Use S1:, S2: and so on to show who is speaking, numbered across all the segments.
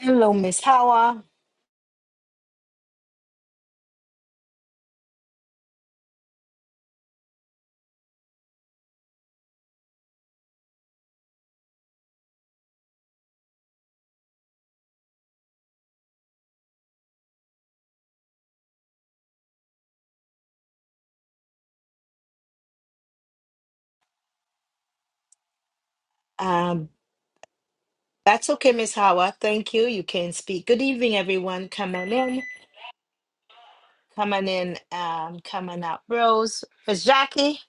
S1: Hello, Miss Howard. Um, that's okay, Miss Howard. Thank you. You can speak. Good evening, everyone. Coming in, coming in, um, coming out. Rose, Miss Jackie.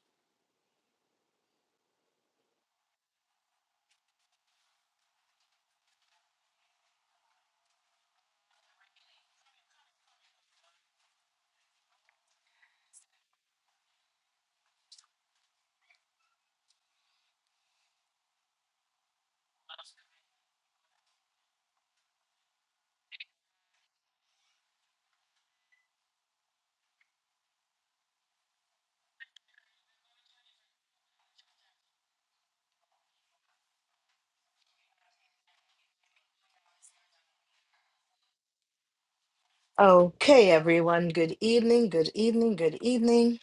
S1: Okay, everyone. Good evening. Good evening. Good evening.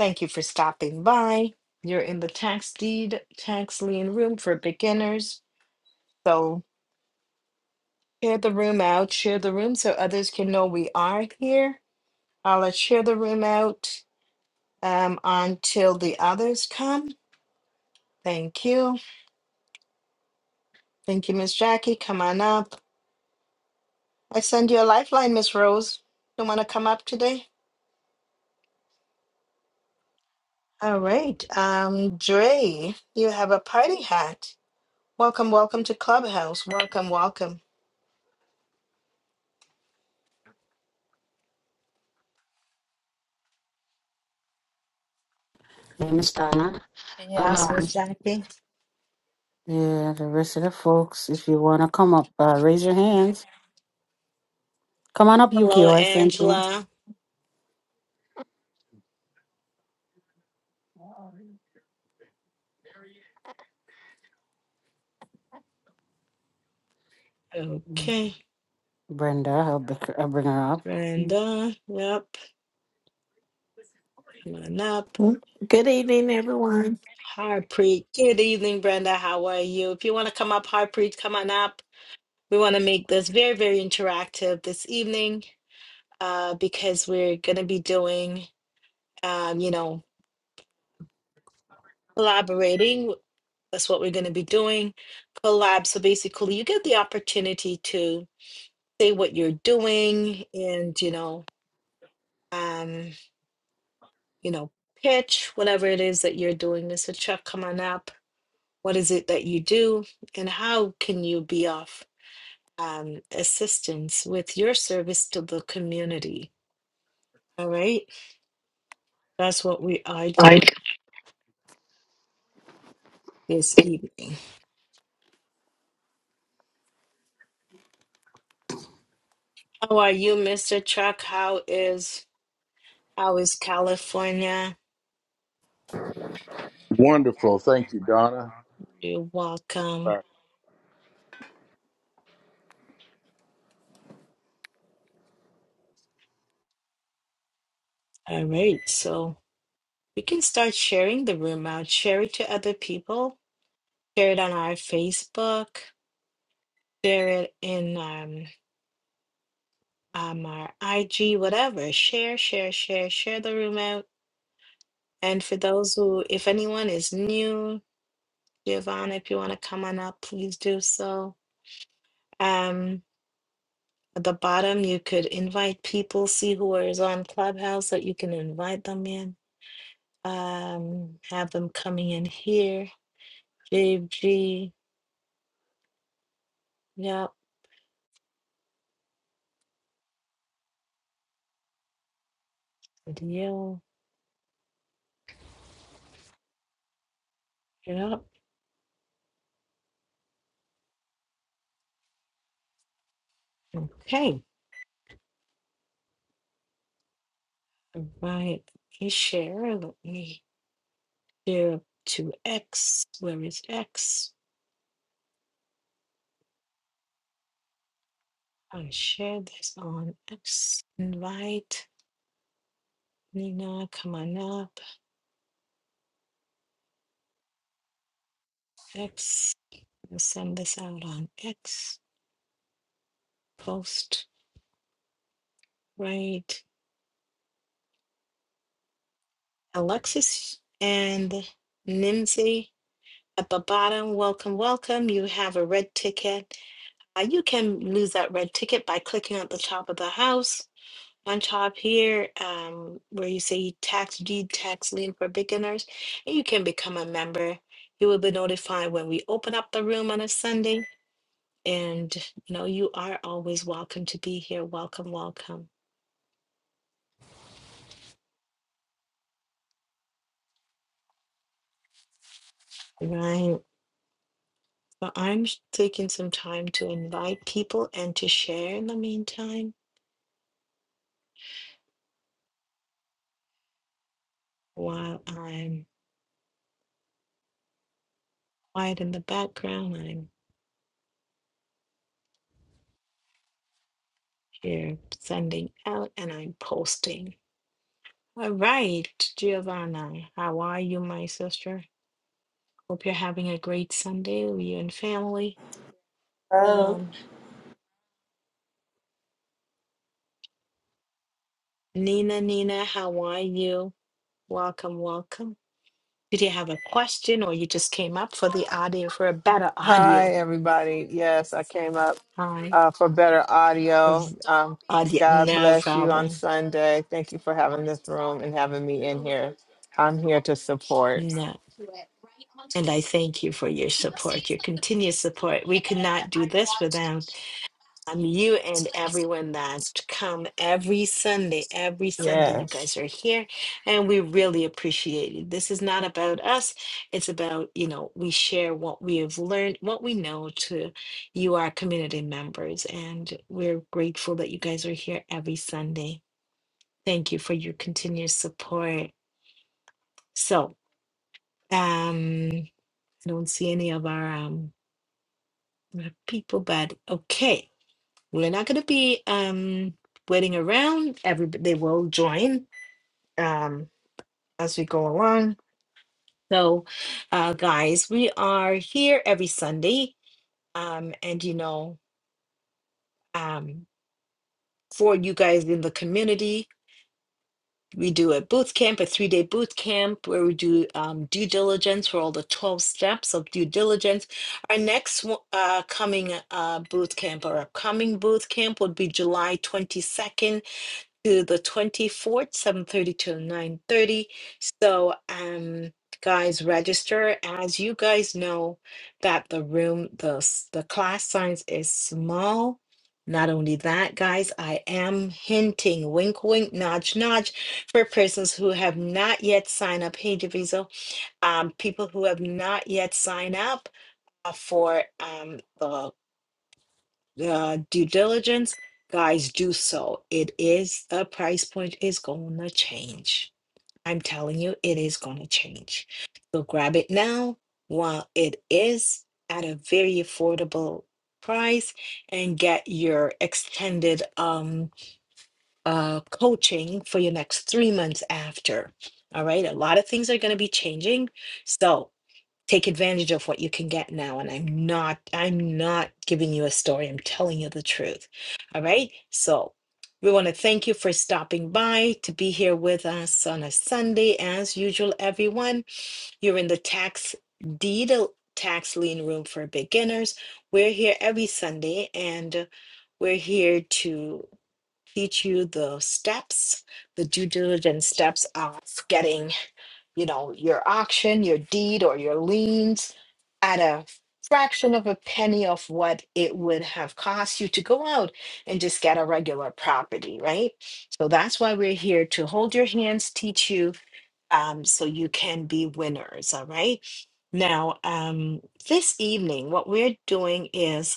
S1: Thank you for stopping by. You're in the tax deed, tax lien room for beginners. So share the room out. Share the room so others can know we are here. I'll uh, share the room out um, until the others come. Thank you. Thank you, Miss Jackie. Come on up. I send you a lifeline, Miss Rose. Don't want to come up today? All right. Um, Dre, you have a party hat. Welcome, welcome to Clubhouse. Welcome, welcome.
S2: name is Donna.
S1: Yes, Miss
S2: Alright.
S1: Jackie.
S2: Yeah, the rest of the folks, if you want to come up, uh, raise your hands. Come on up,
S1: Hello,
S2: Yukio. I sent you.
S1: Angela. Okay.
S2: Brenda, I'll, b- I'll bring her up.
S1: Brenda, yep, come on up.
S3: Good evening, everyone.
S1: Harpreet, good evening, Brenda. How are you? If you want to come up, Harpreet, come on up. We want to make this very, very interactive this evening. uh, because we're going to be doing, um, you know, collaborating. That's what we're going to be doing. Collab. So basically, you get the opportunity to say what you're doing and, you know, um, you know, pitch whatever it is that you're doing. Mr. Chuck, come on up. What is it that you do, and how can you be of um, assistance with your service to the community? All right, that's what we are doing
S2: Right.
S1: this evening. How are you, Mr. Chuck? How is how is California?
S4: Wonderful. Thank you, Donna.
S1: You're
S4: Uh,
S1: welcome. All right, so we can start sharing the room out. Share it to other people. Share it on our Facebook. Share it in um, um our IG, whatever. Share, share, share, share the room out. And for those who, if anyone is new, Giovanna, if you want to come on up, please do so. Um, At the bottom, you could invite people, see who is on Clubhouse that you can invite them in. Um, have them coming in here. JG, yep, video, yep. Okay, all right. You share. Let me share to X. Where is X? I share this on X. Invite Nina. Come on up. X. I'll send this out on X. Post. Right. Alexis and Nimsy at the bottom. Welcome, welcome. You have a red ticket. Uh, you can lose that red ticket by clicking at the top of the house. On top here, um, where you say tax deed tax lien for beginners, and you can become a member. You will be notified when we open up the room on a Sunday. And you know, you are always welcome to be here. Welcome, welcome. Right. But I'm sh- taking some time to invite people and to share in the meantime while I'm quiet in the background. I'm here sending out and I'm posting. All right, Giovanna, how are you, my sister? Hope you're having a great Sunday with you and family.
S5: Oh.
S1: Um, Nina, Nina, how are you? Welcome, welcome. Did you have a question or you just came up for the audio for a better audio?
S6: Hi, everybody. Yes, I came up
S1: Hi,
S6: uh, for better audio. Um,
S1: audio,
S6: God
S1: no
S6: bless you on
S1: problem.
S6: Sunday. Thank you for having this room and having me in here. I'm here to support.
S1: No. And I thank you for your support, your continuous support. We could not do this without um, you and everyone that come every Sunday. Every Sunday, you
S6: Yes.
S1: guys are here, and we really appreciate it. This is not about us; it's about you know we share what we have learned, what we know to you, our community members, and we're grateful that you guys are here every Sunday. Thank you for your continuous support. So, um. I don't see any of our um uh, people, but okay, we're not gonna be um waiting around. Everybody they will join um as we go along. So, uh, guys, we are here every Sunday, um, and you know, um, for you guys in the community we do a boot camp, a three day boot camp where we do um, due diligence for all the 12 steps of due diligence. Our next uh, coming uh, boot camp, our upcoming boot camp would be July 22nd to the 24th, 7:30 to 9:30. So, um guys register as you guys know that the room the s- the class size is small. Not only that, guys, I am hinting, wink, wink, nudge, nudge, for persons who have not yet signed up. Hey, Daviso, um, people who have not yet signed up uh, for um, the the due diligence, guys, do so. It is the price point is gonna change. I'm telling you, it is gonna change. So grab it now while it is at a very affordable price and get your extended um uh coaching for your next three months after. All right, a lot of things are gonna be changing. So take advantage of what you can get now and i'm not i'm not giving you a story i'm telling you the truth all right so we want to thank you for stopping by to be here with us on a sunday as usual everyone you're in the tax deed tax lien room for beginners we're here every sunday and we're here to teach you the steps the due diligence steps of getting you know, your auction, your deed, or your liens at a fraction of a penny of what it would have cost you to go out and just get a regular property, right? So that's why we're here to hold your hands, teach you, um, so you can be winners, all right? Now, um, this evening, what we're doing is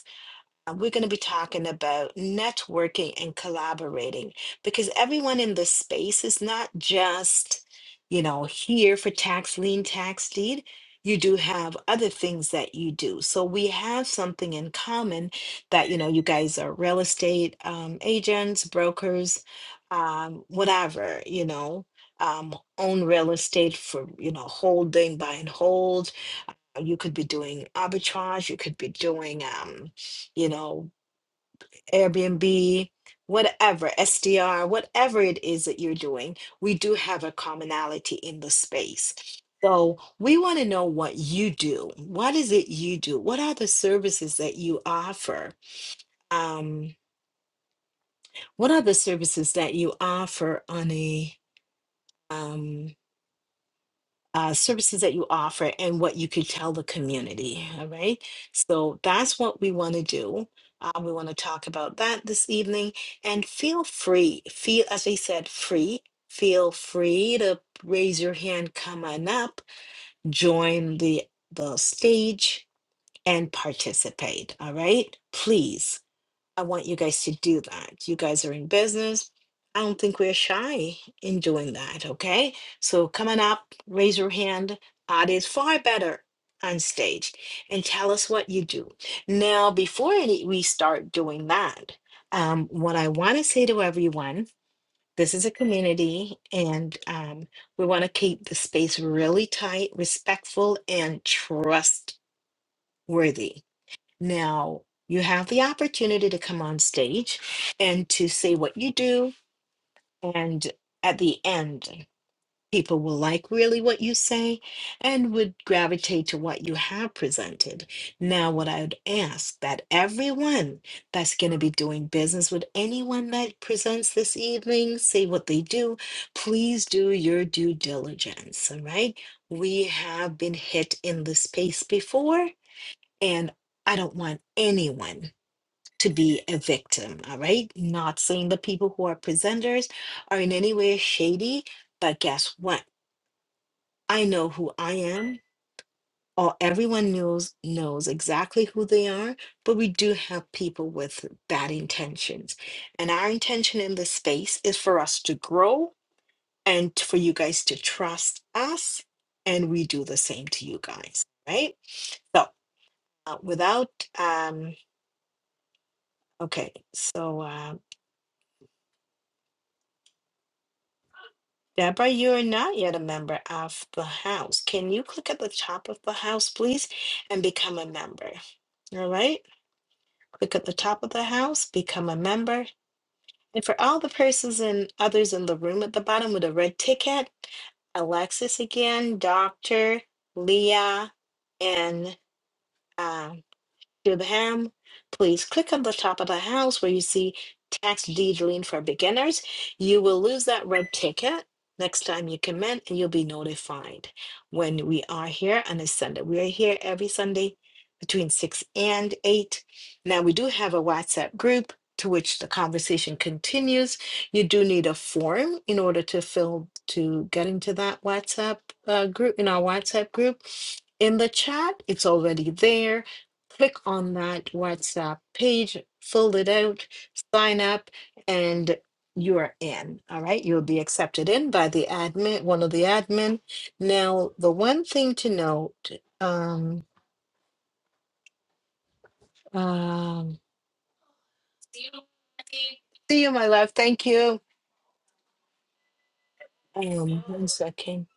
S1: uh, We're going to be talking about networking and collaborating because everyone in this space is not just, you know, here for tax lien, tax deed. You do have other things that you do. So we have something in common that, you know, you guys are real estate um, agents, brokers, um, whatever, you know, um, own real estate for, you know, holding, buy and hold. You could be doing arbitrage, you could be doing, um, you know, Airbnb, whatever, SDR, whatever it is that you're doing, we do have a commonality in the space. So we want to know what you do. What is it you do? What are the services that you offer? Um, what are the services that you offer on a um, uh, services that you offer and what you could tell the community. All right. So that's what we want to do. Uh, we want to talk about that this evening. And feel free, feel, as we said, free. Feel free to raise your hand, come on up, join the, the stage, and participate. All right. Please. I want you guys to do that. You guys are in business. I don't think we're shy in doing that, okay? So come on up, raise your hand. Art is far better on stage and tell us what you do. Now, before any, we start doing that, um, what I want to say to everyone this is a community and um, we want to keep the space really tight, respectful, and trustworthy. Now, you have the opportunity to come on stage and to say what you do. And at the end, people will like really what you say and would gravitate to what you have presented. Now, what I would ask that everyone that's going to be doing business with anyone that presents this evening, say what they do, please do your due diligence. All right. We have been hit in this space before, and I don't want anyone to be a victim, all right? Not saying the people who are presenters are in any way shady, but guess what? I know who I am, or everyone knows knows exactly who they are, but we do have people with bad intentions. And our intention in this space is for us to grow and for you guys to trust us, and we do the same to you guys, right? So, uh, without um okay, so um Deborah, you are not yet a member of the house. Can you click at the top of the house, please, and become a member? All right. Click at the top of the house, become a member. And for all the persons and others in the room at the bottom with a red ticket, Alexis again, Dr. Leah, and uh, to ham, please click on the top of the house where you see tax deed for beginners. You will lose that red ticket next time you come in and you'll be notified when we are here on a Sunday. We are here every Sunday between 6 and 8. Now, we do have a WhatsApp group to which the conversation continues. You do need a form in order to fill to get into that WhatsApp uh, group, in our WhatsApp group. In the chat, it's already there click on that WhatsApp page, fill it out, sign up, and you're in. All right. You'll be accepted in by the admin, one of the admin. Now, the one thing to note, um, um, see you, my love. Thank you. Um, one second.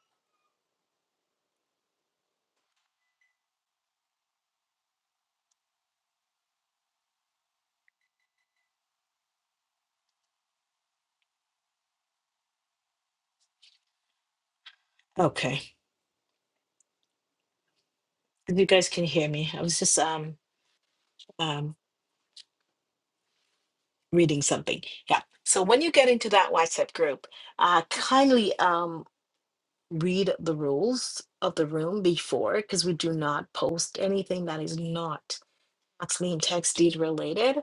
S1: Okay. If You guys can hear me. I was just um um reading something. Yeah. So when you get into that WhatsApp group, uh kindly um. read the rules of the room before because we do not post anything that is not Maxine text deed related.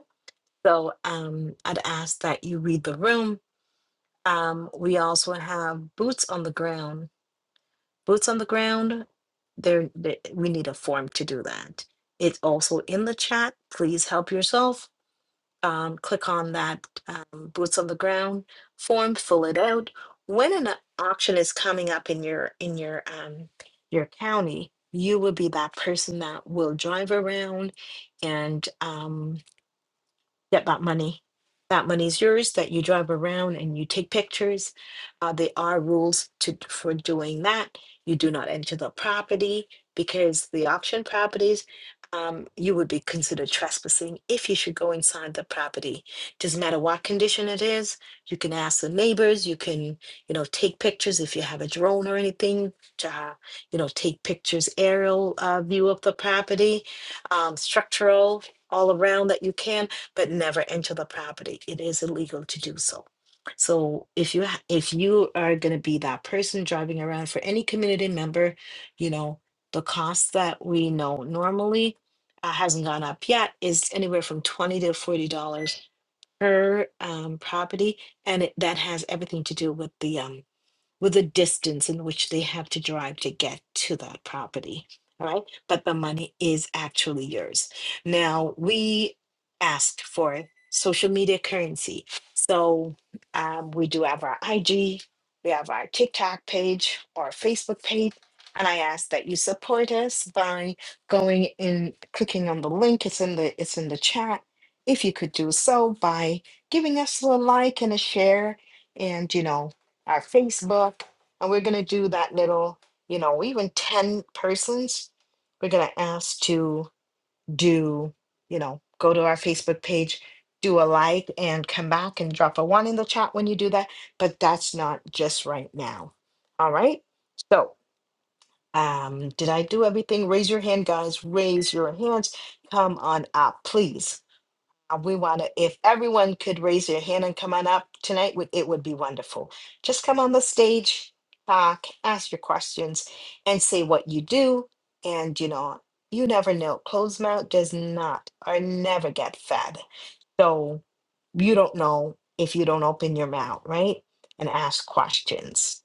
S1: So um, I'd ask that you read the room. Um, we also have boots on the ground. Boots on the ground. There, there- we need a form to do that. It's also in the chat. Please help yourself um, click on that um, boots on the ground form, fill it out. When an auction is coming up in your in your um, your county, you will be that person that will drive around and um, get that money. That money is yours that you drive around and you take pictures. Uh, there are rules to for doing that. You do not enter the property because the auction properties, um, you would be considered trespassing if you should go inside the property. Doesn't matter what condition it is. You can ask the neighbors. You can, you know, take pictures if you have a drone or anything. To, uh, you know, take pictures, aerial uh, view of the property, um, structural all around that you can but never enter the property. It is illegal to do so. So if you ha- if you are going to be that person driving around for any community member, you know the cost that we know normally uh, hasn't gone up yet is anywhere from twenty to forty dollars per um, property, and it, that has everything to do with the um, with the distance in which they have to drive to get to that property. All right. But the money is actually yours. Now, we asked for social media currency. So um, we do have our IG, we have our TikTok page, our Facebook page. And I ask that you support us by going in, clicking on the link. It's in the it's in the chat. If you could do so by giving us a like and a share, and you know our Facebook, and we're going to do that little, you know, even 10 persons, we're going to ask to do, you know, go to our Facebook page, do a like, and come back and drop a one in the chat when you do that. But that's not just right now. All right. So, um, did I do everything? Raise your hand, guys. Raise your hands. Come on up, please. Uh, We want to, if everyone could raise their hand and come on up tonight, would- it would be wonderful. Just come on the stage, talk, ask your questions, and say what you do. And you know, you never know. Closed mouth does not or never get fed. So you don't know if you don't open your mouth, right? And ask questions.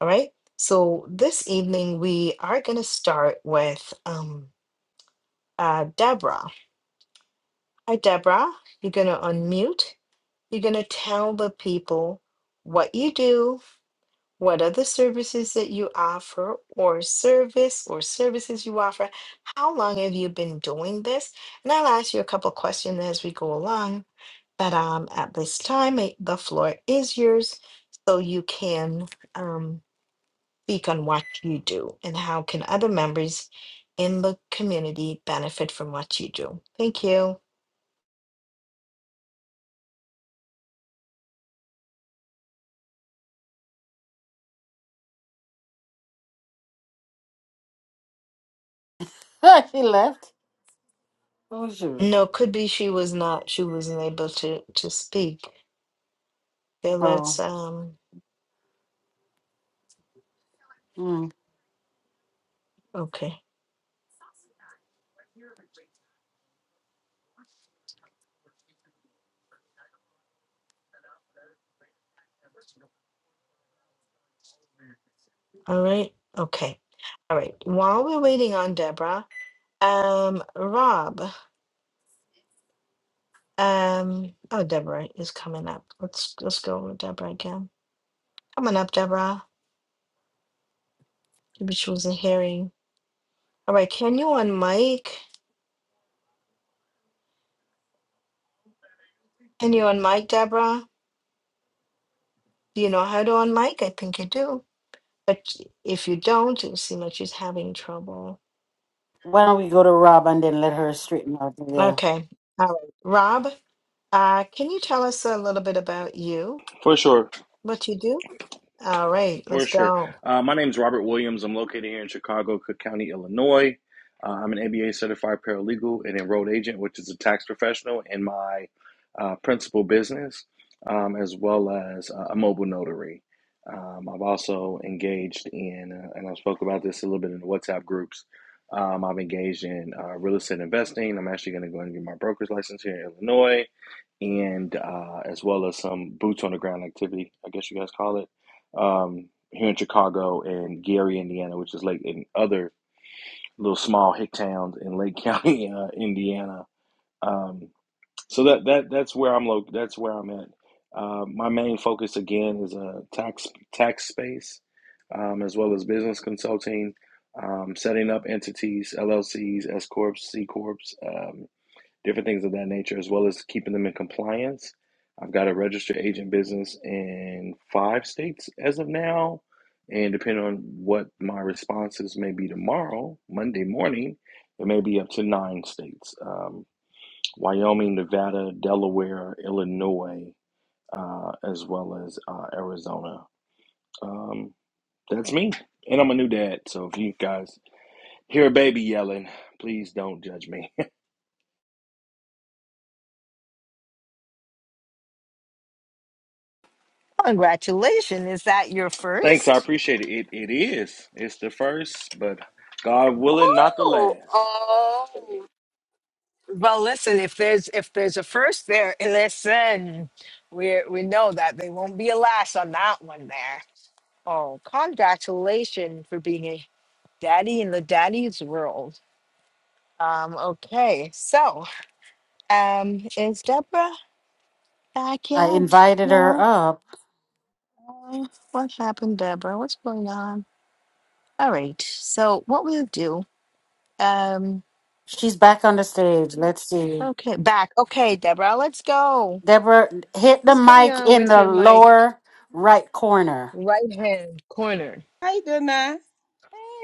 S1: All right. So this evening we are going to start with um, uh, Deborah. Hi, Deborah. You're going to unmute. You're going to tell the people what you do, what other services that you offer, or service or services you offer. How long have you been doing this? And I'll ask you a couple questions as we go along. But um, at this time, eh, the floor is yours, so you can um, speak on what you do and how can other members in the community benefit from what you do. Thank you.
S2: Ah, she left. Oh, shoot.
S1: No, could be she was not. She wasn't able to to speak. Okay. let's,
S2: Oh.
S1: um,
S2: Mm.
S1: okay, all right, okay, all right. While we're waiting on Deborah, um, Rob, um, oh, Deborah is coming up. Let's let's go with Deborah again. Coming up, Deborah. Maybe she wasn't hearing. All right, can you on mic? Can you on mic, Deborah? Do you know how to on mic? I think you do. But if you don't, it seems like she's having trouble.
S2: Why don't we go to Rob and then let her straighten up? Yeah.
S1: Okay, all right, Rob. Uh, can you tell us a little bit about you?
S7: For sure,
S1: What you do? All right,
S7: for
S1: let's
S7: sure.
S1: go.
S7: Uh, my name is Robert Williams. I'm located here in Chicago, Cook County, Illinois. Uh, I'm an ABA certified paralegal and enrolled agent, which is a tax professional in my uh, principal business, um, as well as uh, a mobile notary. Um, I've also engaged in, uh, and I spoke about this a little bit in the WhatsApp groups. Um, I've engaged in uh, real estate investing. I'm actually going to go and get my broker's license here in Illinois, and uh, as well as some boots on the ground activity, I guess you guys call it um, here in Chicago and Gary, Indiana, which is like in other little small hick towns in Lake County, uh, Indiana. Um, so that that that's where I'm lo- That's where I'm at. Uh, my main focus again is a tax tax space, um, as well as business consulting, um, setting up entities, LLCs, S corps, C corps, um, different things of that nature, as well as keeping them in compliance. I've got a registered agent business in five states as of now. And depending on what my responses may be tomorrow, Monday morning, it may be up to nine states um, Wyoming, Nevada, Delaware, Illinois, uh, as well as uh, Arizona. Um, that's me. And I'm a new dad. So if you guys hear a baby yelling, please don't judge me.
S1: Congratulations. Is that your
S7: Thanks, I
S1: first?
S7: appreciate it. It it is. It's the first, but God willing, not the
S1: Oh,
S7: last.
S1: oh. Well, listen. If there's if there's a first there, eh, listen. We we know that they won't be a last on that one there. Oh, congratulations for being a daddy in the daddy's world. Um. Okay. So, um, is Deborah back
S2: I
S1: yet?
S2: invited her
S1: No.
S2: up.
S1: Uh, what happened, Deborah? What's going on? All right. So what we'll do. um,
S2: She's back on the stage. Let's see.
S1: Okay, back. Okay, Deborah, let's go.
S2: Deborah, hit the
S1: What's going
S2: mic
S1: on
S2: in
S1: with
S2: the
S1: your mic
S2: lower right corner.
S1: right hand corner?
S8: Hi, Donna.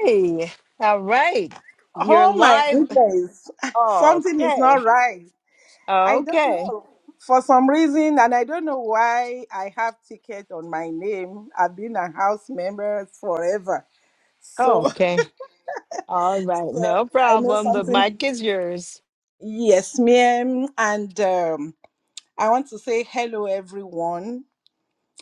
S1: Hey, all right. You're
S8: Oh my
S1: live.
S8: goodness. Something is
S1: Okay,
S8: not right. I don't
S1: okay,
S8: know. For some reason, and I don't know why I have ticket on my name. I've been a house member forever. So
S1: okay. All right,
S8: so
S1: no
S8: I know
S1: problem. The
S8: something.
S1: mic is yours.
S8: Yes, ma'am. And um, I want to say hello, everyone.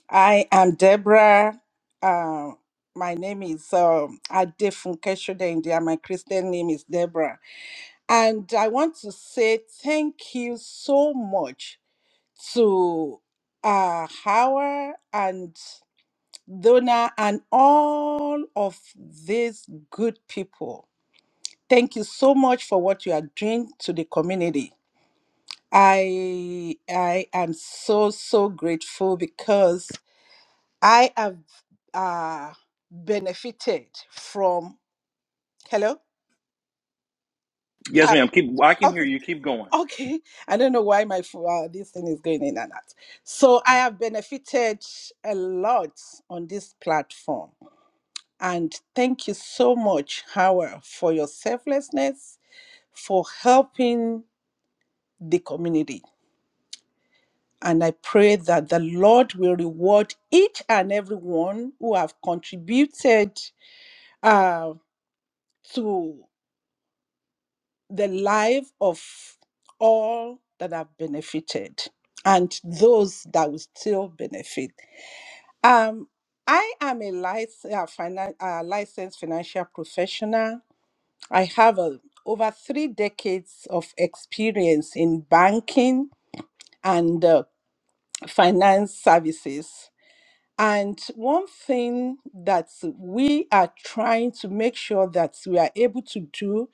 S8: I am Deborah. Uh, my name is um Adefunke Shode India. My Christian name is Deborah. And I want to say thank you so much to uh, Howard and Donna and all of these good people. Thank you so much for what you are doing to the community. I I am so so grateful because I have uh, benefited from. Hello.
S7: Yes,
S8: Hi.
S7: ma'am. Keep. I can hear
S8: okay.
S7: you. Keep going.
S8: Okay, I don't know why my pho- uh, this thing is going in and out. So I have benefited a lot on this platform, and thank you so much, Howard, for your selflessness, for helping the community. And I pray that the Lord will reward each and every one who have contributed uh, to the life of all that have benefited and those that will still benefit. Um, I am a licensed, uh, finan- uh, licensed financial professional. I have a, over three decades of experience in banking and uh, finance services. And one thing that we are trying to make sure that we are able to do,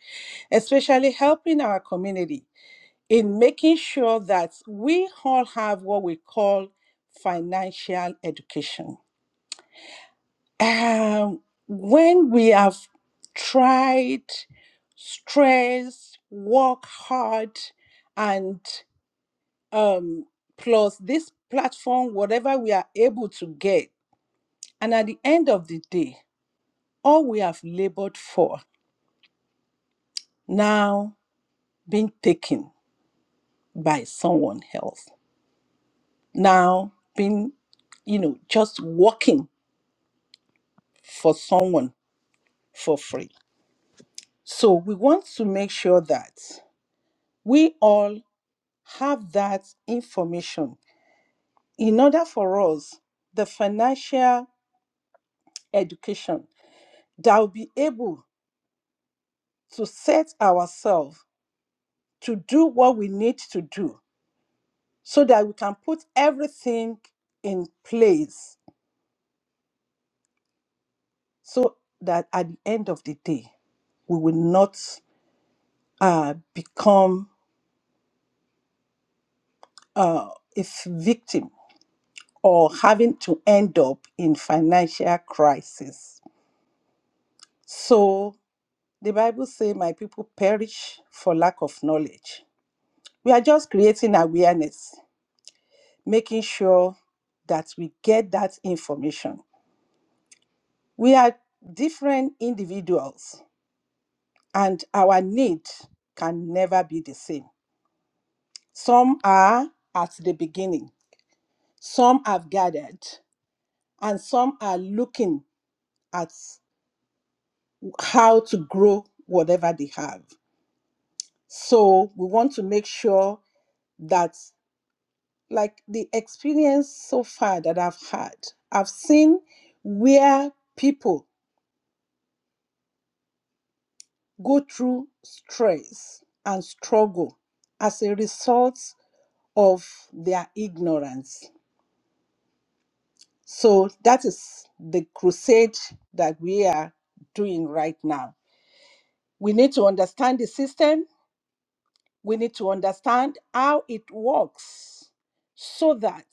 S8: especially helping our community in making sure that we all have what we call financial education Um, when we have tried, stressed, work hard, and um, plus this platform, whatever we are able to get, and at the end of the day, all we have labored for now being taken by someone else, now being, you know, just working for someone for free. So we want to make sure that we all have that information in order for us, the financial education, that will be able to set ourselves to do what we need to do so that we can put everything in place so that at the end of the day, we will not uh, become uh, a f- victim or having to end up in financial crisis. So The Bible says, My people perish for lack of knowledge. We are just creating awareness, making sure that we get that information. We are different individuals, and our need can never be the same. Some are at the beginning, some have gathered, and some are looking at how to grow whatever they have. So we want to make sure that. like the experience so far that I've had, I've seen where people go through stress and struggle as a result of their ignorance. So that is the crusade that we are doing right now. We need to understand the system, we need to understand how it works so that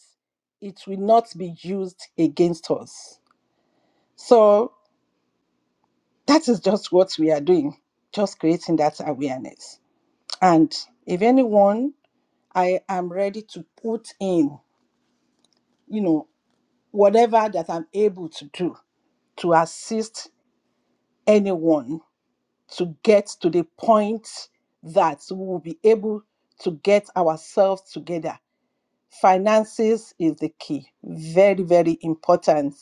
S8: it will not be used against us. So that is just what we are doing, just creating that awareness. And if anyone, I am ready to put in, you know, whatever that I'm able to do to assist anyone to get to the point that we will be able to get ourselves together. Finances is the key, very, very important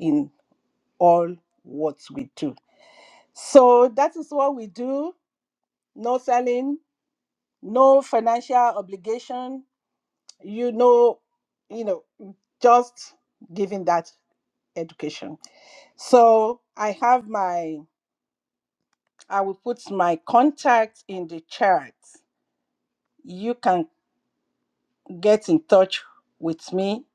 S8: in all what we do. So that is what we do. No selling, no financial obligation you know you know just giving that education so i have my i will put my contact in the chat you can get in touch with me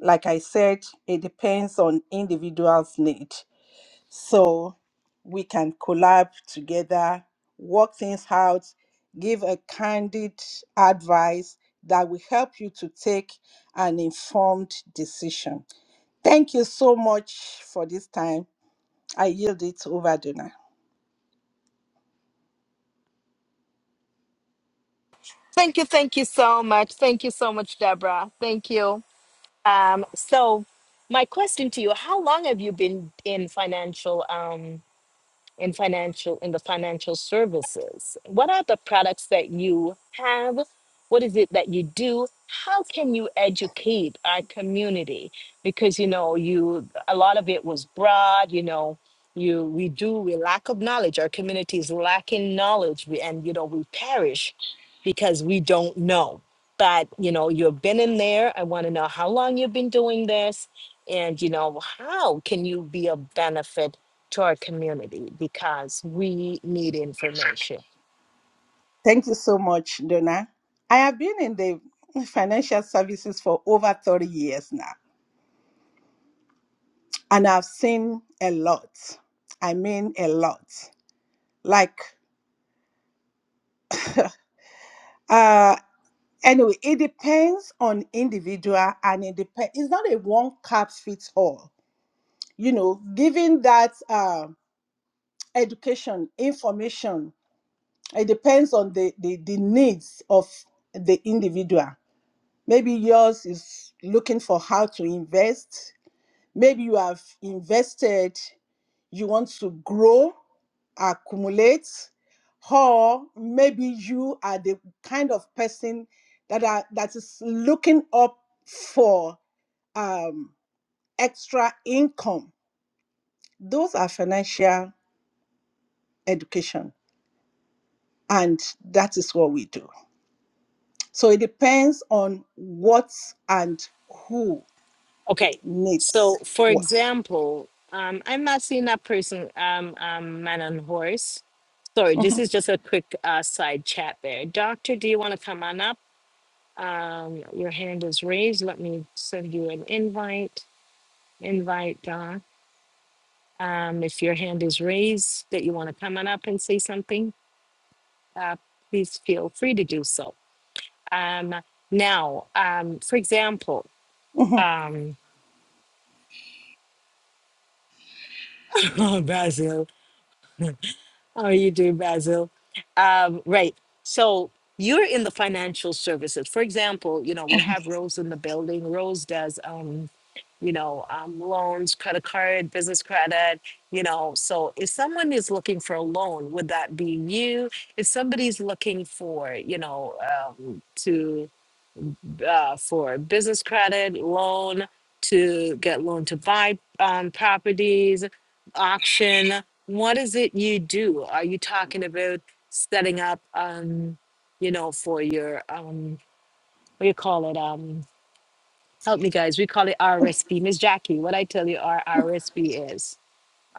S8: like i said it depends on individual's need so we can collab together, work things out, give a candid advice that will help you to take an informed decision. Thank you so much for this time. I yield it over Donna.
S1: Thank you, thank you so much. Thank you so much, Deborah. Thank you. Um, so my question to you, how long have you been in financial? Um. in financial in the financial services what are the products that you have what is it that you do how can you educate our community because you know you a lot of it was broad you know you we do we lack of knowledge our community is lacking knowledge we, and you know we perish because we don't know but you know you've been in there i want to know how long you've been doing this and you know how can you be of benefit to our community because we need information.
S8: Thank you so much, Donna. I have been in the financial services for over 30 years now, and I've seen a lot. I mean, a lot. Like, uh. Anyway, it depends on individual and it depends it's not a one cap fits all. You know, giving that um education, information, it depends on the, the, the needs of the individual. Maybe yours is looking for how to invest. Maybe you have invested you want to grow, accumulate, or maybe you are the kind of person that are that is looking up for um, extra income. Those are financial education, and that is what we do. So it depends on what and who
S1: Okay,
S8: needs
S1: so for
S8: what.
S1: example, um, I'm not seeing that person, um, um, man on horse. Sorry, this
S8: Mhm,
S1: is just a quick uh, side chat there. Doctor, do you want to come on up? Um, your hand is raised. Let me send you an invite. Invite, Doc. Um, if your hand is raised that you want to come on up and say something, uh, please feel free to do so. Um, now, um, for example,
S8: mhm.
S1: um, Oh, Basil. How are you doing, Basil? Um, right. So you're in the financial services. For example, you know, we have Rose in the building. Rose does, um, you know, um, loans, credit card, business credit, you know. So if someone is looking for a loan, would that be you? If somebody's looking for, you know, um, uh, for business credit, loan to get loan to buy um, properties, auction. What is it you do? Are you talking about setting up, um, you know, for your um, what do you call it? Um, help me, guys. We call it RSP. Miss Jackie, what I tell you, our RSP is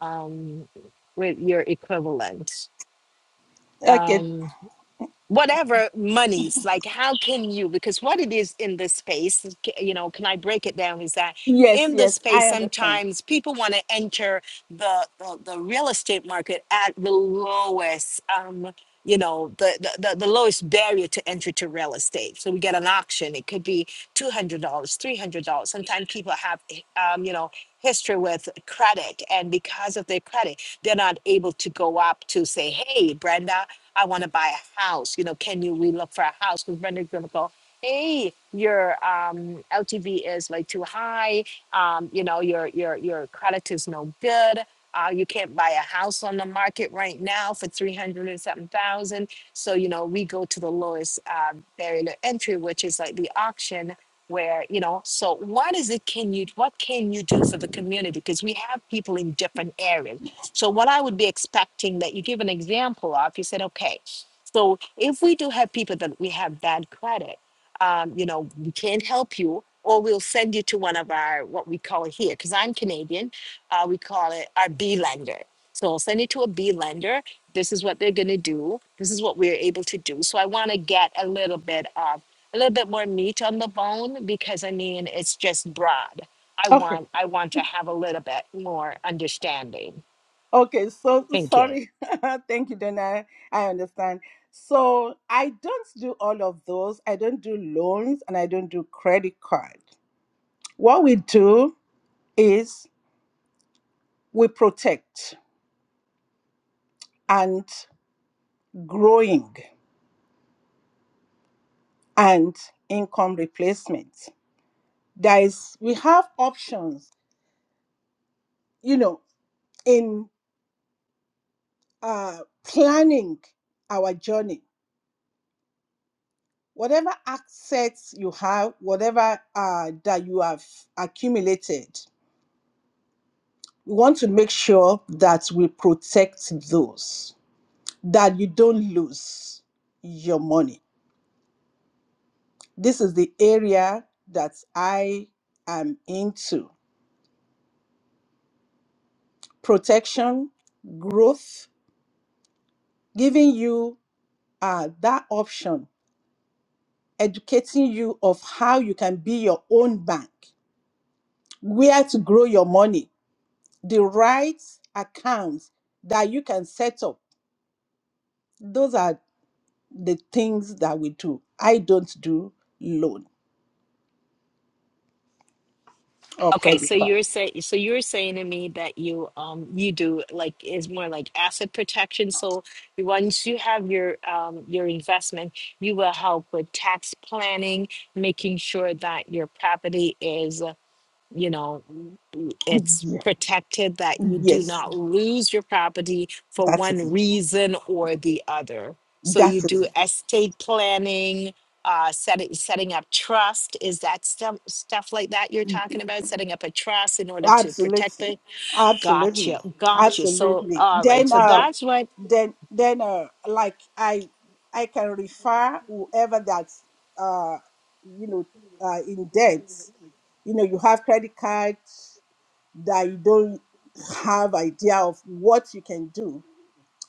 S1: um, with your equivalent.
S8: Okay.
S1: Um, whatever monies like how can you because what it is in this space c- you know can i break it down is that
S8: Yes.
S1: in this
S8: Yes.
S1: space
S8: I understand.
S1: sometimes people want to enter the, the the real estate market at the lowest um you know the, the the the lowest barrier to entry to real estate so we get an auction it could be $200 $300 sometimes people have um, you know history with credit and because of their credit they're not able to go up to say hey brenda I want to buy a house. You know, can you we look for a house? Because Brenda's gonna go, hey, your um, LTV is like too high. Um, you know, your your your credit is no good. Uh, you can't buy a house on the market right now for three hundred and something thousand. So you know, we go to the lowest uh, barrier to entry, which is like the auction. Where you know, so what is it? Can you what can you do for the community? Because we have people in different areas so what I would be expecting that you give an example of, you said, okay, so if we do have people that we have bad credit, um, you know, we can't help you, or we'll send you to one of our what we call here, because I'm Canadian, uh, we call it our B lender. So I'll send you to a B lender. This is what they're going to do. This is what we're able to do. So I want to get a little bit of a little bit more meat on the bone because I mean it's just broad. I
S8: Okay.
S1: want I want to have a little bit more understanding.
S8: Okay, so
S1: Thank you.
S8: sorry. Thank you, Dana. I understand. So I don't do all of those. I don't do loans and I don't do credit card. What we do is we protect and growing and income replacement. There is we have options, you know, in uh, planning our journey. Whatever assets you have, whatever uh, that you have accumulated, We want to make sure that we protect those, that you don't lose your money. This is the area that I am into protection, growth, giving you uh, that option, educating you of how you can be your own bank, where to grow your money, the right accounts that you can set up. Those are the things that we do. I don't do loan. or
S1: Okay, so
S8: credit card.
S1: you're saying so you're saying to me that you um you do like is more like asset protection. So once you have your um your investment, you will help with tax planning, making sure that your property is you know mm, it's
S8: Yeah.
S1: protected that you do
S8: Yes,
S1: not lose your property for
S8: that is
S1: one
S8: it.
S1: reason or the other so
S8: That
S1: you
S8: is
S1: do
S8: it.
S1: estate planning uh setting setting up trust is that stuff stuff like that you're talking about setting up a trust in order to protect
S8: Absolutely.
S1: the gotcha
S8: Absolutely.
S1: gotcha so
S8: Absolutely.
S1: all right
S8: Then
S1: so
S8: uh
S1: that's what
S8: then then uh like I I can refer whoever that's uh you know uh in debt. You know, you have credit cards that you don't have idea of what you can do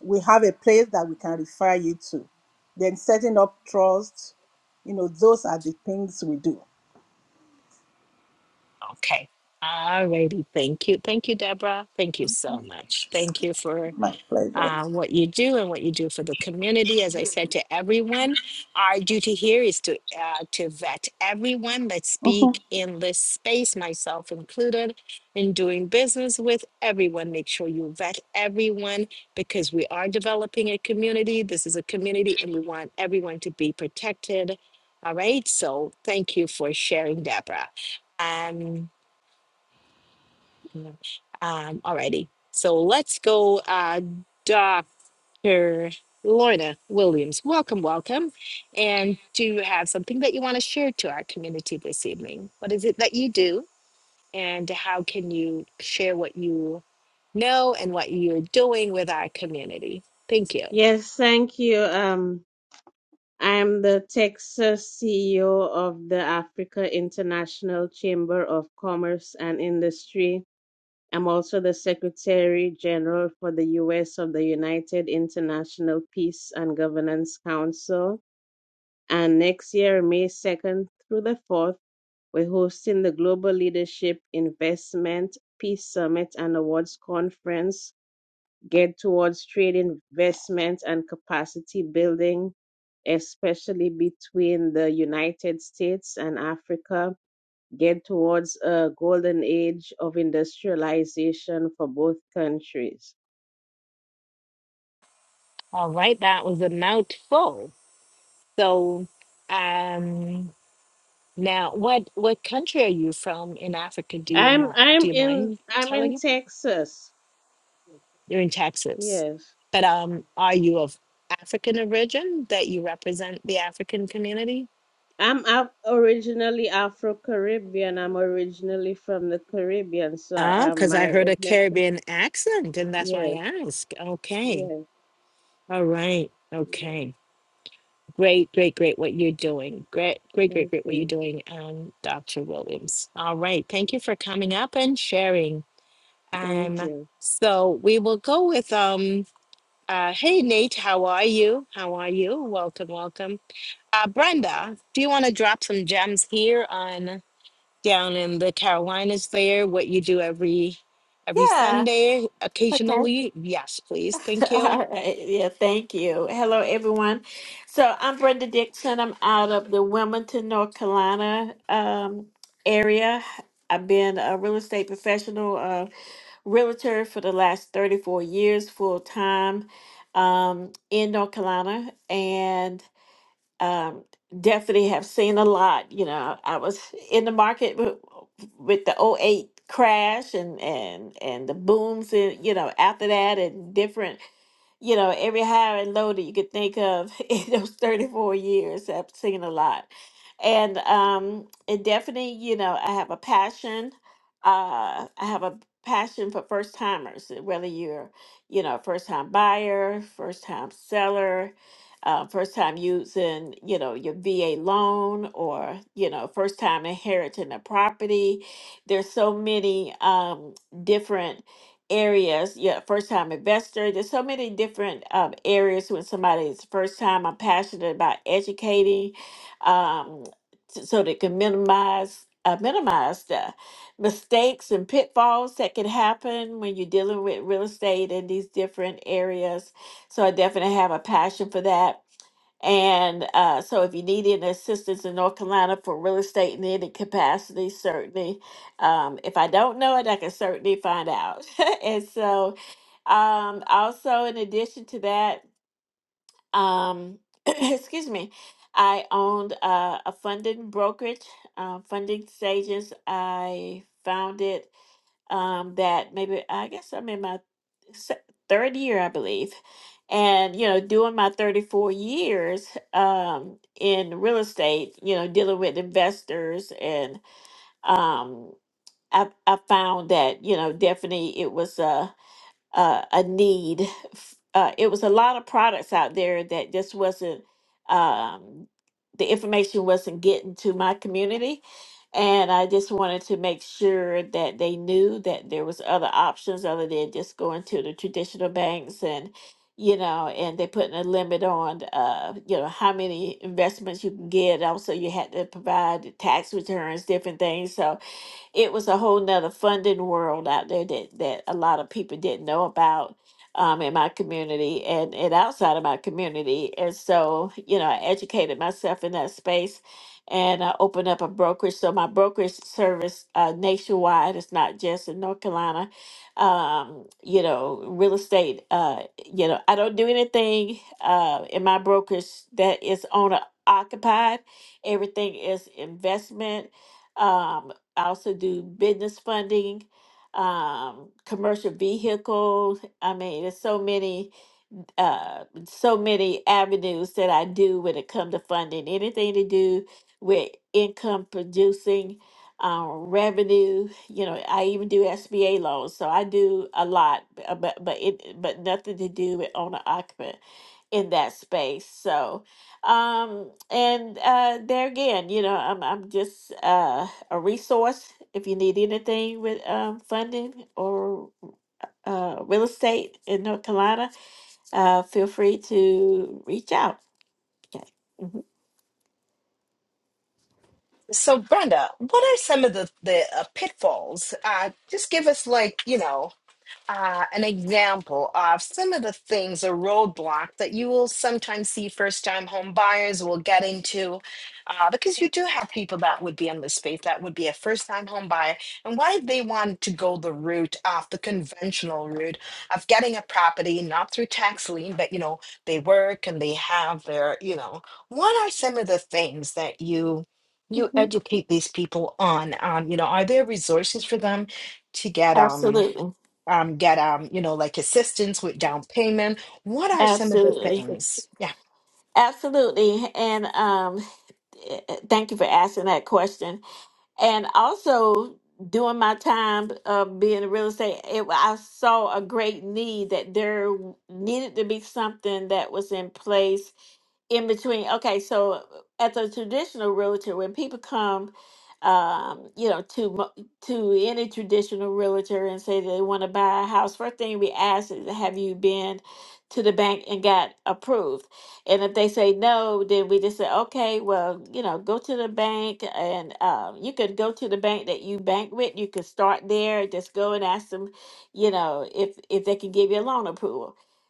S8: we have a place that we can refer you to. Then setting up trust, you know, those are the things we do.
S1: okay all righty thank you thank you deborah thank you so much thank you for
S8: My pleasure.
S1: uh, what you do and what you do for the community. As I said to everyone, our duty here is to uh, to vet everyone that
S8: Mm-hmm.
S1: speak in this space, myself included, in doing business with everyone. Make sure you vet everyone because we are developing a community. This is a community, and we want everyone to be protected. All right. So thank you for sharing, Deborah. Um, mm, um, alrighty. So let's go, uh, Dr. Lorna Williams, welcome, welcome. And do you have something that you want to share to our community this evening? What is it that you do, and how can you share what you know and what you're doing with our community? Thank you.
S9: Yes, thank you. Um, I am the Texas CEO of the Africa International Chamber of Commerce and Industry. I'm also the Secretary General for the U.S. of the United International Peace and Governance Council. And next year, May 2nd through the 4th, we're hosting the Global Leadership Investment Peace Summit and Awards Conference geared towards trade investment and capacity building, especially between the United States and Africa, geared towards a golden age of industrialization for both countries.
S1: All right, that was a mouthful. So, um, now what what country are you from in Africa? Do you
S9: I'm
S1: not do
S9: I'm
S1: you
S9: in
S1: mind
S9: I'm in
S1: telling
S9: Texas.
S1: You're in Texas.
S9: Yes.
S1: But um, are you of African origin that you represent the African community?
S9: I'm af- originally Afro Caribbean. I'm originally from the Caribbean, so
S1: Oh,
S9: I, I,
S1: because I
S9: my
S1: heard a
S9: ethnicity.
S1: Caribbean accent, and that's why
S9: Yes,
S1: I asked. Okay.
S9: yes,
S1: All right.
S9: yes.
S1: Okay. Great, great, great what you're doing. Great, great, great,
S9: Thank
S1: great what you're
S9: you,
S1: doing, um, Dr. Williams. All right. Thank you for coming up and sharing.
S9: thank
S1: Um,
S9: you.
S1: so we will go with um uh hey Nate, how are you? How are you? Welcome, welcome. Uh, Brenda, do you want to drop some gems here on down in the Carolinas there, what you do every every
S3: Yeah.
S1: Sunday
S3: Okay.
S1: occasionally? Yes, please. Thank
S3: All
S1: you.
S3: right. Yeah. Thank you. Hello, everyone. So I'm Brenda Dixon. I'm out of the Wilmington, North Carolina um, area. I've been a real estate professional, uh, realtor for the last 34 years, full time um, in North Carolina. And um, definitely have seen a lot. You know, I was in the market with, with the '08 crash and, and, and the booms, in, you know, after that and different you know, every high and low that you could think of in those 34 years. I've seen a lot. And um, it definitely, you know, I have a passion. Uh, I have a passion for first timers, eh, whether you're, you know, a first time buyer, first time seller, uh, first time using, you know, your VA loan or, you know, first time inheriting a property. There's so many um, different areas. Yeah, first time investor. There's so many different um, areas when somebody is first time. I'm passionate about educating, um, t- so they can minimize uh, minimize the mistakes and pitfalls that can happen when you're dealing with real estate in these different areas. So I definitely have a passion for that. And uh, so, if you need any assistance in North Carolina for real estate in any capacity, certainly. Um, if I don't know it, I can certainly find out. and so, um, also in addition to that, um, excuse me, I owned uh, a funding brokerage, uh, funding stages. I founded um, that maybe I guess I'm in my se- third year, I believe. And, you know, doing my 34 years um, in real estate, you know, dealing with investors. And um, I, I found that, you know, definitely it was. a uh, a need. f- Uh, it was a lot of products out there that just wasn't, um, the information wasn't getting to my community. And I just wanted to make sure that they knew that there was other options other than just going to the traditional banks and, you know, and they putting a limit on, uh, you know, how many investments you can get. Also, you had to provide tax returns, different things. So it was a whole nother funding world out there that that a lot of people didn't know about um, in my community and and outside of my community. And so, you know, I educated myself in that space, and I opened up a brokerage. So my brokerage service uh, nationwide. It's not just in North Carolina. Um, you know, real estate. Uh, you know, I don't do anything uh, in my brokerage that is owner occupied. Everything is investment. Um, I also do business funding, um, commercial vehicles. I mean, there's so many, uh, so many avenues that I do when it comes to funding. Anything to do with income producing, um, revenue. You know, I even do SBA loans, so I do a lot, b- uh, but but it but nothing to do with owner occupant in that space. So, um, and uh, there again, you know, I'm I'm just uh, a resource if you need anything with um, funding or uh, real estate in North Carolina. Uh, feel free to reach out. Okay.
S1: So, Brenda, what are some of the the uh, pitfalls? Uh, just give us like you know uh, an example of some of the things a roadblock that you will sometimes see first time home buyers will get into uh, because you do have people that would be in this space that would be a first time home buyer and why they want to go the route of the conventional route of getting a property not through tax lien but you know they work and they have their you know what are some of the things that you you
S3: Mhm.
S1: educate these people on um, you know are there resources for them to get um
S3: Absolutely,
S1: um, get um, you know, like assistance with down payment. What are some of the
S3: absolutely,
S1: things? Yeah.
S3: absolutely, and um, eh, eh, thank you for asking that question and also during my time of being in real estate it, i saw a great need that there needed to be something that was in place in between okay so uh, at the traditional realtor when people come um you know to mo- to any traditional realtor and say they want to buy a house first thing we ask is have you been to the bank and got approved and if they say no then we just say okay well you know go to the bank and um, you could go to the bank that you bank with you could start there just go and ask them you know if if they can give you a loan approval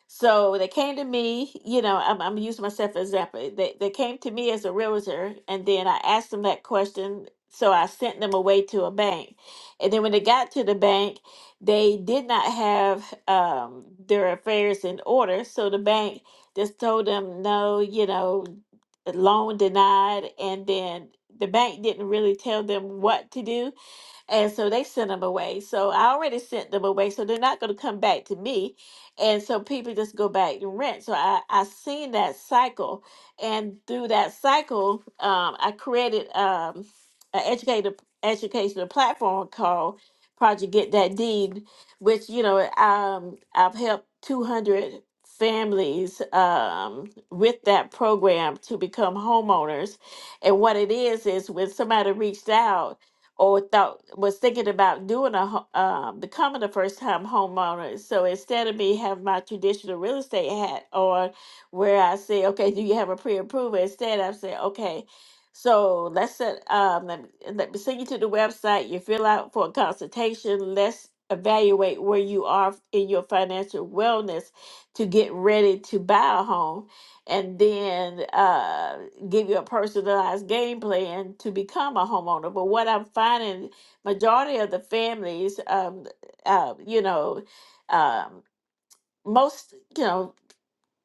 S3: so they came to me, you know, I'm, I'm using myself as example. They, they came to me as a realtor, and then I asked them that question. So I sent them away to a bank. And then when they got to the bank, they did not have um, their affairs in order. So the bank just told them, no, you know, loan denied. And then the bank didn't really tell them what to do and so they sent them away. So I already sent them away. So they're not going to come back to me. And so people just go back and rent. So I, I seen that cycle. And through that cycle, um, I created um, an educator, educational platform called Project Get That Deed, which, you know, um, I've helped 200 families um, with that program to become homeowners. And what it is, is when somebody reached out, or thought was thinking about doing a ho- um, becoming a first time homeowner. So instead of me have my traditional real estate hat on, where I say, okay, do you have a pre approval? Instead, I say, okay. So let's set, um, let, me, let me send you to the website. You fill out for a consultation. Let's evaluate where you are in your financial wellness to get ready to buy a home and then uh, give you a personalized game plan to become a homeowner. But what I'm finding, majority of the families, um, uh, you know, um, most, you know,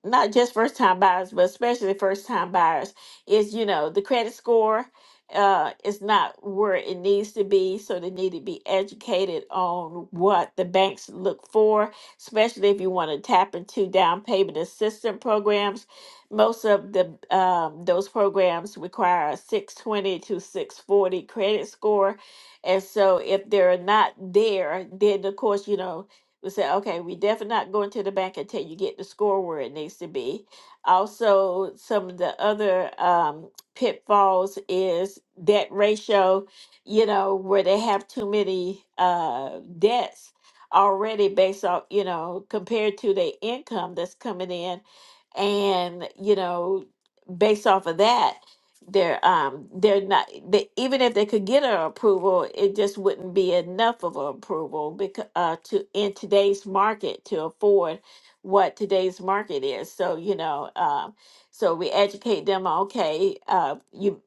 S3: not just first time buyers, but especially first time buyers, is you know, the credit score uh is not where it needs to be. So they need to be educated on what the banks look for, especially if you want to tap into down payment assistance programs. Most of the um, those programs require a 620 to 640 credit score. And so if they're not there, then of course, you know, we say okay, we definitely not going to the bank until you get the score where it needs to be. Also, some of the other um, pitfalls is debt ratio, you know, where they have too many uh, debts already based off. you know, compared to the income that's coming in. And, you know, based off of that, they're um they're not they, even if they could get an approval it just wouldn't be enough of an approval because uh to in today's market to afford what today's market is so you know um so we educate them okay uh you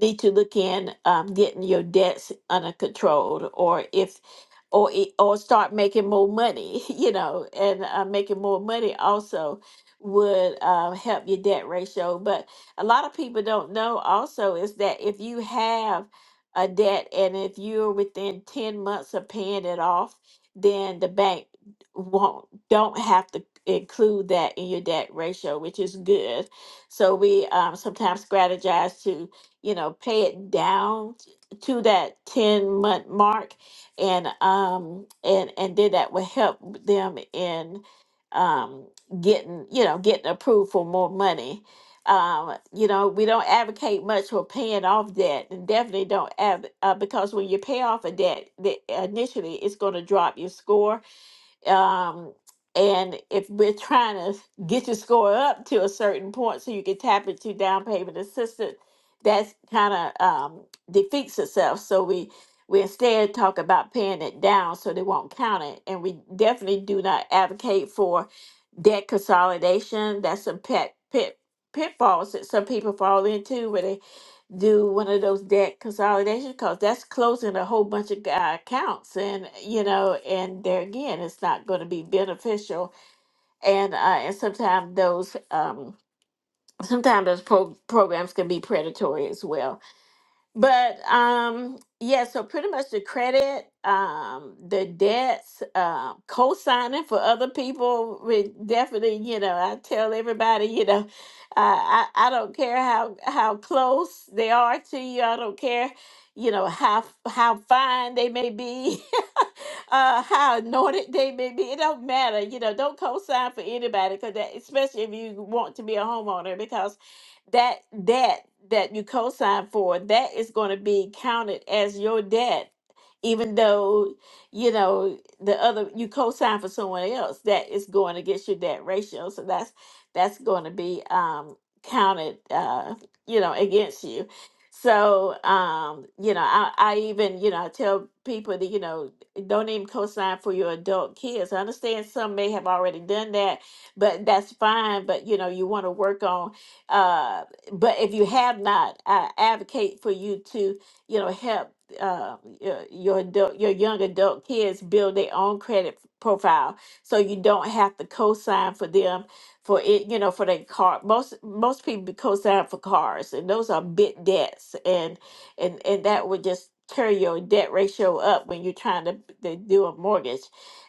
S3: need to look in um getting your debts under control or if or e- or start making more money, you know, and uh, making more money also would uh, help your debt ratio. But a lot of people don't know also is that if you have a debt and if you're within 10 months of paying it off, then the bank won't don't have to include that in your debt ratio, which is good. So we um, sometimes strategize to, you know, pay it down to that 10 month mark and um and and did that would help them in um getting you know getting approved for more money um you know we don't advocate much for paying off debt and definitely don't have uh, because when you pay off a debt the, initially it's going to drop your score um, and if we're trying to get your score up to a certain point so you can tap into down payment assistance, that's kind of um, defeats itself. So we we instead talk about paying it down so they won't count it. And we definitely do not advocate for debt consolidation. That's a pet pit pitfalls that some people fall into where they do one of those debt consolidation calls. That's closing a whole bunch of uh, accounts, and you know, and there again, it's not going to be beneficial. And uh, and sometimes those um, sometimes those pro- programs can be predatory as well. But um, yeah, so pretty much the credit, um, the debts, uh, co-signing for other people would definitely, you know, I tell everybody, you know, I, I I don't care how how close they are to you. I don't care, you know, how how fine they may be, uh, how anointed they may be. It don't matter, you know. Don't co-sign for anybody, cause that, especially if you want to be a homeowner, because that debt that you co-sign for that is going to be counted as your debt even though you know the other you co-sign for someone else that is going against your debt ratio so that's that's going to be um counted uh you know against you so um you know i i even you know i tell people that you know don't even co-sign for your adult kids i understand some may have already done that but that's fine but you know you want to work on uh, but if you have not, I advocate for you to, you know, help uh, your your adult, your young adult kids build their own credit profile, so you don't have to co-sign for them for it. You know, for their car. Most most people co-sign for cars, and those are big debts, and and and that would just carry your debt ratio up when you're trying to, to do a mortgage.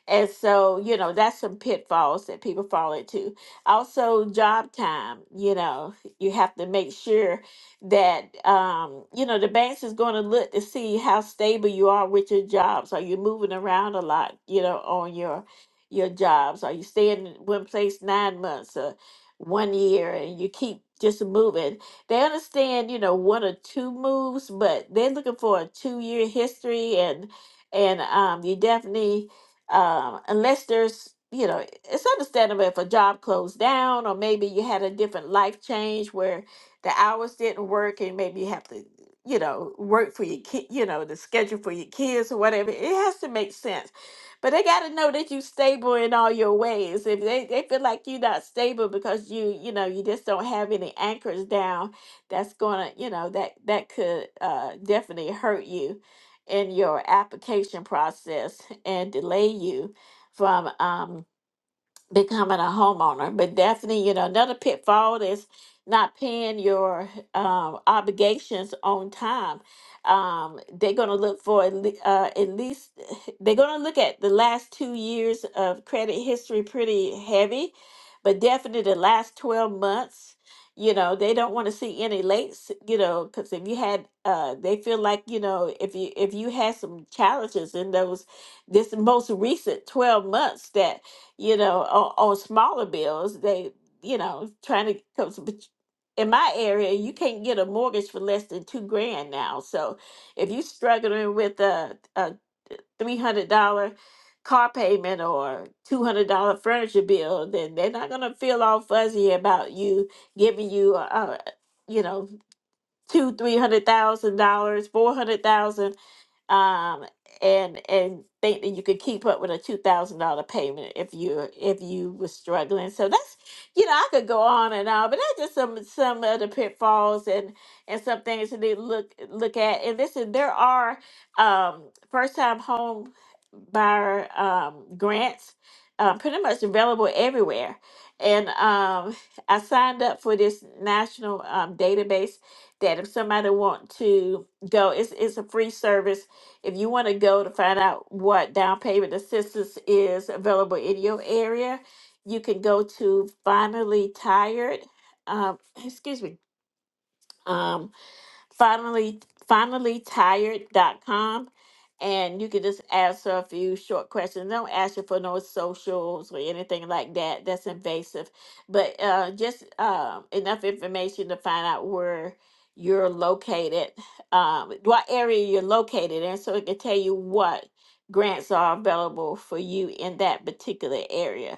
S3: And so, you know, that's some pitfalls that people fall into also job time you know you have to make sure that um, you know the banks is going to look to see how stable you are with your jobs are you moving around a lot you know on your your jobs are you staying in one place nine months or one year and you keep just moving they understand you know one or two moves but they're looking for a two year history and and um, you definitely um, unless there's you know it's understandable if a job closed down or maybe you had a different life change where the hours didn't work and maybe you have to you know work for your kid you know the schedule for your kids or whatever it has to make sense but they got to know that you're stable in all your ways if they, they feel like you're not stable because you you know you just don't have any anchors down that's gonna you know that that could uh definitely hurt you in your application process and delay you from um, becoming a homeowner. But definitely, you know, another pitfall is not paying your um, obligations on time. Um, they're going to look for at le- uh, at least, they're going to look at the last two years of credit history pretty heavy, but definitely the last 12 months. You know, they don't want to see any lates, you know, because if you had, uh, they feel like, you know, if you if you had some challenges in those this most recent 12 months that you know, on, on smaller bills, they, you know, trying to come. But in my area, you can't get a mortgage for less than two grand now. So if you're struggling with a, a three hundred dollar car payment or two hundred dollar furniture bill, then they're not gonna feel all fuzzy about you giving you, uh, you know, two three hundred thousand dollars, four hundred thousand um, and and think that you could keep up with a two thousand dollar payment if you if you were struggling. So that's you know I could go on and on, but that's just some some of the pitfalls and and some things to need to look look at. And listen, there are um, first time home buyer um, grants uh, pretty much available everywhere. And um, I signed up for this national um, database that if somebody want to go, it's it's a free service if you want to go to find out what down payment assistance is available in your area, you can go to Finally Tired. Um, excuse me. um, finally finally tired dot com, and you can just ask her a few short questions. Don't ask her for no socials or anything like that. That's invasive. But uh, just uh, enough information to find out where you're located, um, what area you're located in, so it can tell you what grants are available for you in that particular area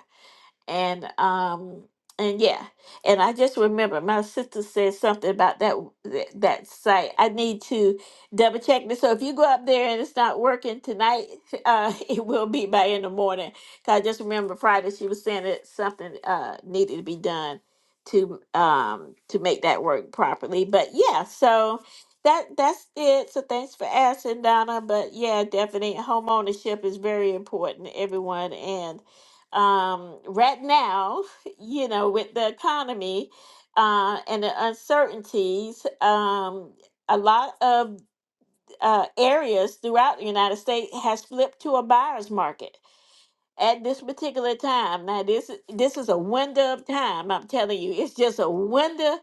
S3: and um and yeah and i just remember my sister said something about that that that site i need to double check this so if you go up there and it's not working tonight uh it will be by in the morning 'Cause i just remember friday she was saying that something uh needed to be done to um to make that work properly but yeah so that that's it so thanks for asking donna but yeah definitely home ownership is very important to everyone and um, right now, you know, with the economy uh, and the uncertainties, um, a lot of uh, areas throughout the United States has flipped to a buyer's market at this particular time. Now, this this is a window of time. I'm telling you, it's just a window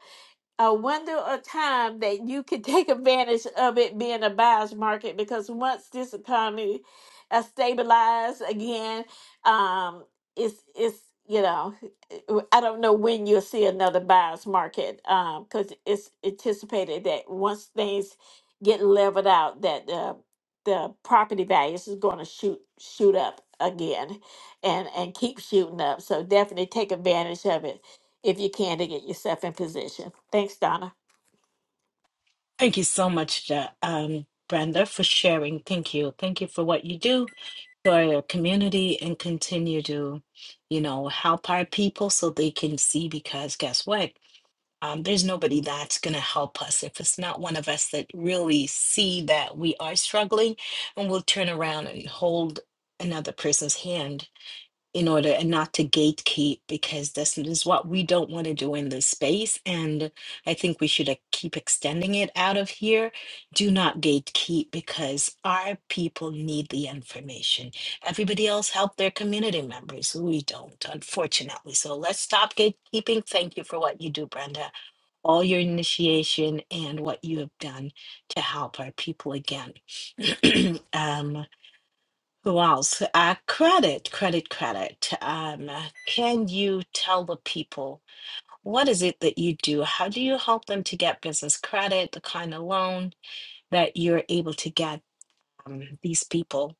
S3: a window of time that you can take advantage of it being a buyer's market because once this economy uh, stabilized again, um, it's it's you know I don't know when you'll see another buyer's market because it's anticipated that once things get leveled out that the the property values is going to shoot shoot up again and and keep shooting up so definitely take advantage of it if you can to get yourself in position. Thanks, Donna.
S1: Thank you so much, uh, um, Brenda, for sharing. Thank you. Thank you for what you do for your community and continue to, you know, help our people so they can see because guess what? Um, there's nobody that's going to help us if it's not one of us that really see that we are struggling and we'll turn around and hold another person's hand in order and not to gatekeep because this is what we don't want to do in this space and i think we should uh, keep extending it out of here do not gatekeep because our people need the information everybody else help their community members we don't unfortunately so let's stop gatekeeping thank you for what you do brenda all your initiation and what you have done to help our people again um who else? Uh, credit, credit, credit. Um, uh, can you tell the people what is it that you do? How do you help them to get business credit, the kind of loan that you're able to get um, these people?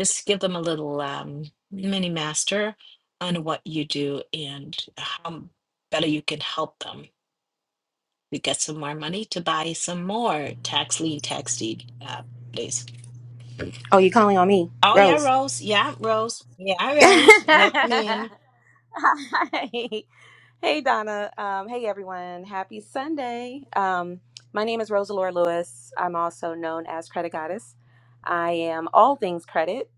S1: Just give them a little um, mini master on what you do and how better you can help them to get some more money to buy some more tax lien, tax deed uh, properties.
S10: Oh, you calling on me,
S1: Oh yeah,
S10: Rose?
S1: Rose. Yeah, Rose. Yeah,
S10: hey,
S1: Rose. Yep, ma'am.
S10: hey, Donna. Um, hey, everyone. Happy Sunday. Um, my name is Rosa Lewis. I'm also known as Credit Goddess. I am all things credit.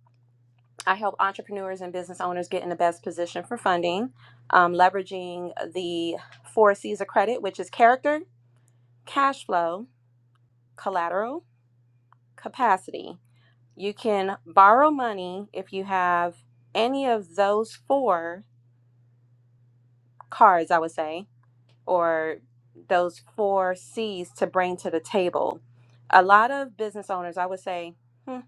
S10: I help entrepreneurs and business owners get in the best position for funding, um, leveraging the four C's of credit, which is character, cash flow, collateral, capacity. You can borrow money if you have any of those four cards, I would say, or those four C's to bring to the table. A lot of business owners, I would say, hmm,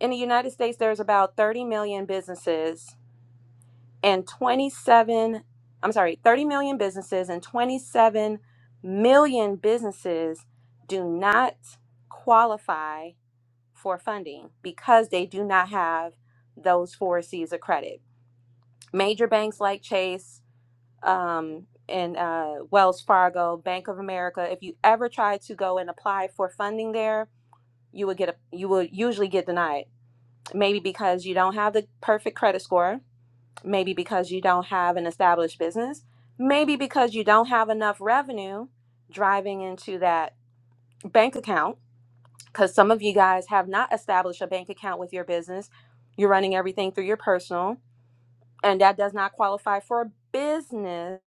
S10: in the United States, there's about 30 million businesses and 27, I'm sorry, 30 million businesses and 27 million businesses do not qualify for funding because they do not have those four C's of credit. Major banks like Chase, um, and uh, Wells Fargo, Bank of America. If you ever try to go and apply for funding there, you would get a, you will usually get denied. Maybe because you don't have the perfect credit score. Maybe because you don't have an established business. Maybe because you don't have enough revenue driving into that bank account. Because some of you guys have not established a bank account with your business. You're running everything through your personal and that does not qualify for business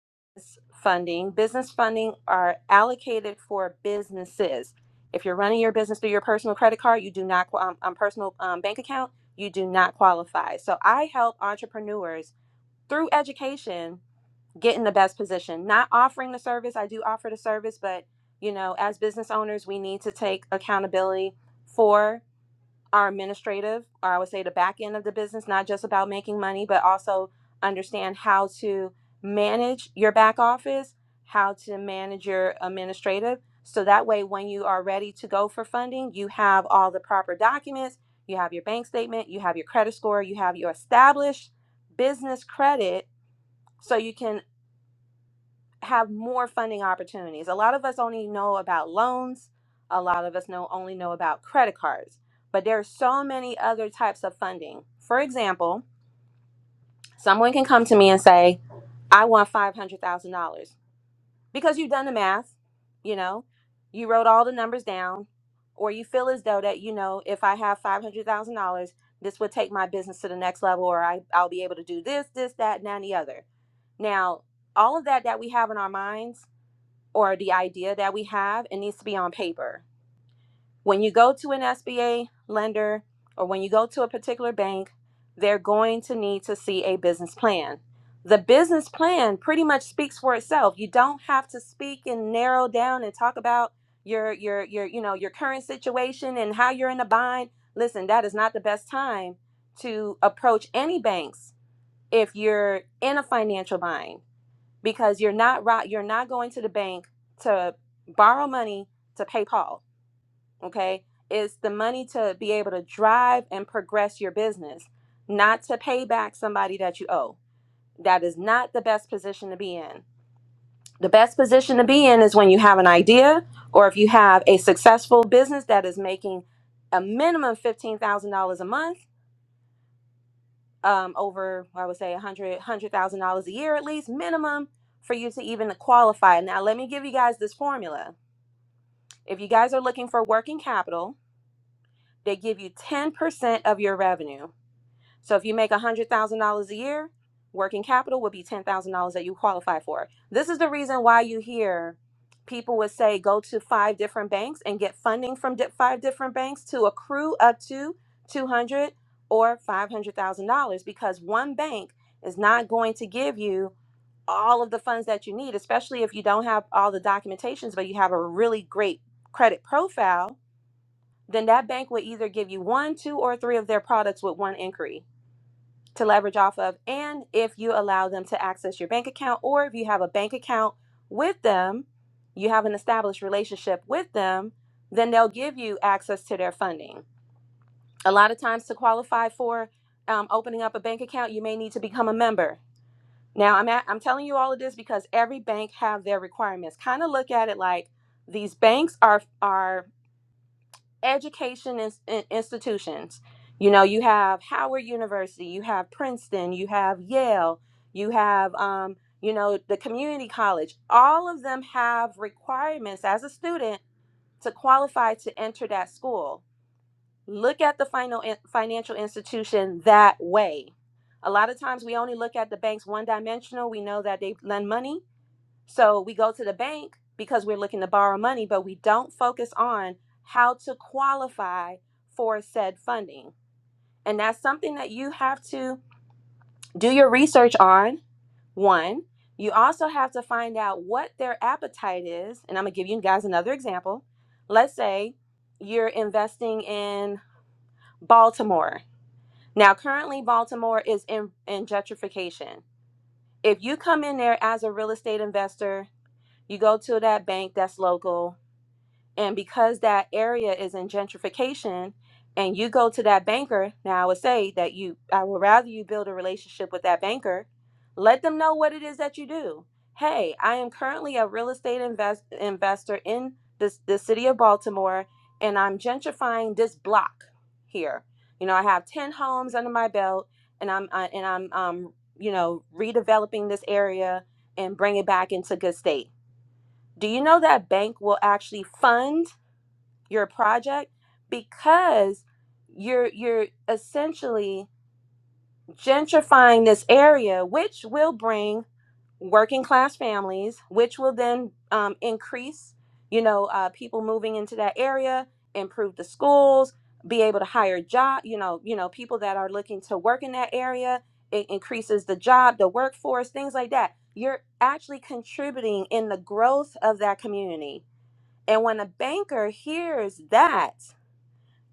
S10: funding. Business funding are allocated for businesses. If you're running your business through your personal credit card, you do not qua- um, um, personal um, bank account, you do not qualify. So I help entrepreneurs through education get in the best position. Not offering the service, I do offer the service, but you know, as business owners, we need to take accountability for our administrative, or I would say the back end of the business, not just about making money, but also understand how to manage your back office, how to manage your administrative. So that way, when you are ready to go for funding, you have all the proper documents, you have your bank statement, you have your credit score, you have your established business credit, so you can have more funding opportunities. A lot of us only know about loans. A lot of us know only know about credit cards, but there are so many other types of funding. For example, someone can come to me and say, "I want five hundred thousand dollars," because you've done the math. You know, you wrote all the numbers down, or you feel as though that you know, if I have five hundred thousand dollars, this would take my business to the next level, or I, I'll be able to do this, this, that, and that, and the other. Now, all of that that we have in our minds or the idea that we have, it needs to be on paper. When you go to an SBA lender or when you go to a particular bank, they're going to need to see a business plan. The business plan pretty much speaks for itself. You don't have to speak and narrow down and talk about your your your you know your current situation and how you're in a bind. Listen, that is not the best time to approach any banks if you're in a financial bind because you're not right you're not going to the bank to borrow money to pay paul okay it's the money to be able to drive and progress your business not to pay back somebody that you owe that is not the best position to be in the best position to be in is when you have an idea or if you have a successful business that is making a minimum $15000 a month um, over I would say a hundred thousand dollars one hundred thousand dollars a year at least minimum for you to even qualify. Now let me give you guys this formula. If you guys are looking for working capital, they give you ten percent of your revenue. So if you make $100,000 a year, working capital would be $10,000 that you qualify for. This is the reason why you hear people would say go to five different banks and get funding from di- five different banks to accrue up to 200 or $500,000 because one bank is not going to give you all of the funds that you need, especially if you don't have all the documentations but you have a really great credit profile, then that bank would either give you one, two, or three of their products with one inquiry to leverage off of, and if you allow them to access your bank account, or if you have a bank account with them, you have an established relationship with them, then they'll give you access to their funding. A lot of times, to qualify for um, opening up a bank account, you may need to become a member. Now, I'm at, I'm telling you all of this because every bank have their requirements. Kind of look at it like these banks are are education ins- in- institutions. You know, you have Howard University, you have Princeton, you have Yale, you have, um, you know, the community college. All of them have requirements as a student to qualify to enter that school. Look at the final in- financial institution that way. A lot of times we only look at the banks one dimensional. We know that they lend money, so we go to the bank because we're looking to borrow money, but we don't focus on how to qualify for said funding. And that's something that you have to do your research on. One, you also have to find out what their appetite is. And I'm going to give you guys another example. Let's say you're investing in Baltimore. Now, currently, Baltimore is in, in gentrification. If you come in there as a real estate investor, you go to that bank that's local, And because that area is in gentrification, and you go to that banker, now I would say that you, I would rather you build a relationship with that banker. Let them know what it is that you do. Hey, I am currently a real estate invest, investor in this the city of Baltimore, and I'm gentrifying this block here. You know, I have ten homes under my belt, and I'm uh, and I'm um, you know redeveloping this area and bring it back into good state. Do you know that bank will actually fund? your project because you're you're essentially gentrifying this area which will bring working class families which will then um, increase you know uh, people moving into that area improve the schools be able to hire job you know you know people that are looking to work in that area it increases the job the workforce things like that you're actually contributing in the growth of that community and when a banker hears that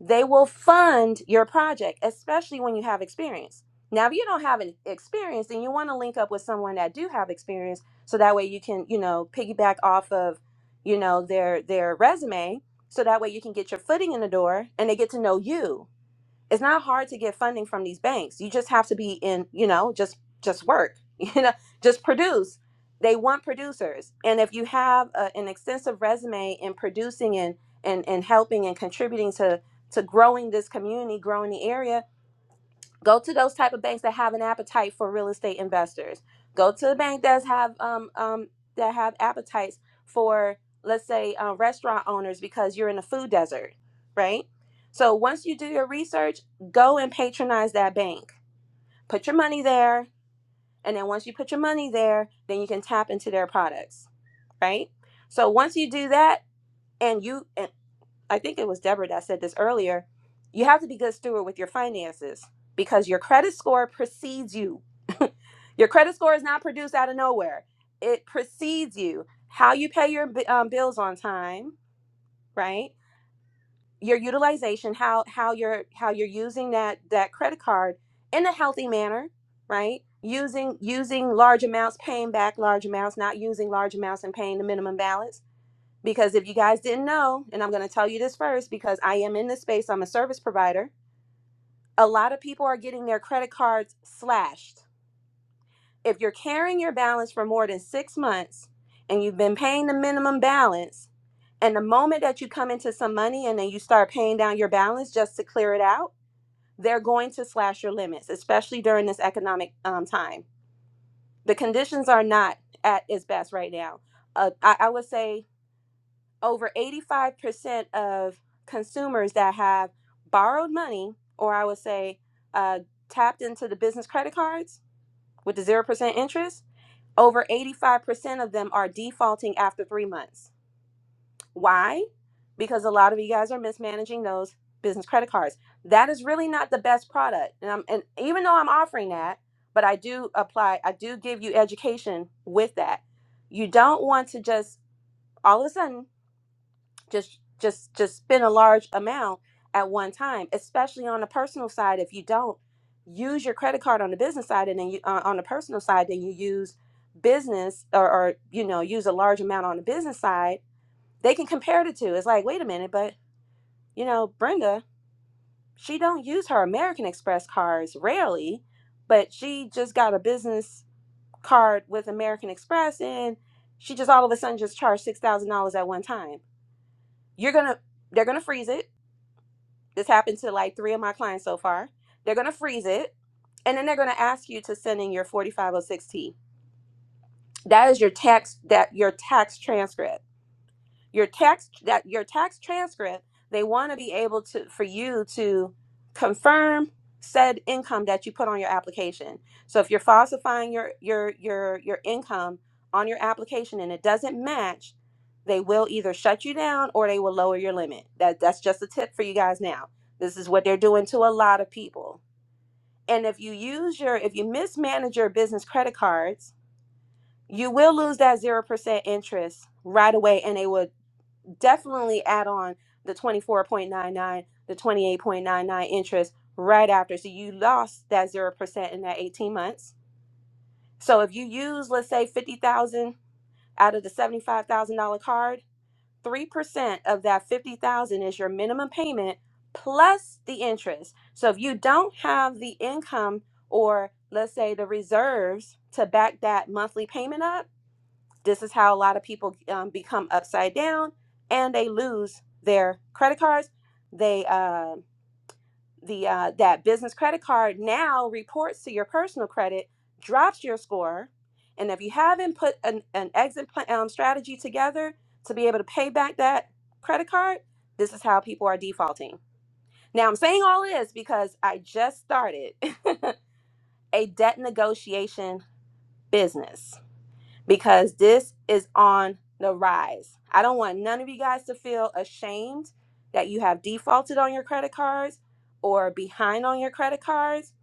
S10: they will fund your project, especially when you have experience. Now, if you don't have an experience, then you want to link up with someone that do have experience, so that way you can, you know, piggyback off of, you know, their their resume, so that way you can get your footing in the door, and they get to know you it's not hard to get funding from these banks. You just have to be in, you know, just just work, you know, just produce. They want producers, and if you have a, an extensive resume in producing and and and helping and contributing to to growing this community, growing the area, go to those type of banks that have an appetite for real estate investors go to the bank that's have um, um that have appetites for let's say uh, restaurant owners because you're in a food desert right so once you do your research go and patronize that bank put your money there and then once you put your money there then you can tap into their products right so once you do that and you I think it was Deborah that said this earlier. You have to be good steward with your finances because your credit score precedes you. your credit score is not produced out of nowhere. It precedes you. How you pay your bi- um, bills on time, right? Your utilization, how how you're how you're using that that credit card in a healthy manner, right? Using using large amounts, paying back large amounts, not using large amounts and paying the minimum balance because if you guys didn't know, and I'm going to tell you this first because I am in this space, I'm a service provider. A lot of people are getting their credit cards slashed. If you're carrying your balance for more than six months and you've been paying the minimum balance, and the moment that you come into some money and then you start paying down your balance just to clear it out, they're going to slash your limits, especially during this economic um, time. The conditions are not at its best right now. Uh, I, I would say over 85% of consumers that have borrowed money, or I would say uh, tapped into the business credit cards with the 0% interest, over 85% of them are defaulting after three months. Why? Because a lot of you guys are mismanaging those business credit cards. That is really not the best product. And, I'm, and even though I'm offering that, but I do apply, I do give you education with that. You don't want to just all of a sudden just just just spend a large amount at one time especially on the personal side if you don't use your credit card on the business side and then you uh, on the personal side then you use business or, or you know use a large amount on the business side they can compare the two it's like wait a minute but you know brenda she don't use her american express cards rarely but she just got a business card with american express and she just all of a sudden just charged $6000 at one time you're gonna they're gonna freeze it This happened to like three of my clients so far. They're going to freeze it and then they're going to ask you to send in your 4506T. That is your tax that your tax transcript your tax that your tax transcript they want to be able to for you to confirm said income that you put on your application so if you're falsifying your your your your income on your application and it doesn't match they will either shut you down or they will lower your limit that that's just a tip for you guys now this is what they're doing to a lot of people and if you use your if you mismanage your business credit cards you will lose that 0% interest right away and they will definitely add on the 24.99 the 28.99 interest right after so you lost that 0% in that 18 months so if you use let's say 50000 out of the $75000 card 3% of that 50000 is your minimum payment plus the interest so if you don't have the income or let's say the reserves to back that monthly payment up this is how a lot of people um, become upside down and they lose their credit cards. They uh, the uh, that business credit card now reports to your personal credit, drops your score, and if you haven't put an, an exit plan, um, strategy together to be able to pay back that credit card, this is how people are defaulting. Now I'm saying all this because I just started a debt negotiation business because this is on the rise. I don't want none of you guys to feel ashamed that you have defaulted on your credit cards or behind on your credit cards.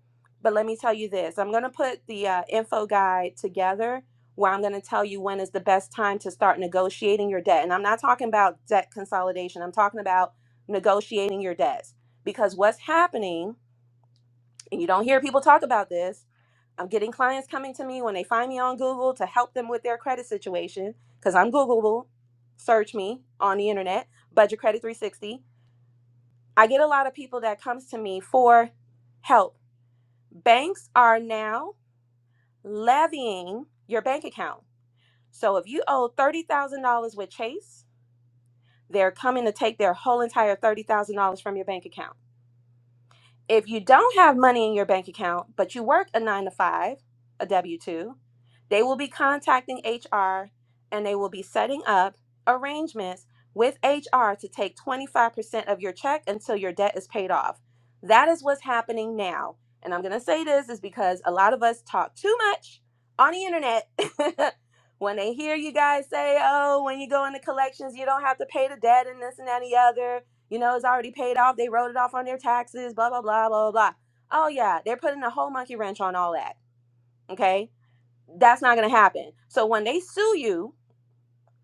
S10: But let me tell you this I'm going to put the uh, info guide together where I'm going to tell you when is the best time to start negotiating your debt. And I'm not talking about debt consolidation, I'm talking about negotiating your debts because what's happening and you don't hear people talk about this. I'm getting clients coming to me when they find me on Google to help them with their credit situation because I'm Googleable. Search me on the internet, Budget Credit 360. I get a lot of people that comes to me for help. Banks are now levying your bank account. So if you owe $30,000 with Chase, they're coming to take their whole entire $30,000 from your bank account If you don't have money in your bank account, but you work a nine to five, a W 2, they will be contacting HR and they will be setting up arrangements with HR to take 25% of your check until your debt is paid off. That is what's happening now. And I'm going to say this is because a lot of us talk too much on the internet. when they hear you guys say, oh, when you go into collections, you don't have to pay the debt and this and that and the other you know, it's already paid off. They wrote it off on their taxes, blah, blah, blah, blah, blah. Oh, yeah, they're putting a whole monkey wrench on all that. Okay. That's not going to happen. So when they sue you,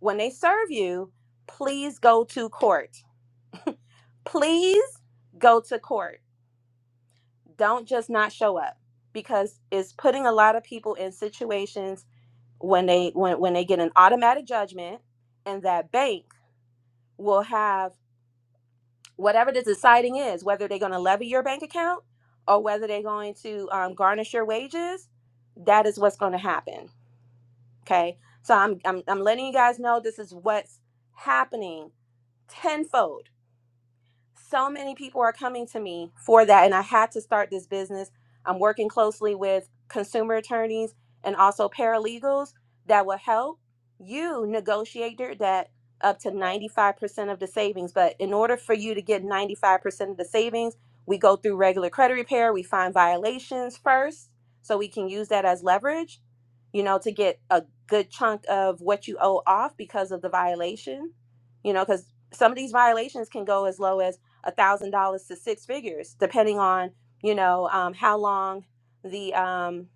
S10: when they serve you, please go to court. Please go to court. Don't just not show up because it's putting a lot of people in situations when they when, when they get an automatic judgment and that bank will have whatever the deciding is, whether they're going to levy your bank account or whether they're going to um, garnish your wages, that is what's going to happen. Okay. So I'm, I'm, I'm letting you guys know this is what's happening tenfold so many people are coming to me for that and i had to start this business i'm working closely with consumer attorneys and also paralegals that will help you negotiate your debt up to 95% of the savings but in order for you to get 95% of the savings we go through regular credit repair we find violations first so we can use that as leverage you know to get a good chunk of what you owe off because of the violation you know because some of these violations can go as low as a thousand dollars to six figures, depending on you know um, how long the um,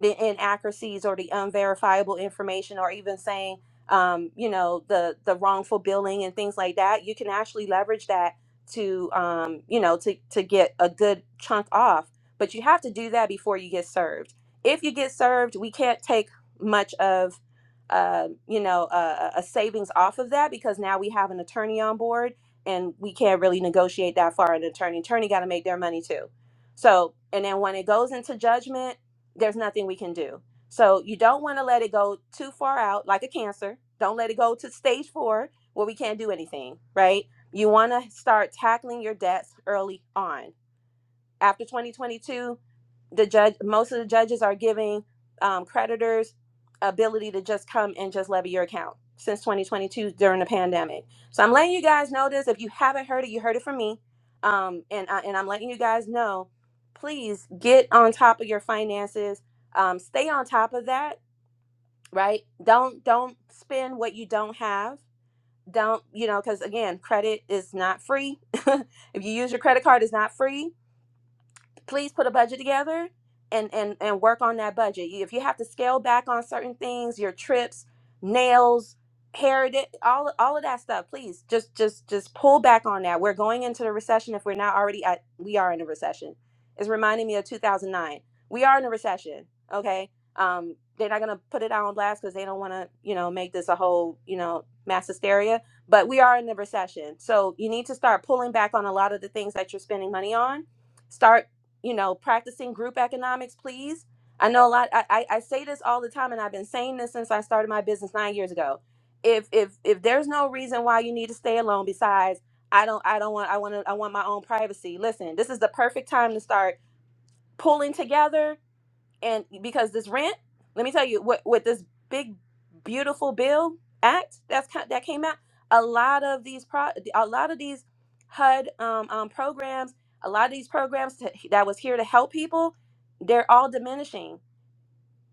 S10: the inaccuracies or the unverifiable information, or even saying um, you know the the wrongful billing and things like that. You can actually leverage that to um, you know to to get a good chunk off, but you have to do that before you get served. If you get served, we can't take much of uh, you know a, a a savings off of that because now we have an attorney on board and we can't really negotiate that far an attorney attorney got to make their money too so and then when it goes into judgment there's nothing we can do so you don't want to let it go too far out like a cancer don't let it go to stage four where we can't do anything right you want to start tackling your debts early on after 2022 the judge most of the judges are giving um, creditors ability to just come and just levy your account since 2022 during the pandemic so i'm letting you guys know this if you haven't heard it you heard it from me um, and, I, and i'm letting you guys know please get on top of your finances um, stay on top of that right don't don't spend what you don't have don't you know because again credit is not free if you use your credit card it's not free please put a budget together and and and work on that budget. You- If you have to scale back on certain things, your trips, nails, hair, di- all all of that stuff, please just just just pull back on that. We're going into the recession if we're not already at we are in a recession. It's reminding me of 2009. We are in a recession, okay? Um they're not going to put it out on blast cuz they don't want to, you know, make this a whole, you know, mass hysteria, but we are in the recession. So you need to start pulling back on a lot of the things that you're spending money on Start you know, practicing group economics, please. I know a lot. I, I, I say this all the time, and I've been saying this since I started my business nine years ago. If if if there's no reason why you need to stay alone, besides I don't I don't want I want to I want my own privacy. Listen, this is the perfect time to start pulling together and because this rent, let me tell you what with this big beautiful bill act that's ki- that came out, a lot of these pro a lot of these HUD um, um, programs, a lot of these programs that that was here to help people, they're all diminishing.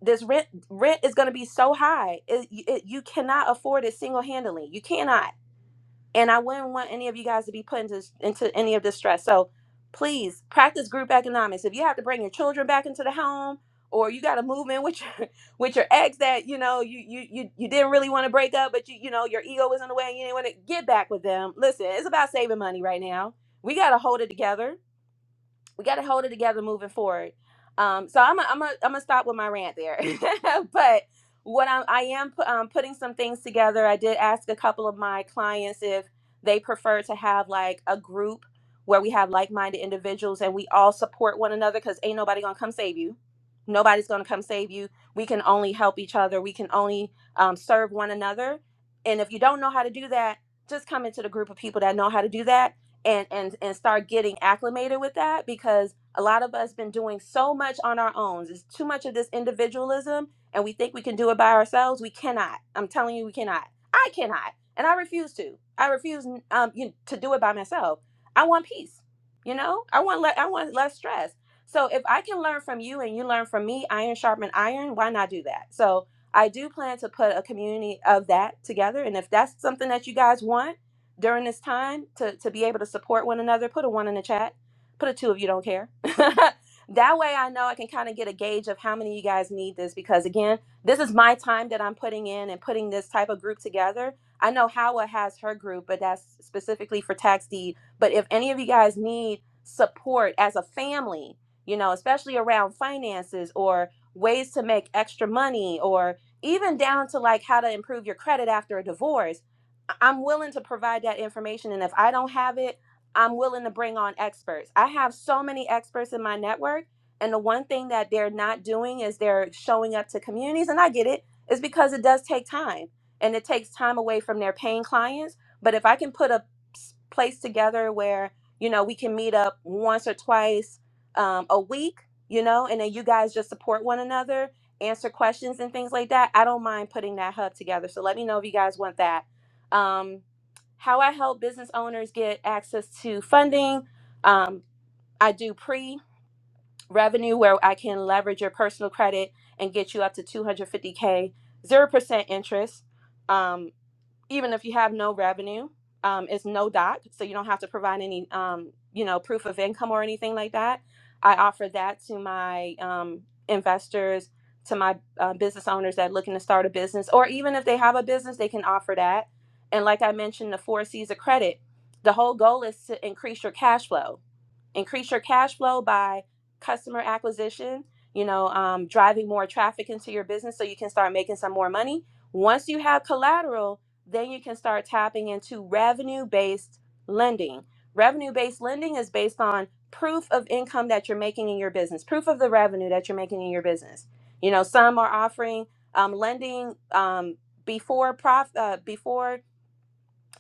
S10: This rent rent is going to be so high, it, it, you cannot afford it single handedly. You cannot and I wouldn't want any of you guys to be put into into any of this stress. So please practice group economics. If you have to bring your children back into the home, or you got to move in with your with your ex that you know you you you, you didn't really want to break up, but you you know your ego was in the way and you didn't want to get back with them. Listen, it's about saving money right now. We got to hold it together we got to hold it together moving forward. Um, so I'm i I'm i am i am i am am going to stop with my rant there. but what I'm, I am pu- um, putting some things together. I did ask a couple of my clients if they prefer to have like a group where we have like-minded individuals and we all support one another because ain't nobody gonna come save you. Nobody's gonna come save you. We can only help each other. We can only um, serve one another. And if you don't know how to do that, just come into the group of people that know how to do that and and and start getting acclimated with that because a lot of us been doing so much on our own. It's too much of this individualism and we think we can do it by ourselves. We cannot. I'm telling you we cannot. I cannot. And I refuse to. I refuse um you, to do it by myself. I want peace. You know? I want le- I want less stress. So if I can learn from you and you learn from me, iron sharpen iron, why not do that? So I do plan to put a community of that together and if that's something that you guys want during this time to, to be able to support one another, put a one in the chat. Put a two if you don't care. that way I know I can kind of get a gauge of how many of you guys need this because again, this is my time that I'm putting in and putting this type of group together. I know Howa has her group, but that's specifically for tax deed. But if any of you guys need support as a family, you know, especially around finances or ways to make extra money or even down to like how to improve your credit after a divorce I- am willing to provide that information. And if I don't have it, I'm willing to bring on experts. I have so many experts in my network. And the one thing that they're not doing is they're showing up to communities. And I get it, it's because it does take time and it takes time away from their paying clients. But if I can put a s- place together where, you know, we can meet up once or twice um, a week, you know, and then you guys just support one another, answer questions and things like that, I don't mind putting that hub together. So let me know if you guys want that um, how I help business owners get access to funding. Um, I do pre revenue where I can leverage your personal credit and get you up to 250K, 0% interest. Um, even if you have no revenue, um, it's no doc, so you don't have to provide any, um, you know, proof of income or anything like that. I offer that to my um, investors, to my uh, business owners that looking to start a business, or even if they have a business, they can offer that. And like I mentioned, the four C's of credit. The whole goal is to increase your cash flow increase your cash flow by customer acquisition you know um, driving more traffic into your business so you can start making some more money once you have collateral then you can start tapping into revenue based lending revenue based lending is based on proof of income that you're making in your business proof of the revenue that you're making in your business you know some are offering um, lending um, before prof uh, before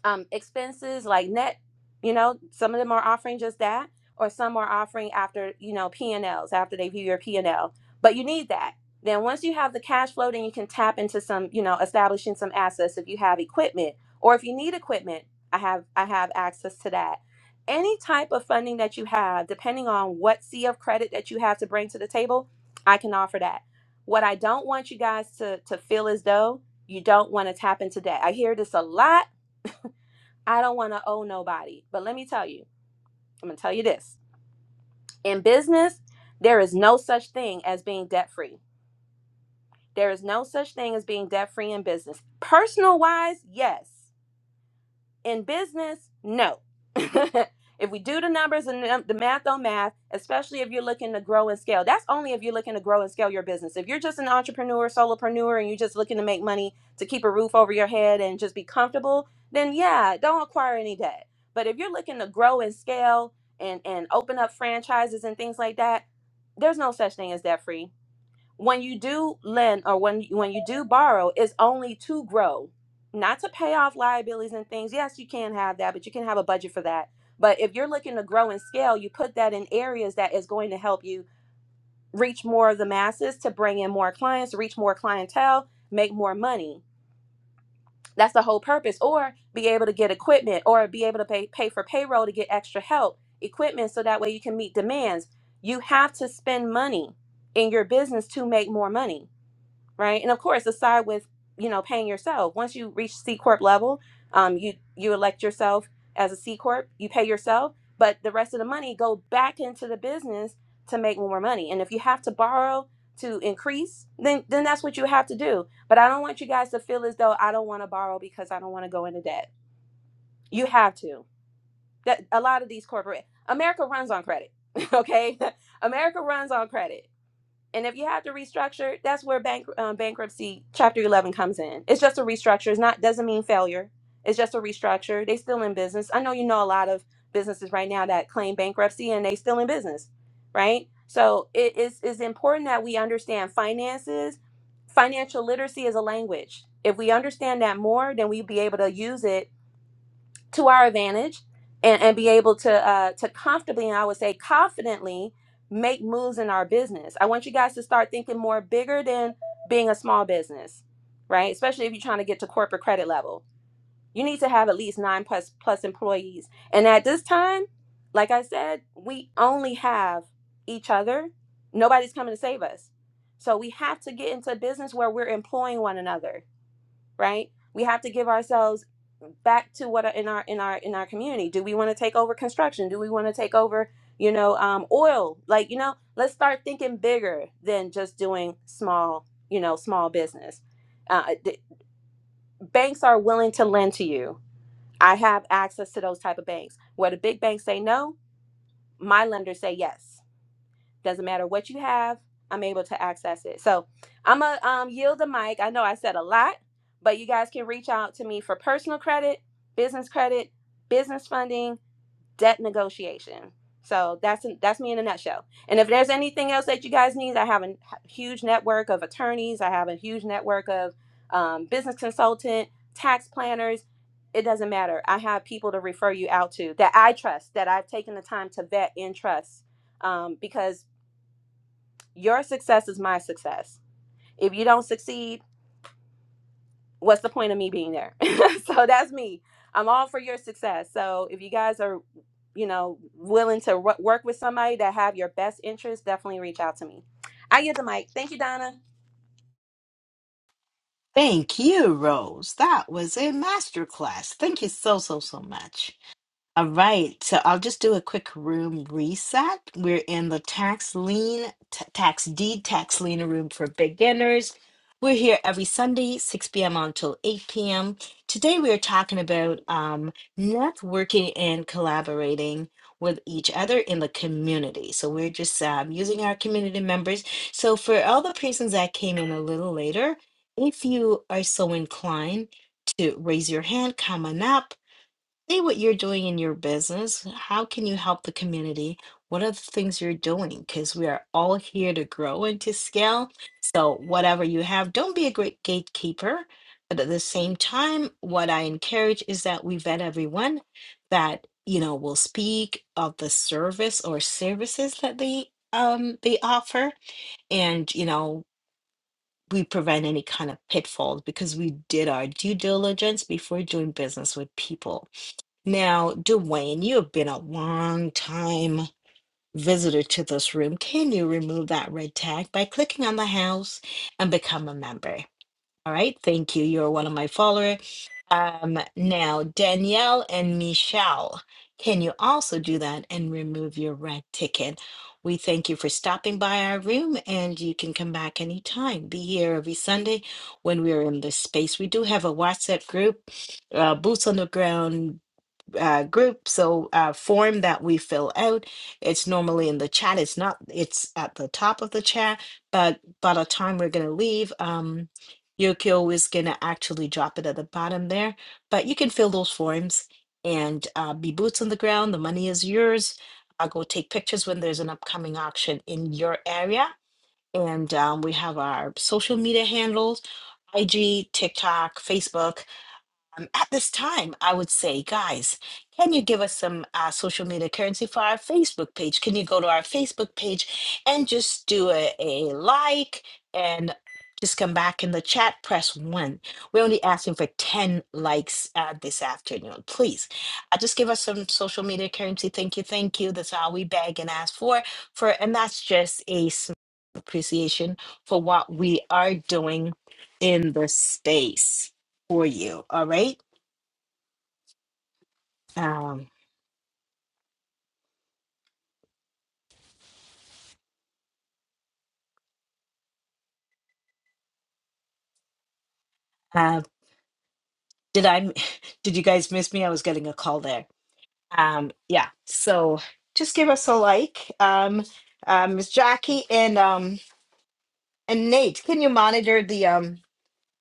S10: um, expenses like net you know some of them are offering just that or some are offering after you know p&l's after they view your p&l but you need that then once you have the cash flow then you can tap into some you know establishing some assets if you have equipment or if you need equipment i have i have access to that any type of funding that you have depending on what sea of credit that you have to bring to the table i can offer that what i don't want you guys to to feel as though you don't want to tap into debt i hear this a lot I don't want to owe nobody. But let me tell you, I'm going to tell you this. In business, there is no such thing as being debt free. There is no such thing as being debt free in business. Personal wise, yes. In business, no. if we do the numbers and the the math on math, especially if you're looking to grow and scale, that's only if you're looking to grow and scale your business. If you're just an entrepreneur, solopreneur, and you're just looking to make money to keep a roof over your head and just be comfortable, then yeah, don't acquire any debt. But if you're looking to grow and scale and, and open up franchises and things like that, there's no such thing as debt free when you do lend or when when you do borrow it's only to grow not to pay off liabilities and things yes you can have that but you can have a budget for that but if you're looking to grow and scale you put that in areas that is going to help you reach more of the masses to bring in more clients to reach more clientele make more money that's the whole purpose or be able to get equipment or be able to pay, pay for payroll to get extra help equipment so that way you can meet demands you have to spend money in your business to make more money right? And of course, aside with you know paying yourself, once you reach C corp level, um, you you elect yourself as a C corp, you pay yourself, but the rest of the money go back into the business to make more money. And if you have to borrow to increase, then then that's what you have to do. But I don't want you guys to feel as though I don't want to borrow because I don't want to go into debt. You have to. That a lot of these corporate America runs on credit. Okay, America runs on credit. And if you have to restructure, that's where bank, um, bankruptcy chapter 11 comes in. It's just a restructure. It's not doesn't mean failure. It's just a restructure. They still in business. I know you know a lot of businesses right now that claim bankruptcy and they still in business, right? So it is is important that we understand finances. Financial literacy is a language. If we understand that more, then we'll be able to use it to our advantage and, and be able to uh, to comfortably and I would say confidently make moves in our business. I want you guys to start thinking more bigger than being a small business, right? Especially if you're trying to get to corporate credit level. You need to have at least nine plus plus employees. And at this time, like I said, we only have each other. Nobody's coming to save us. So we have to get into a business where we're employing one another right? We have to give ourselves back to what are in our in our in our community. Do we want to take over construction? Do we want to take over, you know, um, oil? Like, you know, let's start thinking bigger than just doing small, you know, small business. Uh, the, banks are willing to lend to you. I have access to those type of banks. Where the big banks say no, my lenders say yes doesn't matter what you have, I'm able to access it. So I'm going to um, yield the mic. I know I said a lot, but you guys can reach out to me for personal credit, business credit, business funding, debt negotiation. So that's that's me in a nutshell. And if there's anything else that you guys need, I have a huge network of attorneys. I have a huge network of um, business consultant, tax planners. It doesn't matter. I have people to refer you out to that I trust, that I've taken the time to vet and trust, um, because your success is my success. If you don't succeed, what's the point of me being there? so that's me. I'm all for your success. So if you guys are, you know, willing to wo- work with somebody that have your best interest, definitely reach out to me. I get the mic. Thank you, Donna.
S1: Thank you, Rose. That was a masterclass. Thank you so, so, so much. All right, so I'll just do a quick room reset. We're in the tax lien, t- tax deed, tax lien room for beginners. We're here every Sunday, 6 p.m. until 8 p.m. Today we are talking about um, networking and collaborating with each other in the community. So we're just um, using our community members. So for all the persons that came in a little later, if you are so inclined to raise your hand, come on up Say what you're doing in your business. How can you help the community? What are the things you're doing? Because we are all here to grow and to scale. So, whatever you have, don't be a great gatekeeper. But at the same time, what I encourage is that we vet everyone that you know will speak of the service or services that they um they offer, and you know we prevent any kind of pitfalls because we did our due diligence before doing business with people. Now, Dwayne, you have been a long time visitor to this room. Can you remove that red tag by clicking on the house and become a member? All right, thank you. You're one of my followers. Um, now, Danielle and Michelle, can you also do that and remove your red ticket? We thank you for stopping by our room, and you can come back anytime. Be here every Sunday when we are in this space. We do have a WhatsApp group, uh, Boots on the Ground uh, group so uh, form that we fill out it's normally in the chat it's not it's at the top of the chat but by the time we're going to leave um, yokio is going to actually drop it at the bottom there but you can fill those forms and uh, be boots on the ground the money is yours i'll go take pictures when there's an upcoming auction in your area and um, we have our social media handles ig tiktok facebook um, at this time, I would say, guys, can you give us some uh, social media currency for our Facebook page? Can you go to our Facebook page and just do a, a like and just come back in the chat, press one. We're only asking for 10 likes uh, this afternoon. Please uh, just give us some social media currency. Thank you. Thank you. That's all we beg and ask for. for and that's just a small appreciation for what we are doing in the space for you. All right. Um, uh, did I, m- did you guys miss me? I was getting a call there. Um, yeah, so just give us a like. Um, uh, Miss Jackie and um and Nate, can you monitor the um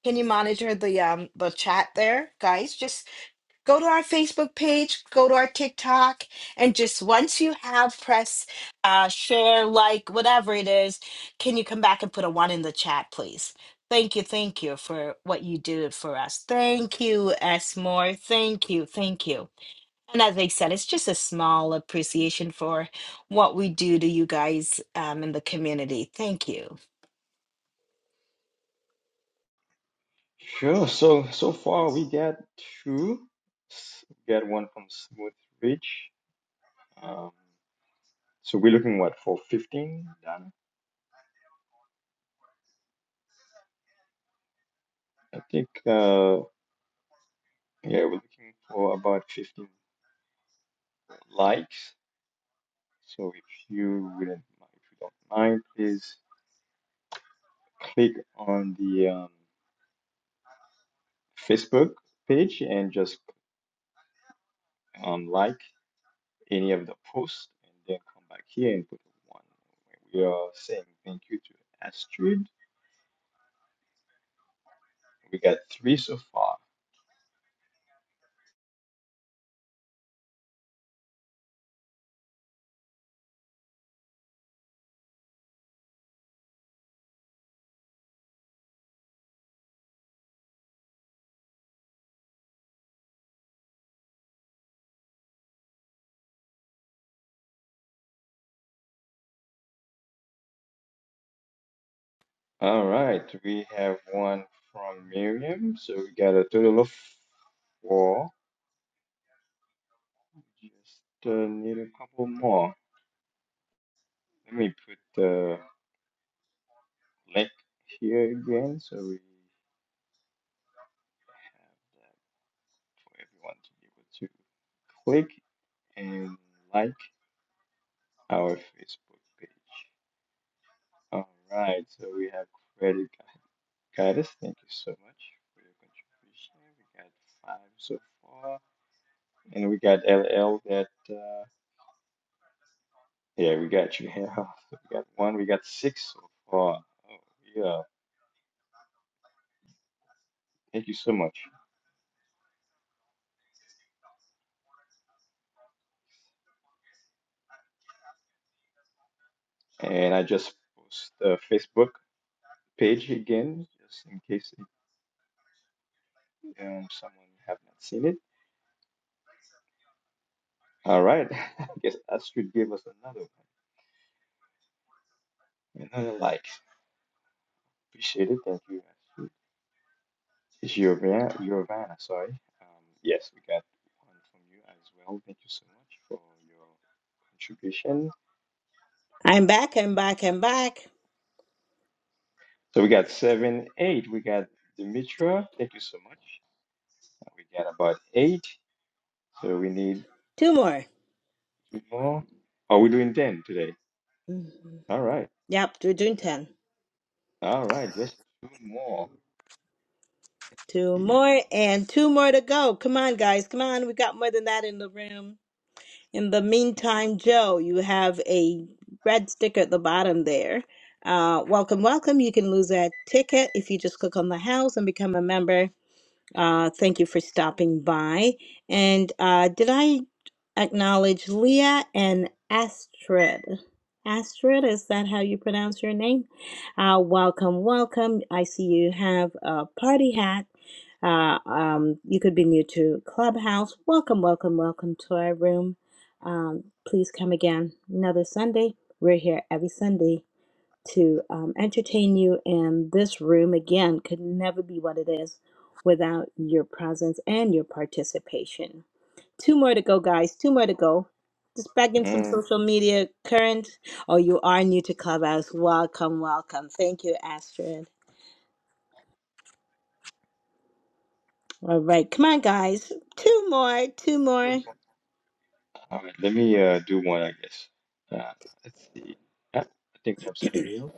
S1: can you monitor the um the chat there, guys? Just go to our Facebook page, go to our TikTok, and just once you have press, uh, share, like, whatever it is, can you come back and put a one in the chat, please? Thank you, thank you for what you do for us. Thank you, S. Moore. Thank you, thank you. And as I said, it's just a small appreciation for what we do to you guys um, in the community. Thank you.
S11: Sure. So so far we got two. S- We got one from Smooth Ridge. Um, so we're looking what for fifteen, Donna? I think uh, yeah, we're looking for about fifteen likes. So if you wouldn't, mi- if you don't mind, please click on the um, Facebook page and just um, like any of the posts, and then come back here and put one. We are saying thank you to Astrid We got three so far. All right, we have one from Miriam, so we got a total of four. Just uh, need a couple more. Let me put the link here again so we have that for everyone to be able to click and like our Facebook page. All right, so we have Credit Guidance. Thank you so much for your contribution. We got five so far. And we got LL that, uh, yeah, we got you. Yeah, we got one, we got six so far. Oh, yeah, thank you so much. And I just post the Facebook page again, just in case um, someone have not seen it. All right, I guess Astrid gave us another one, another like. Appreciate it, thank you, Astrid. Giovanna, Giovanna, sorry. Um, yes, we got one from you as well. Thank you so much for your contribution
S1: I'm back, I'm back, I'm back.
S11: So we got seven, eight. We got Dimitra. Thank you so much. We got about eight. So we need
S1: Two more.
S11: two more. Are we doing 10 today? All right.
S1: Yep, we're doing 10.
S11: All right. Just two more. Let's
S1: Two
S11: see.
S1: more and two more to go. Come on, guys. Come on. We got more than that in the room. In the meantime, Joe, you have a red sticker at the bottom there. Uh, welcome, welcome. You can lose that ticket if you just click on the house and become a member. Uh, thank you for stopping by. And uh, did I acknowledge Leah and Astrid? Astrid, is that how you pronounce your name? Uh, welcome, welcome. I see you have a party hat. Uh, um, you could be new to Clubhouse. Welcome, welcome, welcome to our room. Um, please come again another Sunday. We're here every Sunday to um, entertain you. And this room, again, could never be what it is without your presence and your participation. Two more to go, guys. Two more to go. Just back in some
S11: Mm,
S1: social media current. Oh, you are new to Clubhouse. Welcome, welcome. Thank you, Astrid. All right, come on, guys. Two more, two
S11: two
S1: more.
S11: more. All right. Let me uh, do one, I guess. Uh, let's see. Uh, I think we have somebody else.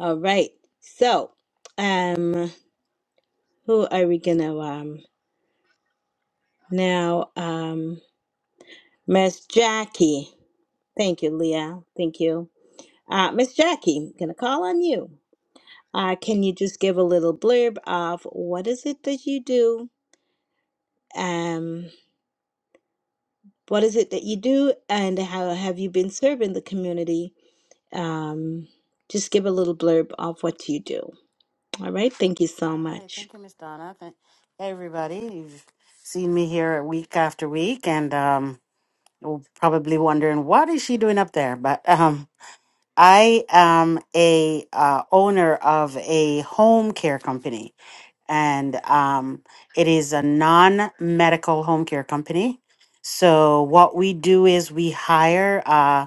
S1: All right. So, um, who are we gonna um now? Um, Miss Jackie. Thank you, Leah. Thank you. Uh, Miss Jackie, I'm going to call on you. Uh, can you just give a little blurb of what is it that you do? Um, what is it that you do, and how have you been serving the community? Um, just give a little blurb of what you do. All right. Thank you
S2: All
S1: so
S2: right.
S1: much.
S2: Thank you, Miss Donna. Thank hey, everybody. You've seen me here week after week, and um, you're probably wondering what is she doing up there. But um, I am a uh, owner of a home care company, and um, it is a non-medical home care company. So what we do is we hire. Uh,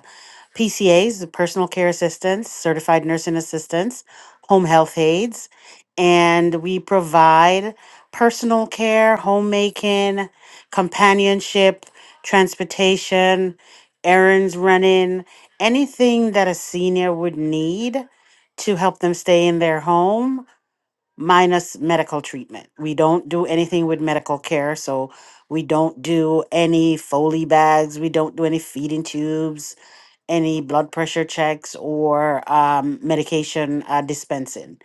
S2: PCAs, the personal care assistants, certified nursing assistants, home health aides, and we provide personal care, homemaking, companionship, transportation, errands running, anything that a senior would need to help them stay in their home, minus medical treatment. We don't do anything with medical care, so we don't do any Foley bags, we don't do any feeding tubes, any blood pressure checks or um, medication uh, dispensing.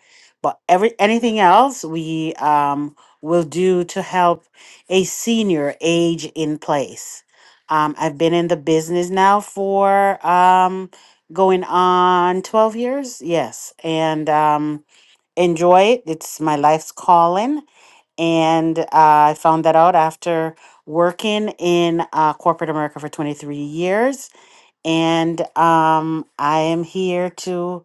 S2: But every anything else we um, will do to help a senior age in place. Um, I've been in the business now for um, going on twelve years. Yes, and um, enjoy it. It's my life's calling, and uh, I found that out after working in uh, corporate America for twenty three years and um, I am here to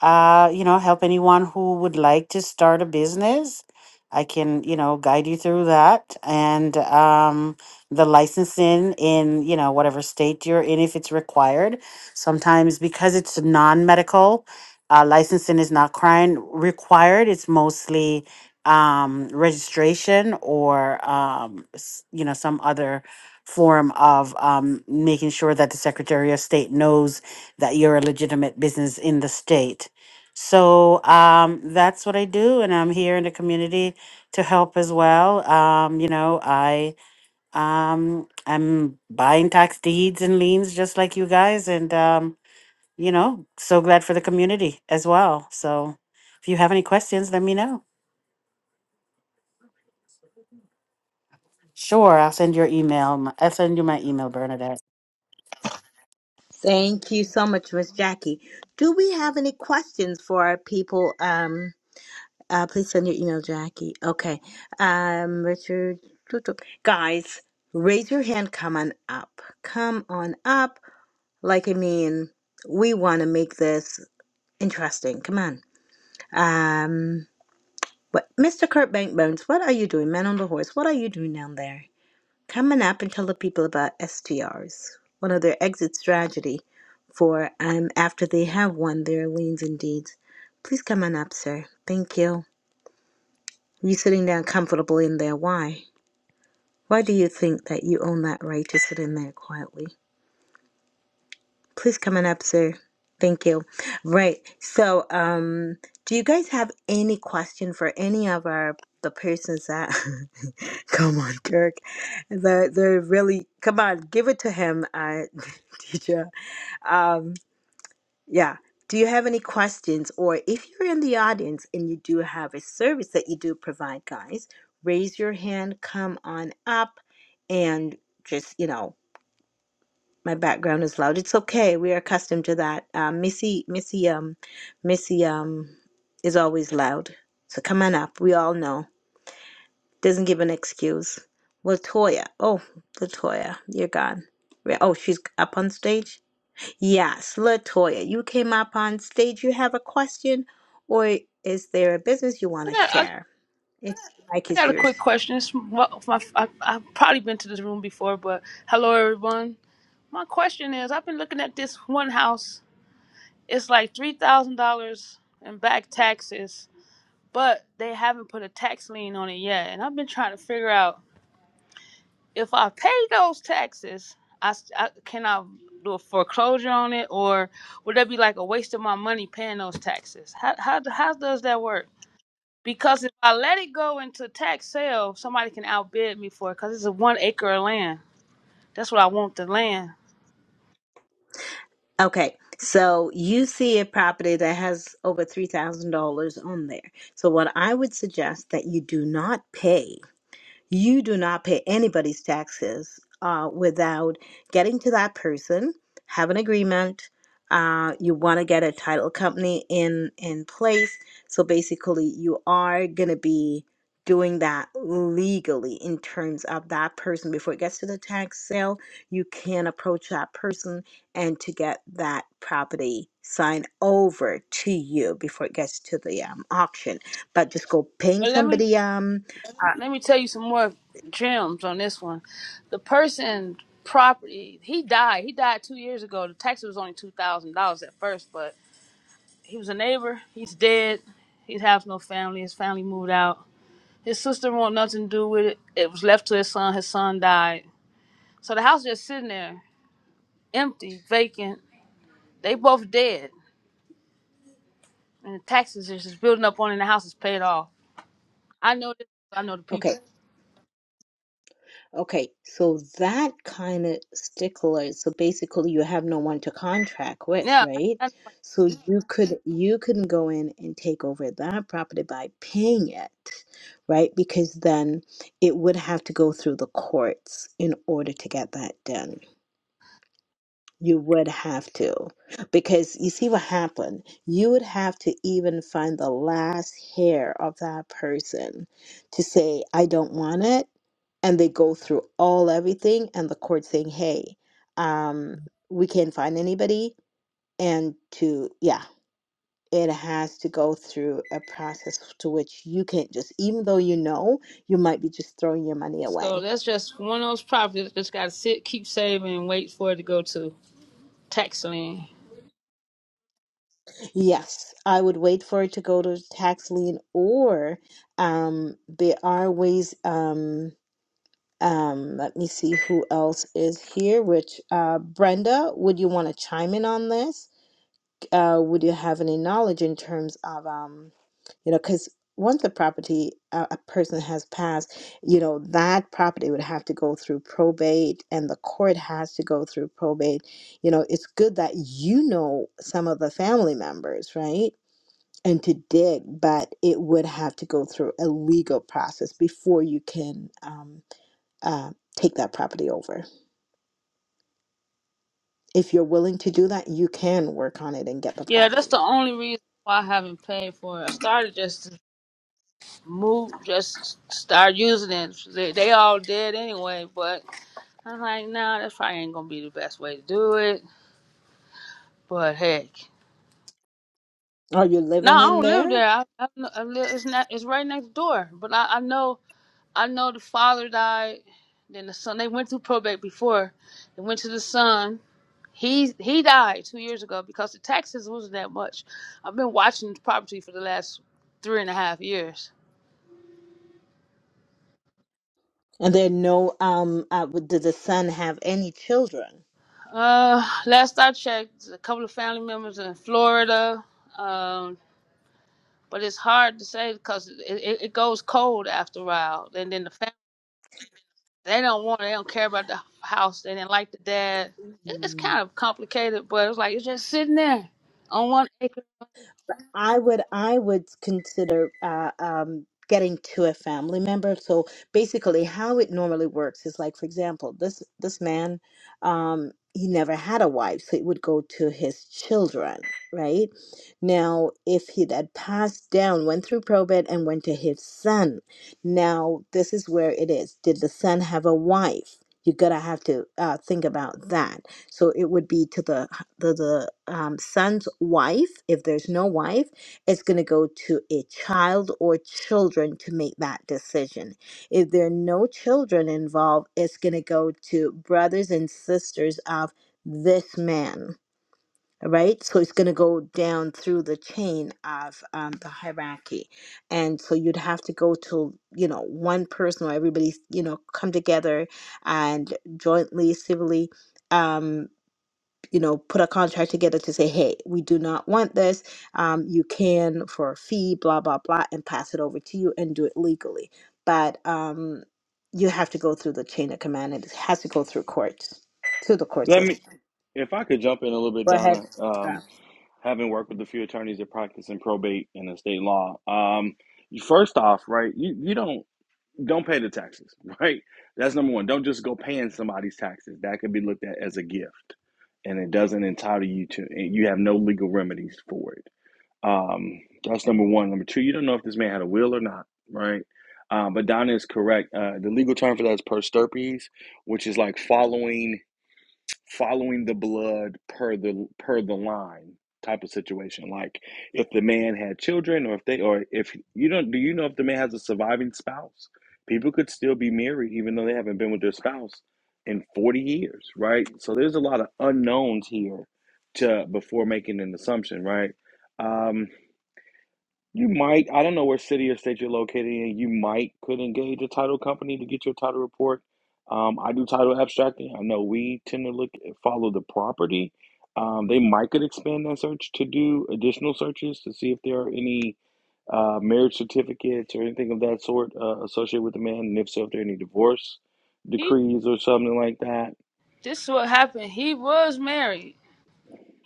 S2: uh, you know, help anyone who would like to start a business. I can, you know, guide you through that and um, the licensing in, you know, whatever state you're in if it's required. Sometimes because it's non medical, uh, licensing is not crime required. It's mostly um, registration or, um, s- you know, some other form of um, making sure that the Secretary of State knows that you're a legitimate business in the state. So um, that's what I do, and I'm here in the community to help as well. Um, you know, I um, I'm buying tax deeds and liens just like you guys, and um, you know, so glad for the community as well. So if you have any questions, let me know. Sure, I'll send your email. m- I'll send you my email, Bernadette.
S1: Thank you so much, Miss Jackie. Do we have any questions for our people? Um, uh, please send your email, Jackie. Okay. Um, Richard, guys, raise your hand. Come on up. Come on up. Like I mean, we want to make this interesting. Come on. Um, what, Mr. Kurt Bankbones, what are you doing? Man on the horse, what are you doing down there? Coming up and tell the people about STRs, one of their exit strategy for um, after they have won their liens and deeds. Please come on up, sir. Thank you. You sitting down comfortably in there. Why? Why do you think that you own that right to sit in there quietly? Please come on up, sir. Thank you. Right. So, um, do you guys have any question for any of our the persons that come on, Dirk? They're, they're really come on, give it to him, uh, teacher. Um, yeah. Do you have any questions, or if you're in the audience and you do have a service that you do provide, guys, raise your hand. Come on up, and just you know my background is loud. It's okay. We are accustomed to that. Um, Missy, Missy, um, Missy, um, is always loud. So come on up. We all know. Doesn't give an excuse. Latoya. Oh, Latoya, you're gone. Re- Oh, she's up on stage. Yes, Latoya, you came up on stage. You have a question, or is there a business you want
S12: I
S1: to
S12: got, I,
S1: share? It's the mic
S12: I
S1: is
S12: got a
S1: yours.
S12: quick question. It's from- well, my, I, I've probably been to this room before, but hello, everyone. My question is I've been looking at this one house. It's like $3,000 in back taxes, but they haven't put a tax lien on it yet. And I've been trying to figure out if I pay those taxes, I, s- I- can I do a foreclosure on it, or would that be like a waste of my money paying those taxes? How, how, how does that work? Because if I let it go into tax sale, somebody can outbid me for it because it's a one acre of land. That's what I want the land.
S1: Okay, so you see a property that has over $3,000 on there. So, what I would suggest that you do not pay you do not pay anybody's taxes uh, without getting to that person, have an agreement. Uh, you want to get a title company in in place. So basically, you are gonna be doing that legally in terms of that person before it gets to the tax sale. You can approach that person and to get that property signed over to you before it gets to the um, auction. But just go paying
S12: But let me
S1: somebody um.
S12: let me tell you some more gems on this one. The person property he died. He died two years ago. The tax was only two thousand dollars at first, but he was a neighbor. He's dead. He has no family. His family moved out. His sister want nothing to do with it. It was left to his son. His son died. So the house just sitting there, empty, vacant. They both dead and the taxes is just building up on and the house is paid off. I know this. I know the
S1: Okay,
S12: people.
S1: Okay, so that kind of stickler. So basically, you have no one to contract with,
S12: Yeah. I,
S1: right?
S12: I know.
S1: So you could you can go in and take over that property by paying it, right? Because then it would have to go through the courts in order to get that done. You would have to, because you see what happened. You would have to even find the last hair of that person to say, I don't want it. And they go through all everything, and the court saying, Hey, um, we can't find anybody. And to, yeah, it has to go through a process to which you can't just, even though you know, you might be just throwing your money away.
S12: So that's just one of those properties that just gotta sit, keep saving, and wait for it to go to tax lien.
S1: Yes, I would wait for it to go to tax lien, or um, there are ways. Um, um, let me see who else is here. Which uh, Brenda, would you want to chime in on this? Uh, would you have any knowledge in terms of um, you know, because once the property uh, a person has passed, you know that property would have to go through probate, and the court has to go through probate. You know, it's good that you know some of the family members, right? and to dig, but it would have to go through a legal process before you can um, uh, take that property over. If you're willing to do that, you can work on it and get the
S12: Yeah, that's
S1: property.
S12: the only reason why I haven't paid for it. I started just to move, just start using it. They, they all did anyway, but I'm like, nah, that probably ain't gonna be the best way to do it. But heck.
S1: Are you
S12: No,
S1: living
S12: I
S1: in
S12: don't live
S1: there?
S12: there. I, I, kn- I live, it's not. It's right next door. But I, I know, I know the father died. Then the son. They went through probate before. They went to the son. He he died two years ago because the taxes wasn't that much. I've been watching property for the last three and a half years.
S1: And there are no, um, uh, w- the son have any children?
S12: Uh, last I checked, there's a couple of family members in Florida. Um, but it's hard to say because it, it, it goes cold after a while, and then the They don't want. it. They don't care about the house. They didn't like the dad. It, it's kind of complicated, but it's like it's just sitting there on one acre.
S1: I would I would consider uh, um, getting to a family member. So basically, how it normally works is like, for example, this this man, um, he never had a wife, so it would go to his children, right? Now, if he had passed down, went through probate, and went to his son, now this is where it is. Did the son have a wife? You gotta have to uh, think about that. So it would be to the the, the um, son's wife, if there's no wife, it's going to go to a child or children to make that decision. If there are no children involved, it's going to go to brothers and sisters of this man, right? So it's going to go down through the chain of um, the hierarchy. And so you'd have to go to, you know, one person or everybody's, you know, come together and jointly, civilly. Um, you know, put a contract together to say, hey, we do not want this. Um, you can for a fee, blah, blah, blah, and pass it over to you and do it legally. But um, you have to go through the chain of command. It has to go through courts, to the court
S7: Let
S1: system.
S7: me. If I could jump in a little bit,
S1: Go ahead.
S7: Donna. Um,
S1: Yeah.
S7: having worked with a few attorneys that practice in probate and estate law, um, first off, right, you, you don't don't pay the taxes, right? That's number one. Don't just go paying somebody's taxes. That could be looked at as a gift, and it doesn't entitle you to. And you have no legal remedies for it. Um, that's number one. Number two, you don't know if this man had a will or not, right? Um, but Donna is correct. Uh, the legal term for that is persterpes, which is like following following the blood per the per the line type of situation. Like if the man had children, or if they, or if you don't, do you know if the man has a surviving spouse? People could still be married even though they haven't been with their spouse in forty years, right? So there's a lot of unknowns here to before making an assumption, right? Um, you might, I don't know where city or state you're located in. You might could engage a title company to get your title report. Um, I do title abstracting. I know we tend to look follow the property. Um, they might could expand that search to do additional searches to see if there are any uh, marriage certificates or anything of that sort uh, associated with the man, and if so, if there are any divorce
S12: He.
S7: decrees or something like that.
S12: This is what happened. He was married.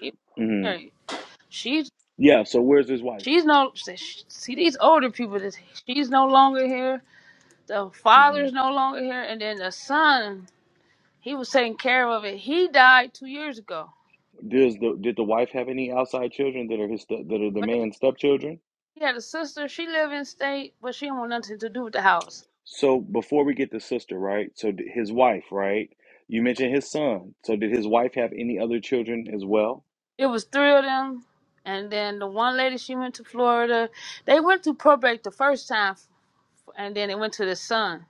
S12: He was
S7: hmm
S12: married. She's.
S7: Yeah. So where's his wife?
S12: She's no. See these older people. This. She's no longer here. The
S7: hmm
S12: father's no longer here, and then the son. He was taking care of it. He died two years ago.
S7: Does the did the wife have any outside children that are his that are the
S12: But he
S7: man's stepchildren?
S12: he had a sister. She lived in state, but she didn't want nothing to do with the house.
S7: So before we get the sister, right? So d- his wife, right? You mentioned his son. So did his wife have any other children as well?
S12: It was three of them, and then the one lady she went to Florida. They went to probate the first time, and then they went to the son.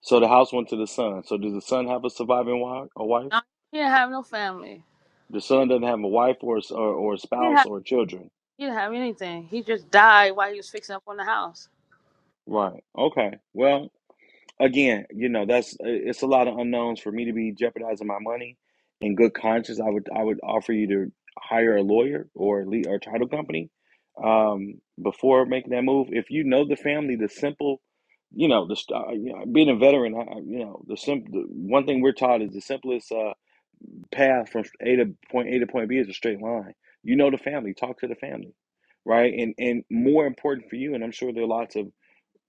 S7: So the house went to the son. So does the son have a surviving wife? A wife?
S12: No, he didn't have no family.
S7: The son doesn't have a wife or a s- or, or a
S12: He didn't
S7: spouse
S12: have
S7: or children.
S12: he didn't have anything. He just died while he was fixing up on the house.
S7: Right. Okay. Well, again, you know, that's uh, it's a lot of unknowns for me to be jeopardizing my money. In good conscience, I would I would offer you to hire a lawyer or lead or a title company um, before making that move. If you know the family, the simple, you know, the uh, you know, being a veteran, I- you know, the simple the one thing we're taught is the simplest uh, path from A to point A to point B is a straight line. You know the family, talk to the family, right? And and more important for you, and I'm sure there are lots of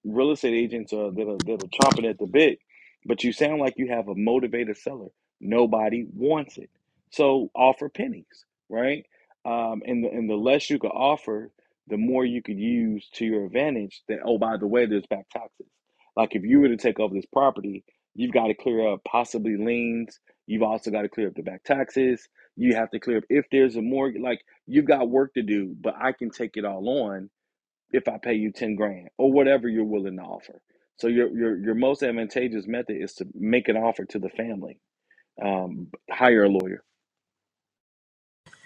S7: real estate agents are that are that are chomping at the bit, but you sound like you have a motivated seller. Nobody wants it, so offer pennies, right? Um, and the and the less you can offer, the more you could use to your advantage. That oh, by the way, there's back taxes. Like if you were to take over this property, you've got to clear up possibly liens. You've also got to clear up the back taxes. You have to clear up if there's a mortgage. Like you've got work to do, but I can take it all on if I pay you 10 grand or whatever you're willing to offer. So your your your most advantageous method is to make an offer to the family. Um, hire a lawyer.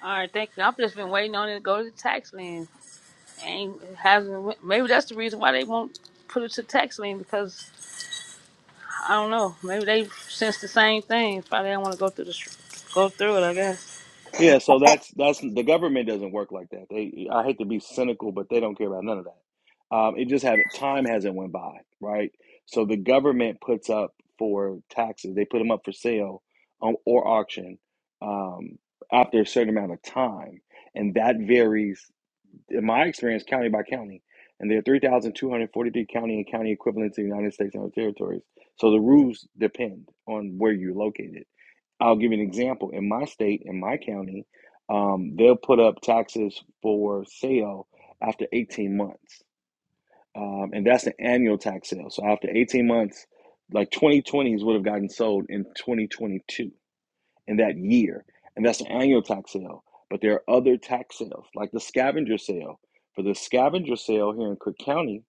S12: All right, thank you. I've just been waiting on it to go to the tax lien. Ain't it hasn't. went- Maybe that's the reason why they won't put it to tax lien because I don't know. Maybe they sense the same thing. Probably don't want to go through the str- go through it. I guess.
S7: Yeah, so that's that's the government doesn't work like that. They I hate to be cynical, but they don't care about none of that. Um, it just haven't time hasn't went by, right? So the government puts up for taxes. They put them up for sale um, or auction um, after a certain amount of time, and that varies in my experience, county by county. And there are 3,243 county and county equivalents in the United States and other territories. So the rules depend on where you're located. I'll give you an example. In my state, in my county, um, they'll put up taxes for sale after 18 months. Um, and that's an annual tax sale. So after 18 months, like 2020s would have gotten sold in 2022 in that year. And that's an annual tax sale. But there are other tax sales, like the scavenger sale. For the scavenger sale here in Cook County,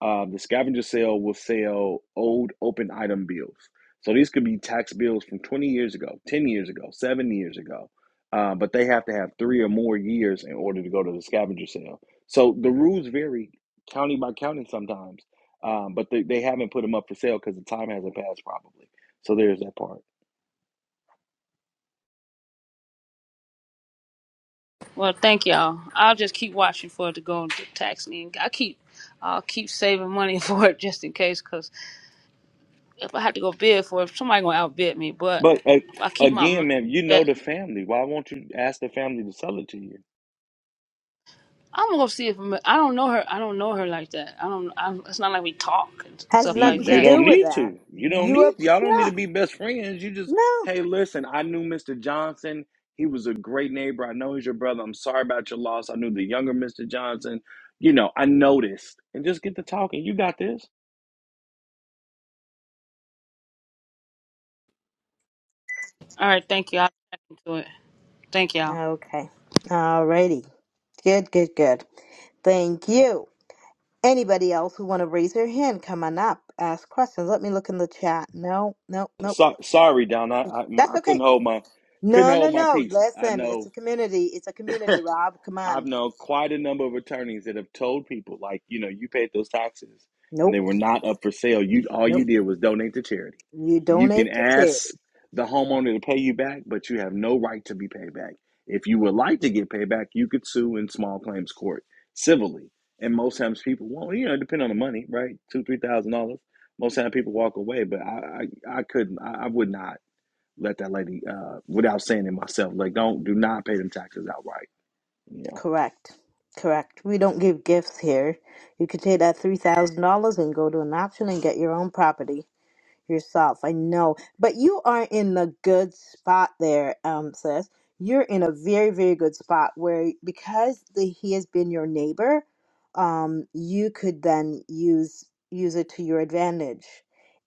S7: uh, the scavenger sale will sell old open item bills. So these could be tax bills from 20 years ago, 10 years ago, seven years ago. Uh, but they have to have three or more years in order to go to the scavenger sale. So the rules vary county by county sometimes. Um, but they, they haven't put them up for sale because the time hasn't passed probably. So there's that part.
S12: Well, thank y'all. I'll just keep watching for it to go into tax me. I keep, I'll keep saving money for it just in case. Cause if I have to go bid for it, somebody gonna outbid me. But
S7: But uh,
S12: if I keep my mouth
S7: again, man, you know
S12: shut,
S7: the family. Why won't you ask the family to sell it to you?
S12: I'm gonna see if I'm, I don't know her. I don't know her like that. I don't. i it's not like we talk and
S1: Has
S12: stuff
S7: You
S12: like
S1: nothing to
S7: you
S12: that.
S1: do
S7: don't
S1: with
S7: need
S1: that.
S7: to. You don't
S1: You up?
S7: need. Y'all don't need
S1: Yeah.
S7: to be best friends. You just
S1: No.
S7: hey, listen. I knew Mr. Johnson. He was a great neighbor. I know he's your brother. I'm sorry about your loss. I knew the younger Mr. Johnson. You know, I noticed, and just get to talking. You got this.
S12: All right, thank you. I'll check into it. Thank y'all.
S1: Okay. Alrighty. Good, good, good. Thank you. Anybody else who want to raise their hand, come on up, ask questions. Let me look in the chat. No, no, no.
S7: So, sorry, Don. I I, my,
S1: That's
S7: I
S1: okay.
S7: couldn't hold my couldn't
S1: No, no,
S7: hold my
S1: no.
S7: peace. I
S1: Listen, it's
S7: know
S1: a community. It's a community, Rob. Come
S7: I've
S1: on.
S7: known quite a number of attorneys that have told people, like, you know, you paid those taxes and they
S1: Nope,
S7: were not up for sale. You all
S1: nope.
S7: you did was donate to charity.
S1: You
S7: You can
S1: donate to
S7: ask
S1: charity.
S7: the homeowner to pay you back, but you have no right to be paid back. If you would like to get paid back, you could sue in small claims court civilly. And most times people won't, you know, depend on the money, right? Two, three thousand dollars. Most times people walk away, but I, I, I couldn't, I, I would not let that lady, uh, without saying it myself, like, don't, do not pay them taxes outright. Yeah.
S1: Correct. Correct. We don't give gifts here. You could take that $3,000 and go to an auction and get your own property. yourself. I know, but you are in the good spot there, um, sis. You're in a very, very good spot where because the, he has been your neighbor, um, you could then use use it to your advantage.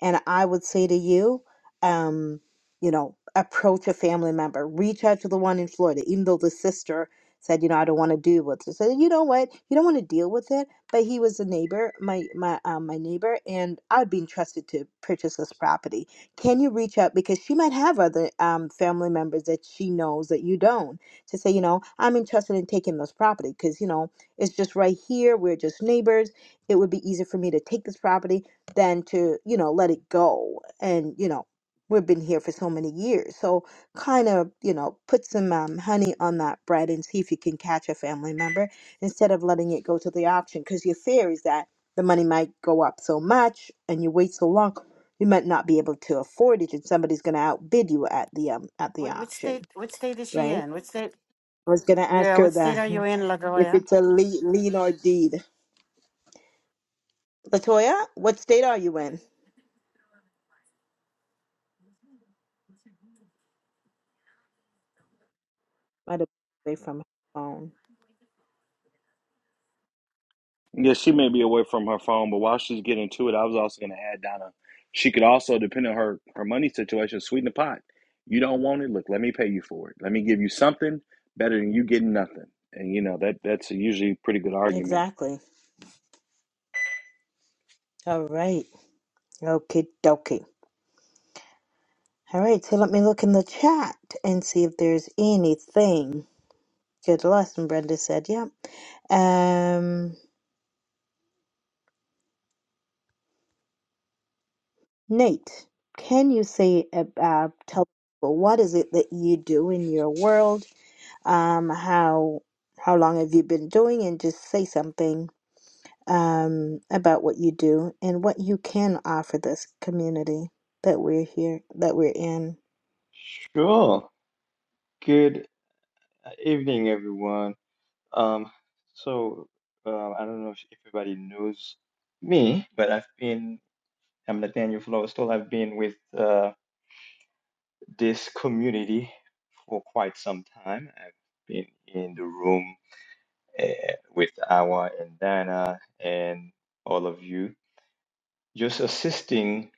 S1: And I would say to you, um, you know, approach a family member, reach out to the one in Florida, even though the sister said, you know, I don't want to do with it. So you know what? You don't want to deal with it but he was a neighbor, my my um, my neighbor, and I'd been trusted to purchase this property. Can you reach out because she might have other um, family members that she knows that you don't to say, you know, I'm interested in taking this property because you know it's just right here. We're just neighbors. It would be easier for me to take this property than to you know let it go and you know. We've been here for so many years, so kind of you know put some um, honey on that bread and see if you can catch a family member instead of letting it go to the auction because your fear is that the money might go up so much and you wait so long you might not be able to afford it and somebody's going to outbid you at the um at the
S2: Wh- which
S1: auction
S2: state? Which state is she
S1: right
S2: in? Which state?
S1: i was going to ask
S2: Yeah,
S1: her
S2: which state
S1: that
S2: are you in,
S1: if
S2: Lagoya?
S1: it's a lien, lien or deed latoya what state are you in might have been away from her phone
S7: Yeah, she may be away from her phone, but while she's getting to it, I was also going to add Donna. She could also, depending on her her money situation, sweeten the pot. You don't want it? Look, let me pay you for it. Let me give you something better than you getting nothing. And you know that that's usually a pretty good argument.
S1: exactly all right okay dokie All right, so let me look in the chat and see if there's anything. Good lesson, Brenda said. Yep. Um, Nate, can you say about tell people what is it that you do in your world? Um, how how long have you been doing? And just say something um about what you do and what you can offer this community that we're here that we're in.
S11: Sure. Good uh, evening, everyone. Um, so uh, I don't know if everybody knows me, but I've been I'm Nathaniel Flowstall. I've been with uh, this community for quite some time. I've been in the room uh, with Awa and Dana and all of you, just assisting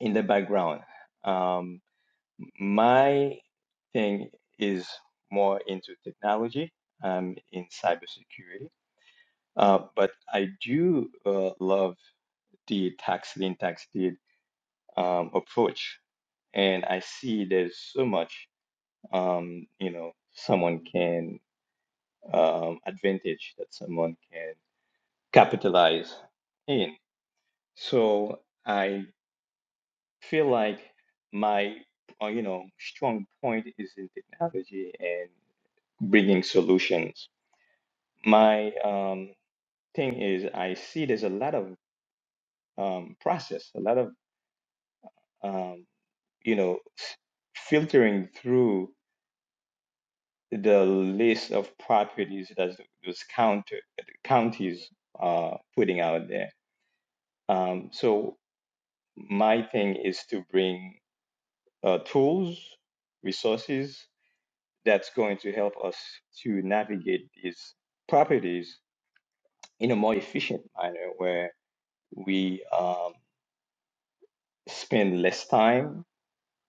S11: in the background. Um, my thing is more into technology. I'm in cybersecurity, uh, but I do uh, love the tax lien tax deed um, approach and I see there's so much um, you know, someone can um, advantage that someone can capitalize in. So I feel like my, uh, you know, strong point is in technology and bringing solutions. My um, thing is, I see there's a lot of um, process, a lot of um, you know, s- filtering through. the list of properties that those counter counties are putting out there. Um, so my thing is to bring uh, tools, resources that's going to help us to navigate these properties in a more efficient manner, where we um, spend less time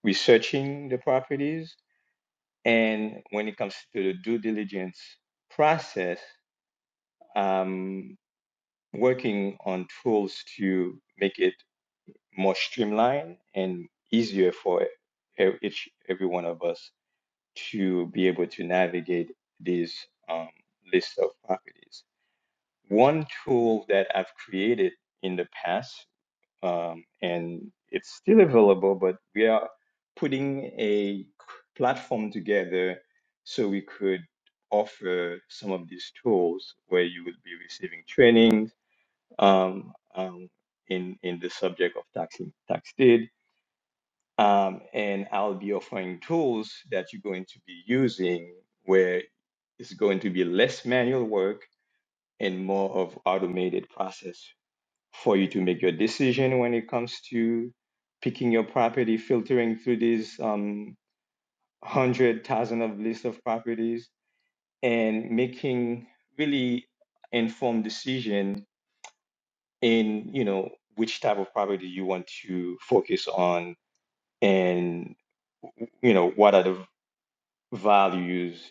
S11: researching the properties, and when it comes to the due diligence process. Um, working on tools to make it more streamlined and easier for e- e-, each every one of us to be able to navigate these um, list of properties. One tool that I've created in the past, um, and it's still available, but we are putting a platform together so we could offer some of these tools where you would be receiving training um, um, in in the subject of tax tax deed. Um, and I'll be offering tools that you're going to be using where it's going to be less manual work and more of automated process for you to make your decision when it comes to picking your property, filtering through these um, hundred thousand of list of properties, and making really informed decision in you know which type of property you want to focus on and you know what are the values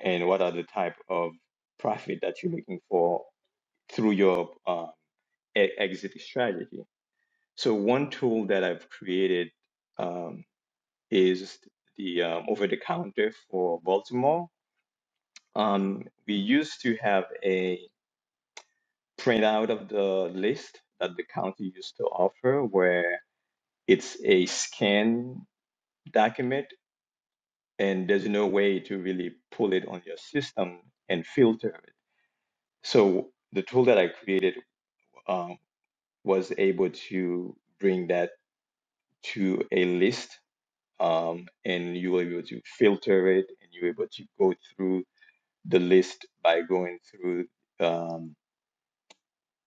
S11: and what are the type of profit that you're looking for through your um, e- exit strategy so one tool that i've created um, is the um, over the counter for baltimore um, we used to have a printout of the list that the county used to offer where. it's a scan document and there's no way to really pull it on your system and filter it. So the tool that I created um, was able to bring that to a list um, and you were able to filter it and you were able to go through the list by going through um,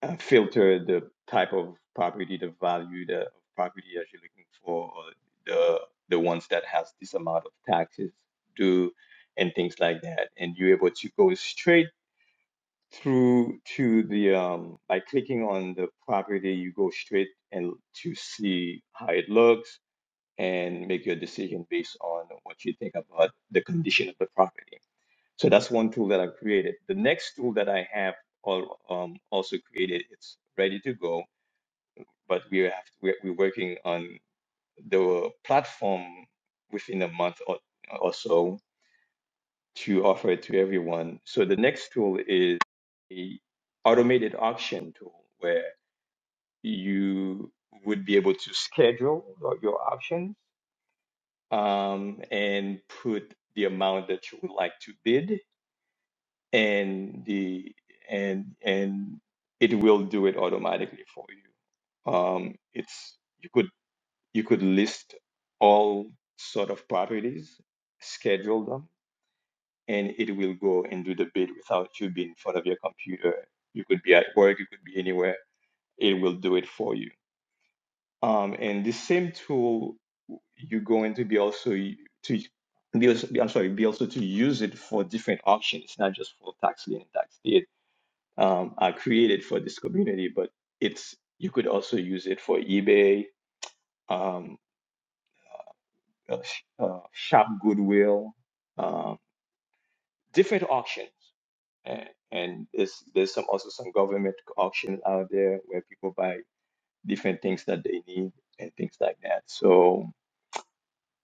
S11: uh, filter the type of property, the value the property that you're looking for, or the the ones that has this amount of taxes due, and things like that. And you're able to go straight through to the um by clicking on the property, you go straight and to see how it looks and make your decision based on what you think about the condition of the property. So that's one tool that I created. The next tool that I have al- um, also created, it's ready to go but we have we're, we're working on the platform within a month or, or so to offer it to everyone. So the next tool is a automated auction tool where you would be able to schedule your your auctions um, and put the amount that you would like to bid and the and and it will do it automatically for you. Um, it's you could you could list all sort of properties, schedule them, and it will go and do the bid without you being in front of your computer. You could be at work, you could be anywhere. It will do it for you. Um, and the same tool you're going to be also to be also, I'm sorry, be also to use it for different auctions, not just for tax lien and tax deed. Um, I created for this community, but it's you could also use it for eBay, um, uh, sh- uh, shop goodwill, um, different auctions, and, and there's there's some also some government auctions out there where people buy different things that they need and things like that. So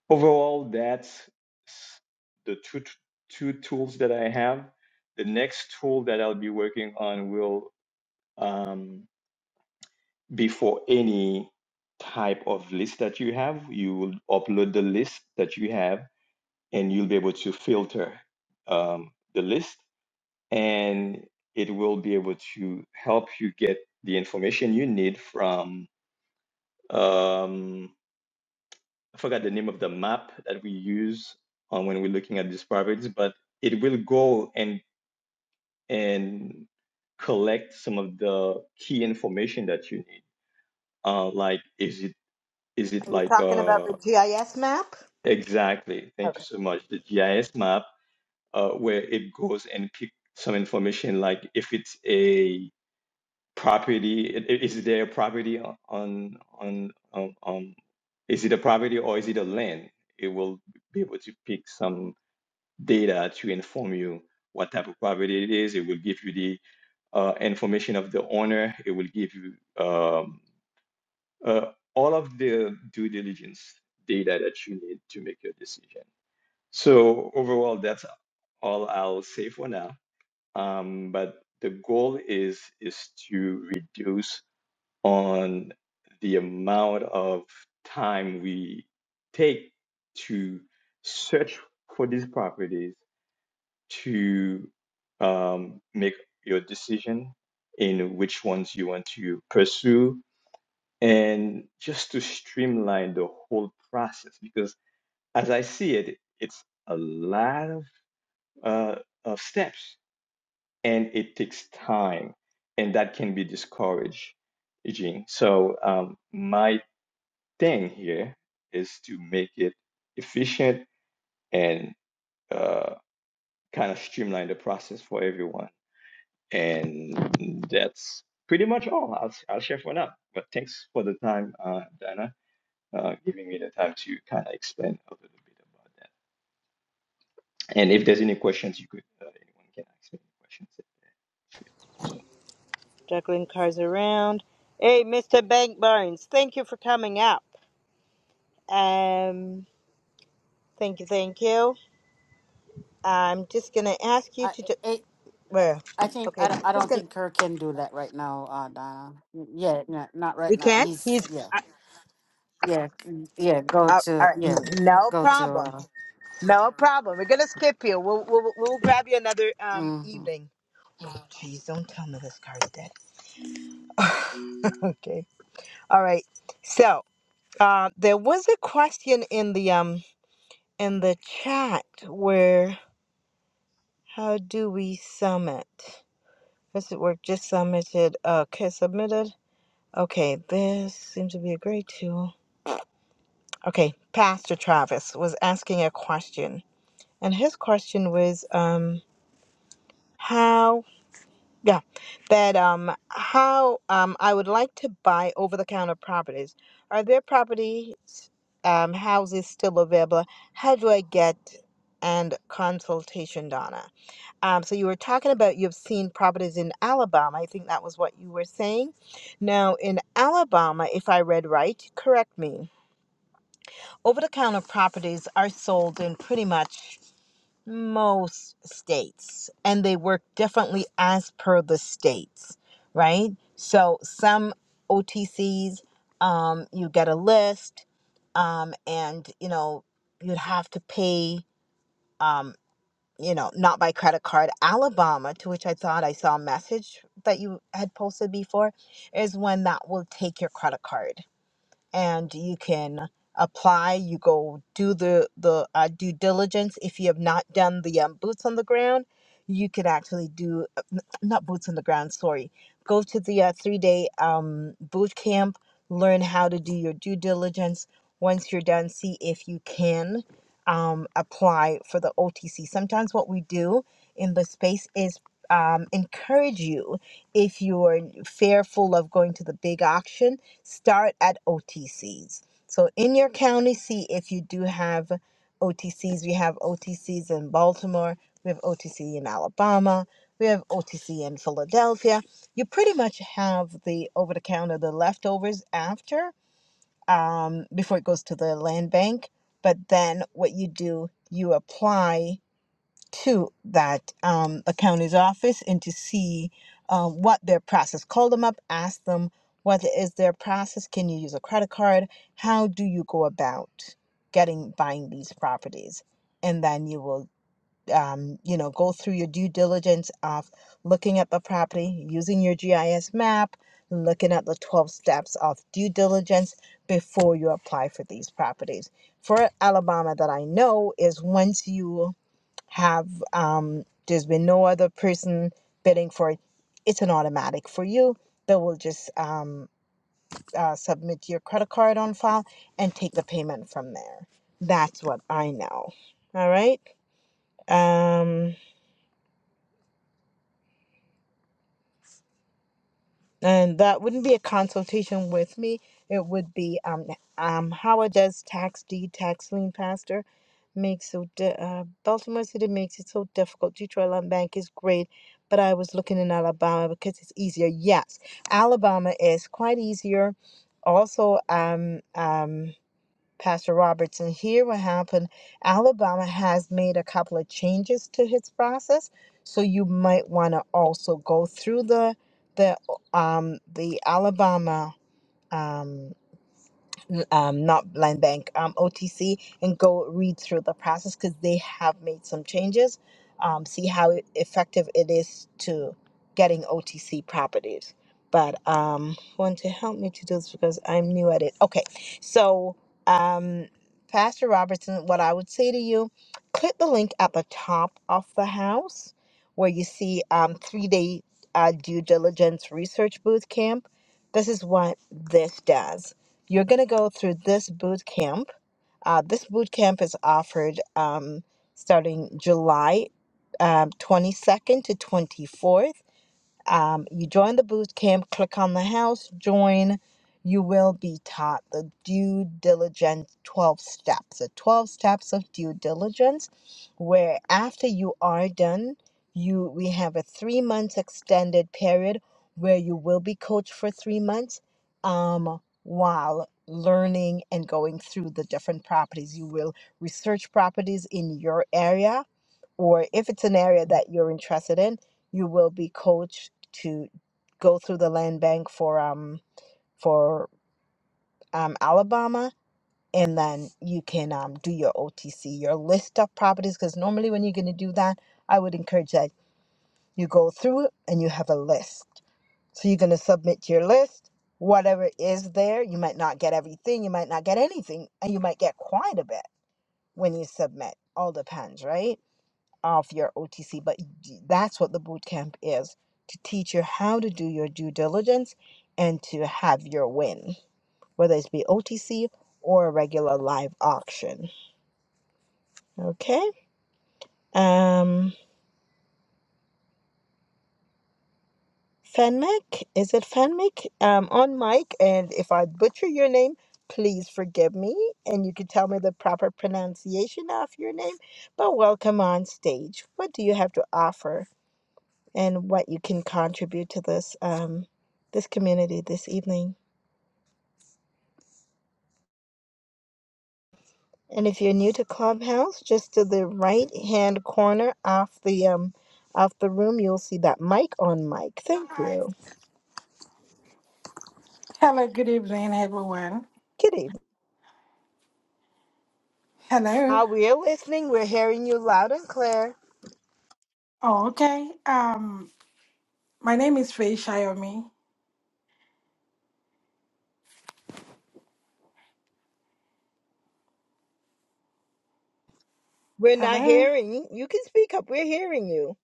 S11: overall, that's s- the two t- two tools that I have. The next tool that I'll be working on will um, be for any type of list that you have. You will upload the list that you have and you'll be able to filter um, the list and it will be able to help you get the information you need from um, i forgot the name of the map that we use on when we're looking at these properties but it will go and and collect some of the key information that you need uh, like is it is it
S1: Are you
S11: like
S1: talking about
S11: uh,
S1: the GIS map?
S11: exactly thank you so much the gis map uh, where it goes and pick some information like if it's a property, i- i- is there a property on on on um, um, is it a property or is it a land? It will be able to pick some data to inform you what type of property it is. It will give you the uh, information of the owner. It will give you um, uh, all of the due diligence data that you need to make your decision. So overall, that's all I'll say for now um, but the goal is is to reduce on the amount of time we take to search for these properties to um, make your decision in which ones you want to pursue and just to streamline the whole process because as i see it it's a lot of uh, of steps and it takes time and that can be discouraging so um, my thing here is to make it efficient and uh, kind of streamline the process for everyone and that's pretty much all i'll, I'll share for now but thanks for the time uh, dana uh, giving me the time to kind of explain a little bit about that and if there's any questions you could uh, anyone can ask me any questions so
S1: Juggling cars around. Hey, Mr. Bank Barnes, thank you for coming up. Um, thank you, thank you. I'm just gonna ask you to do. Well,
S2: I think
S1: okay,
S2: I don't, I
S1: just
S2: don't
S1: gonna.
S2: think Kerr can do that right now, uh, Donna. Yeah, no, not
S1: We
S2: right now.
S1: can't.
S2: He's
S1: He's.
S2: yeah,
S1: Uh,
S2: yeah, c- yeah. Go
S1: uh, all
S2: to
S1: right,
S2: yeah,
S1: no
S2: go to.
S1: problem.
S2: Uh,
S1: No problem. We're gonna skip you. We'll we'll, we'll grab you another um
S2: mm-hmm.
S1: evening. Oh, Jeez, don't tell me this car's dead. okay. All right. So, uh, there was a question in the um in the chat where. How do we summit? Does it work? Just submitted. Okay, submitted. Okay, this seems to be a great tool. Okay, Pastor Travis was asking a question, and his question was, um, how? Yeah, that um, how um, I would like to buy over-the-counter properties. Are there properties, um, houses still available? How do I get and consultation, Donna? Um, so you were talking about you've seen properties in Alabama. I think that was what you were saying. Now, in Alabama, if I read right, correct me. Over the counter properties are sold in pretty much most states, and they work differently as per the states, right? So some OTCs, um, you get a list, um, and you know you'd have to pay. Um, you know, not by credit card. Alabama, to which I thought I saw a message that you had posted before, is when that will take your credit card and you can apply you go do the the uh, due diligence if you have not done the um, boots on the ground you could actually do uh, n- not boots on the ground sorry go to the uh, three day um, boot camp learn how to do your due diligence once you're done see if you can um, apply for the otc sometimes what we do in the space is um, encourage you if you're fearful of going to the big auction start at OTCs. So in your county, see if you do have OTCs. We have OTCs in Baltimore, we have OTC in Alabama, we have OTC in Philadelphia. You pretty much have the over the counter, the leftovers after, um, before it goes to the land bank. But then what you do, you apply to that um, county's office and to see um, what their process. Call them up, ask them what is their process. Can you use a credit card? How do you go about getting buying these properties? And then you will, um, you know, go through your due diligence of looking at the property, using your GIS map, looking at the 12 steps of due diligence before you apply for these properties. For Alabama, that I know is once you have um, there's been no other person bidding for it it's an automatic for you that will just um, uh, submit your credit card on file and take the payment from there that's what i know all right um, and that wouldn't be a consultation with me. It would be um um Howard does tax deed tax lien pastor makes so di- uh, Baltimore City makes it so difficult. Detroit Land Bank is great, but I was looking in Alabama because it's easier. Yes, Alabama is quite easier. Also, um um. Pastor Roberts. And here what happened Alabama has made a couple of changes to his process. So you might want to also go through the the um the Alabama um um, not Land Bank, um, OTC, and go read through the process because they have made some changes. Um, see how e- effective it is to getting OTC properties. But um, want to help me to do this because I'm new at it. Okay, so um, Pastor Robertson, what I would say to you, click the link at the top of the house where you see um, three day uh, due diligence research booth camp. This is what this does you're going to go through this boot camp. Uh, this boot camp is offered um, starting July um, 22nd to 24th. Um, you join the boot camp, click on the house, join. You will be taught the due diligence 12 steps, the 12 steps of due diligence, where after you are done, you we have a three months extended period where you will be coached for three months um, while learning and going through the different properties. You will research properties in your area or if it's an area that you're interested in, you will be coached to go through the land bank for um for um Alabama and then you can um do your OTC, your list of properties because normally when you're going to do that, I would encourage that you go through it and you have a list. So you're going to submit your list, whatever is there, you might not get everything, you might not get anything, and you might get quite a bit when you submit. All depends, right? of your OTC, but that's what the boot camp is to teach you how to do your due diligence and to have your win, whether it's be OTC or a regular live auction. Okay. Um, Fenmic, is it Fenmic? Um, on mic, and if I butcher your name, please forgive me, and you can tell me the proper pronunciation of your name. But welcome on stage. What do you have to offer and what you can contribute to this um, this community this evening. And if you're new to Clubhouse, just to the right hand corner off the um, off the room, you'll see that mic on mic. Thank
S13: Hi.
S1: you.
S13: Hello, good evening, everyone.
S1: Good evening.
S13: Hello.
S1: Uh, we're listening. We're hearing you loud and clear.
S13: Oh, okay. Um, my name is Faye Shayomi.
S1: We're not
S13: Hello.
S1: hearing. You can speak up. We're hearing you.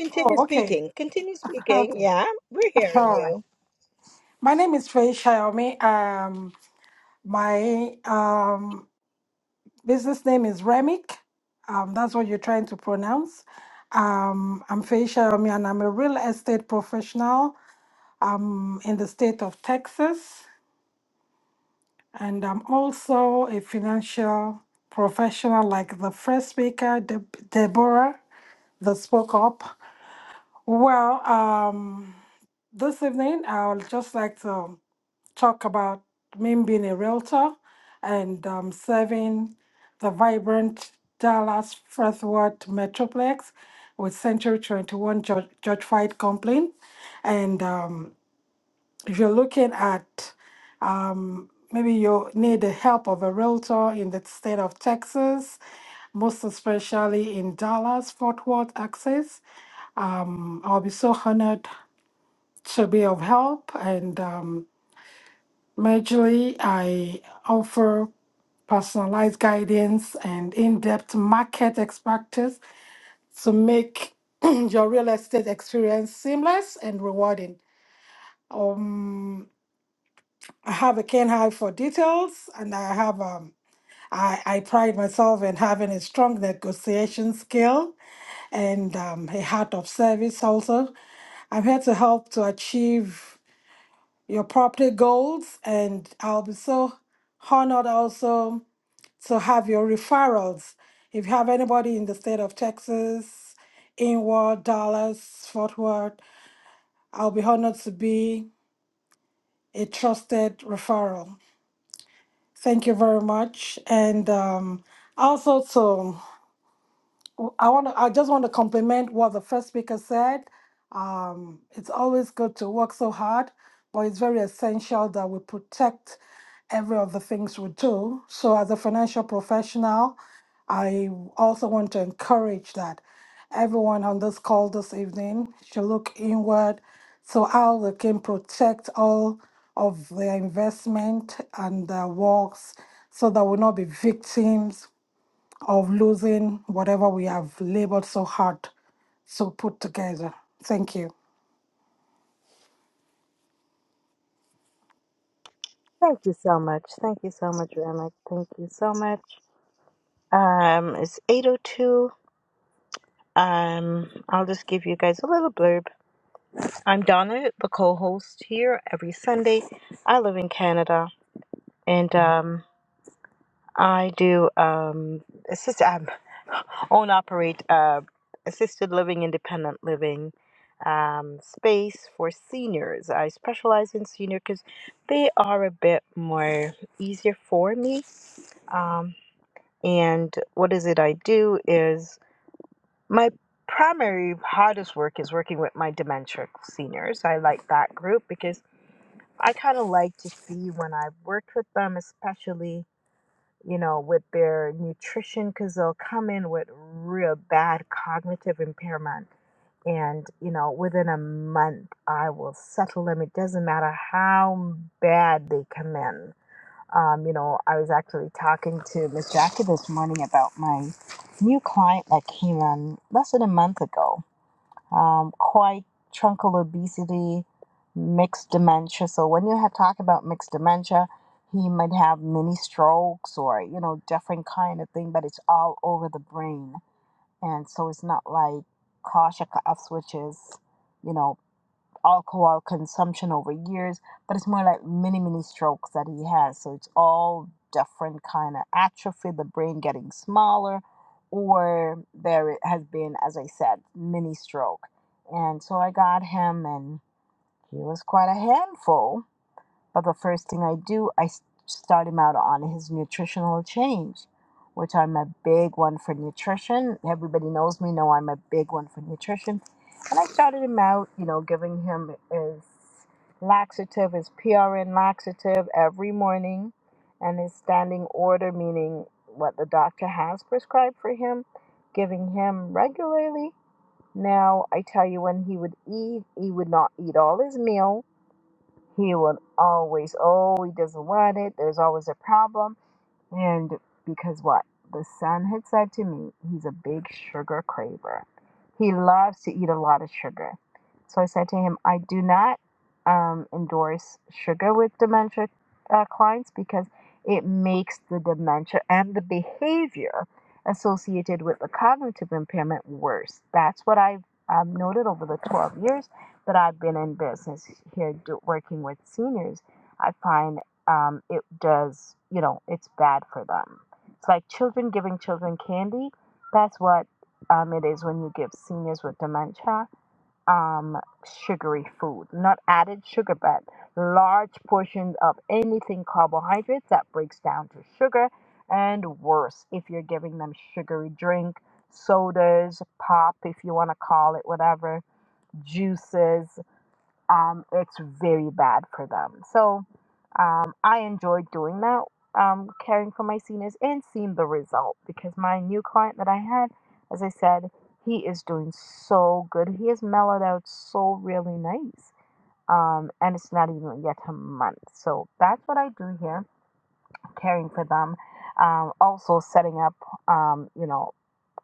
S1: Continue
S13: Oh, okay.
S1: speaking. Continue speaking.
S13: Okay.
S1: Yeah, we're hearing
S13: All right.
S1: you.
S13: My name is Faye Shayomi. Um, my um business name is Remic. Um, that's what you're trying to pronounce. Um, I'm Faye Shayomi, and I'm a real estate professional. Um, in the state of Texas. And I'm also a financial professional, like the first speaker, Deb- Deborah, that spoke up. Well, um, this evening, I would just like to talk about me being a realtor and um, serving the vibrant Dallas Fort Worth Metroplex with Century 21 Judge Fight Complaint. And um, if you're looking at um, maybe you need the help of a realtor in the state of Texas, most especially in Dallas, Fort Worth, Texas. Um, I'll be so honored to be of help. And um, majorly, I offer personalized guidance and in depth market expertise to make your real estate experience seamless and rewarding. Um, I have a keen eye for details, and I have. Um, I, I pride myself in having a strong negotiation skill and um, a heart of service also. I'm here to help to achieve your property goals, and I'll be so honored also to have your referrals. If you have anybody in the state of Texas, Inward, Dallas, Fort Worth, I'll be honored to be a trusted referral. Thank you very much. And um, also to I want to, I just want to compliment what the first speaker said. Um, it's always good to work so hard, but it's very essential that we protect every of the things we do. So, as a financial professional, I also want to encourage that everyone on this call this evening should look inward so how they can protect all of their investment and their works so that we'll not be victims of losing whatever we have labored so hard to put together. Thank you.
S1: Thank you so much. Thank you so much, Ramek. Thank you so much. Um, it's 8.02. Um, I'll just give you guys a little blurb. I'm Donna, the co-host here every Sunday. I live in Canada, and um, I do um, assist um, own operate uh, assisted living, independent living um, space for seniors. I specialize in senior because they are a bit more easier for me. Um, and what is it I do is My primary hardest work is working with my dementia seniors. I like that group because I kind of like to see when I've worked with them, especially, you know, with their nutrition, because they'll come in with real bad cognitive impairment. And, you know, within a month, I will settle them. It doesn't matter how bad they come in. Um, you know, I was actually talking to Miss Jackie this morning about my new client that came in less than a month ago um, quite truncal obesity, mixed dementia. So when you have talk about mixed dementia, he might have mini strokes or you know different kind of thing, but it's all over the brain, and so it's not like Kasha F switches, you know alcohol consumption over years, but it's more like mini mini strokes that he has. So it's all different kind of atrophy, the brain getting smaller, or there has been, as I said, mini stroke. And so I got him, and he was quite a handful but the first thing I do, I s- start him out on his nutritional change, which I'm a big one for nutrition. Everybody knows me, know I'm a big one for nutrition. And I started him out, you know, giving him his laxative, his PRN laxative every morning and his standing order, meaning what the doctor has prescribed for him, giving him regularly. Now, I tell you, when he would eat, he would not eat all his meal he will always, oh, he doesn't want it. There's always a problem. And because what? The son had said to me, he's a big sugar craver. He loves to eat a lot of sugar. So I said to him, I do not um, endorse sugar with dementia uh, clients because it makes the dementia and the behavior associated with the cognitive impairment worse. That's what I've um, noted over the 12 years that I've been in business here do, working with seniors. I find um, it does, you know, it's bad for them. It's like children giving children candy. That's what um, it is when you give seniors with dementia um, sugary food, not added sugar, but large portions of anything carbohydrates that breaks down to sugar. And worse, if you're giving them sugary drink, sodas, pop, if you want to call it whatever, juices um, it's very bad for them. So um, I enjoy doing that, um, caring for my seniors and seeing the result because my new client that I had, as I said, he is doing so good. He has mellowed out so really nice. Um, and it's not even yet a month. So that's what I do here caring for them, um, also setting up, um, you know,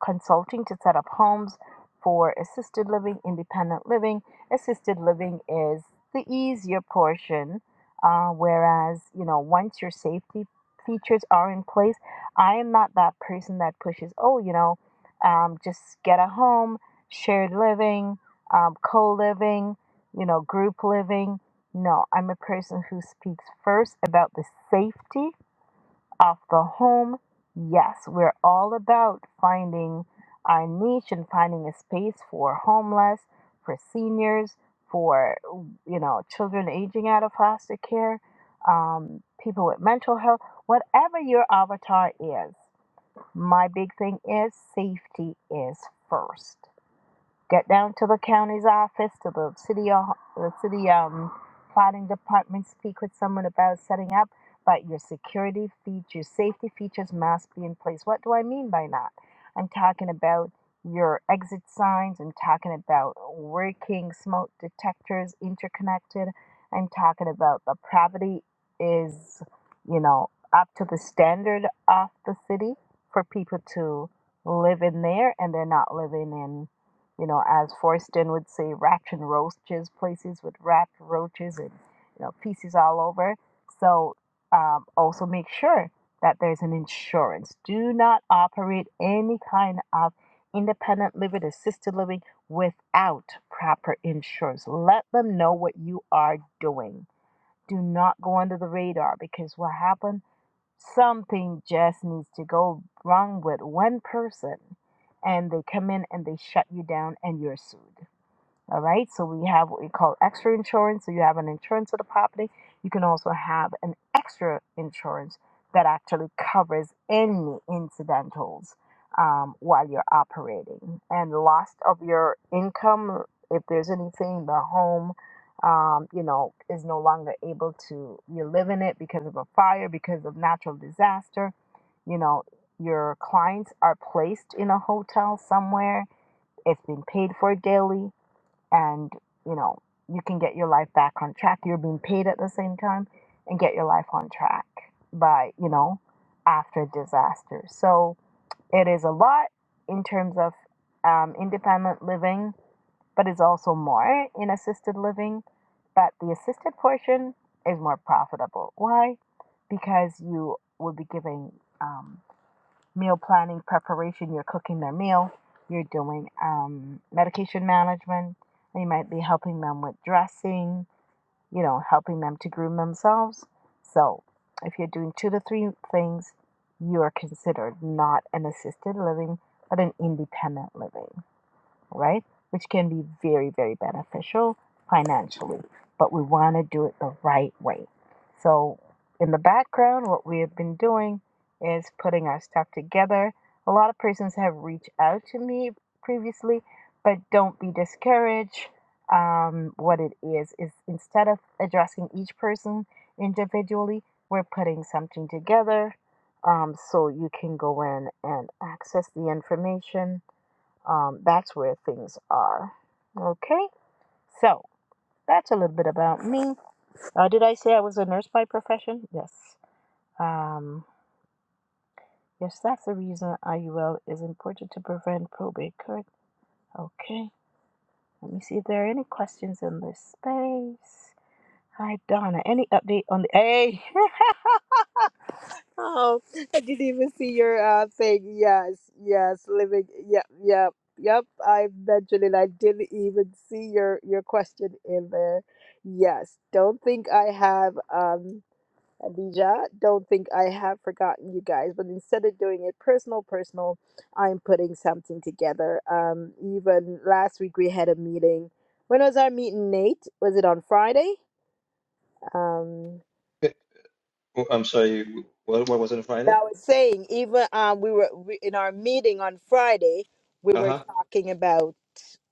S1: consulting to set up homes for assisted living, independent living. Assisted living is the easier portion, uh, whereas, you know, once your safety features are in place, I am not that person that pushes, oh, you know, um, just get a home, shared living, um, co living, you know, group living. No, I'm a person who speaks first about the safety of the home. Yes, we're all about finding our niche and finding a space for homeless, for seniors, for you know children aging out of foster care, um, people with mental health, whatever your avatar is. My big thing is safety is first. Get down to the county's office, to the city, uh, the city um, planning department. Speak with someone about setting up. But your security features, safety features must be in place. What do I mean by that? I'm talking about your exit signs. I'm talking about working smoke detectors interconnected. I'm talking about the property is, you know, up to the standard of the city for people to live in there and they're not living in you know, as Forston would say, rat and roaches, places with rat roaches and you know pieces all over. So um, also make sure that there's an insurance. Do not operate any kind of independent living, assisted living without proper insurance. Let them know what you are doing. Do not go under the radar because what happens Something just needs to go wrong with one person, and they come in and they shut you down, and you're sued. All right. So we have what we call extra insurance. So you have an insurance for the property. You can also have an extra insurance that actually covers any incidentals um, while you're operating and loss of your income. If there's anything, the home, um, you know, is no longer able to, you live in it because of a fire, because of natural disaster, you know, your clients are placed in a hotel somewhere. It's been paid for daily and you know you can get your life back on track you're being paid at the same time and get your life on track by you know after disaster so it is a lot in terms of um, independent living but it's also more in assisted living but the assisted portion is more profitable why because you will be giving um, meal planning, preparation, you're cooking their meal, you're doing um, medication management, you might be helping them with dressing, you know, helping them to groom themselves. So if you're doing two to three things, you are considered not an assisted living, but an independent living right? Which can be very, very beneficial financially, but we want to do it the right way. So, in the background, what we have been doing is putting our stuff together. A lot of persons have reached out to me previously, but don't be discouraged. Um, what it is is instead of addressing each person individually, we're putting something together um, so you can go in and access the information um, that's where things are. Okay, so that's a little bit about me. Uh, did I say I was a nurse by profession? Yes. Um, yes, that's the reason IUL is important to prevent probate. Correct. Okay. Let me see if there are any questions in this space. Hi, Donna. Any update on the? Hey, Oh, I didn't even see your uh thing. Yes, yes, living. Yep, yep, yep. I mentioned it. I didn't even see your your question in there. Yes, don't think I have um Adija. Don't think I have forgotten you guys. But instead of doing it personal, personal, I'm putting something together. Um, even last week we had a meeting. When was our meeting, Nate? Was it on Friday? Um.
S11: Oh, I'm sorry. What, what was it on
S1: But
S11: Friday?
S1: I was saying, even um, we were we, in our meeting on Friday, we were
S11: Uh-huh.
S1: talking about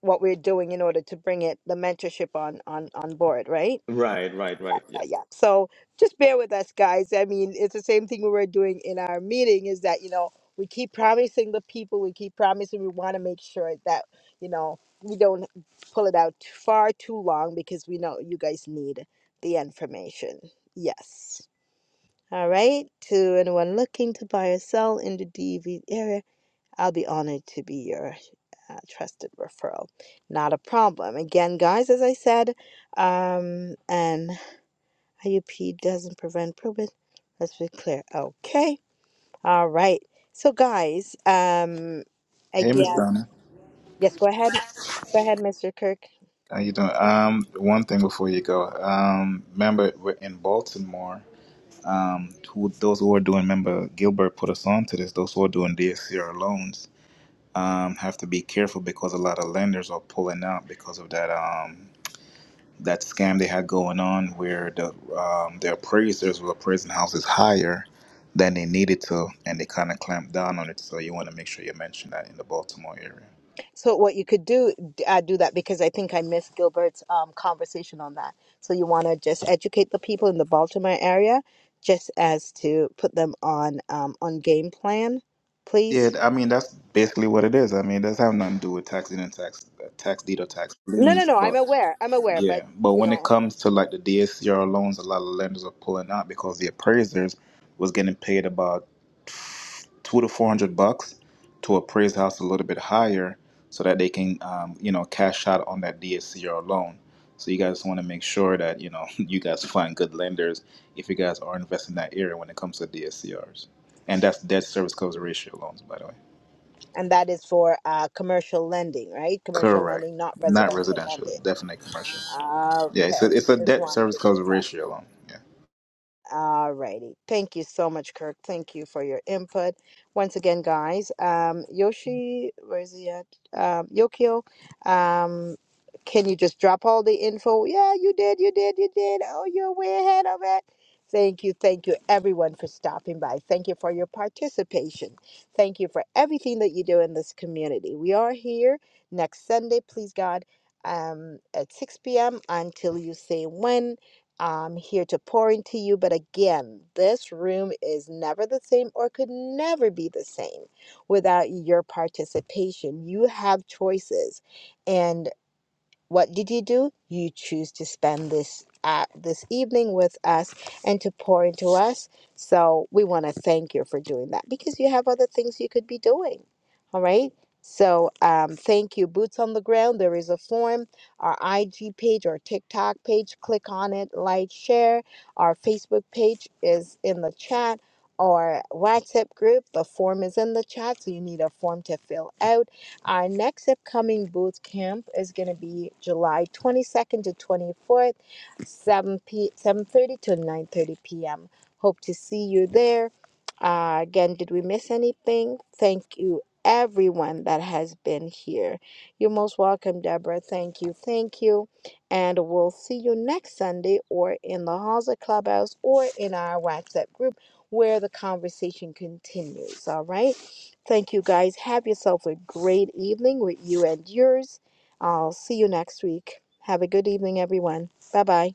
S1: what we're doing in order to bring it the mentorship on on on board, right?
S11: Right, right, right. Yeah.
S1: Yeah, yeah. So just bear with us, guys. I mean, it's the same thing we were doing in our meeting. Is that you know we keep promising the people, we keep promising we want to make sure that you know we don't pull it out too far too long because we know you guys need the information. Yes. All right. To anyone looking to buy or sell in the DV area, I'll be honored to be your uh, trusted referral. Not a problem. Again, guys, as I said, um, an IUP doesn't prevent probate. Let's be clear. Okay. All right. So, guys, um,
S14: Hey, Miss
S1: again,
S14: Donna.
S1: yes, go ahead. Go ahead, Mr. Kirk.
S14: How you doing? Um, one thing before you go. Um, remember we're in Baltimore. Um, who those who are doing? Remember Gilbert put us on to this. Those who are doing DSCR loans, um, have to be careful because a lot of lenders are pulling out because of that um that scam they had going on where the um the appraisers were appraising houses higher than they needed to, and they kind of clamped down on it. So you want to make sure you mention that in the Baltimore area.
S1: So what you could do, uh, do that because I think I missed Gilbert's um, conversation on that. So you want to just educate the people in the Baltimore area, just as to put them on um, on game plan,
S14: Yeah,
S1: please.
S14: I mean that's basically what it is. I mean, that's does have nothing to do with tax in and tax tax deed or tax
S1: No, no,
S14: liens,
S1: no. I'm
S14: but
S1: aware. I'm aware,
S14: yeah.
S1: but
S14: But
S1: you
S14: when it
S1: know,
S14: comes to like the DSCR loans, a lot of lenders are pulling out because the appraisers was getting paid about two to four hundred bucks to appraise house a little bit higher so that they can um, you know cash out on that DSCR loan. So you guys want to make sure that you know you guys find good lenders if you guys are investing in that area when it comes to DSCRs, and that's debt service coverage ratio loans, by the way.
S1: and that is for uh, commercial lending, right? Commercial
S14: Correct.
S1: lending, not
S14: Not
S1: residential
S14: residential.
S1: lending.
S14: Definitely commercial. Yeah, it's a
S1: Okay,
S14: it's a
S1: just
S14: debt
S1: want
S14: service
S1: to
S14: coverage
S1: assess.
S14: ratio loan. Yeah.
S1: All righty. Thank you so much, Kirk. Thank you for your input. Once again, guys, um, Yoshi, where is he at? Um, Yokio, um, can you just drop all the info? Yeah, you did, you did, you did. Oh, you're way ahead of it. Thank you, thank you, everyone, for stopping by. Thank you for your participation. Thank you for everything that you do in this community. We are here next Sunday, please God, um, at 6 p.m. until you say when I'm here to pour into you. But again, this room is never the same or could never be the same without your participation. You have choices. And what did you do? You choose to spend this uh, this evening with us and to pour into us. So we want to thank you for doing that because you have other things you could be doing. All right. So um, thank you, Boots on the Ground. There is a form, our IG page, our TikTok page. Click on it, like, share. Our Facebook page is in the chat. Our WhatsApp group, the form is in the chat. So you need a form to fill out our next upcoming boot camp is going to be July 22nd to 24th, 7 p 7:30 to 9:30 p.m. Hope to see you there. Uh, again, did we miss anything? Thank you, everyone that has been here. You're most welcome, Deborah. Thank you, thank you, and we'll see you next Sunday, or in the halls of clubhouse, or in our WhatsApp group where the conversation continues. All right. Thank you guys. Have yourself a great evening with you and yours. I'll see you next week. Have a good evening, everyone. Bye bye.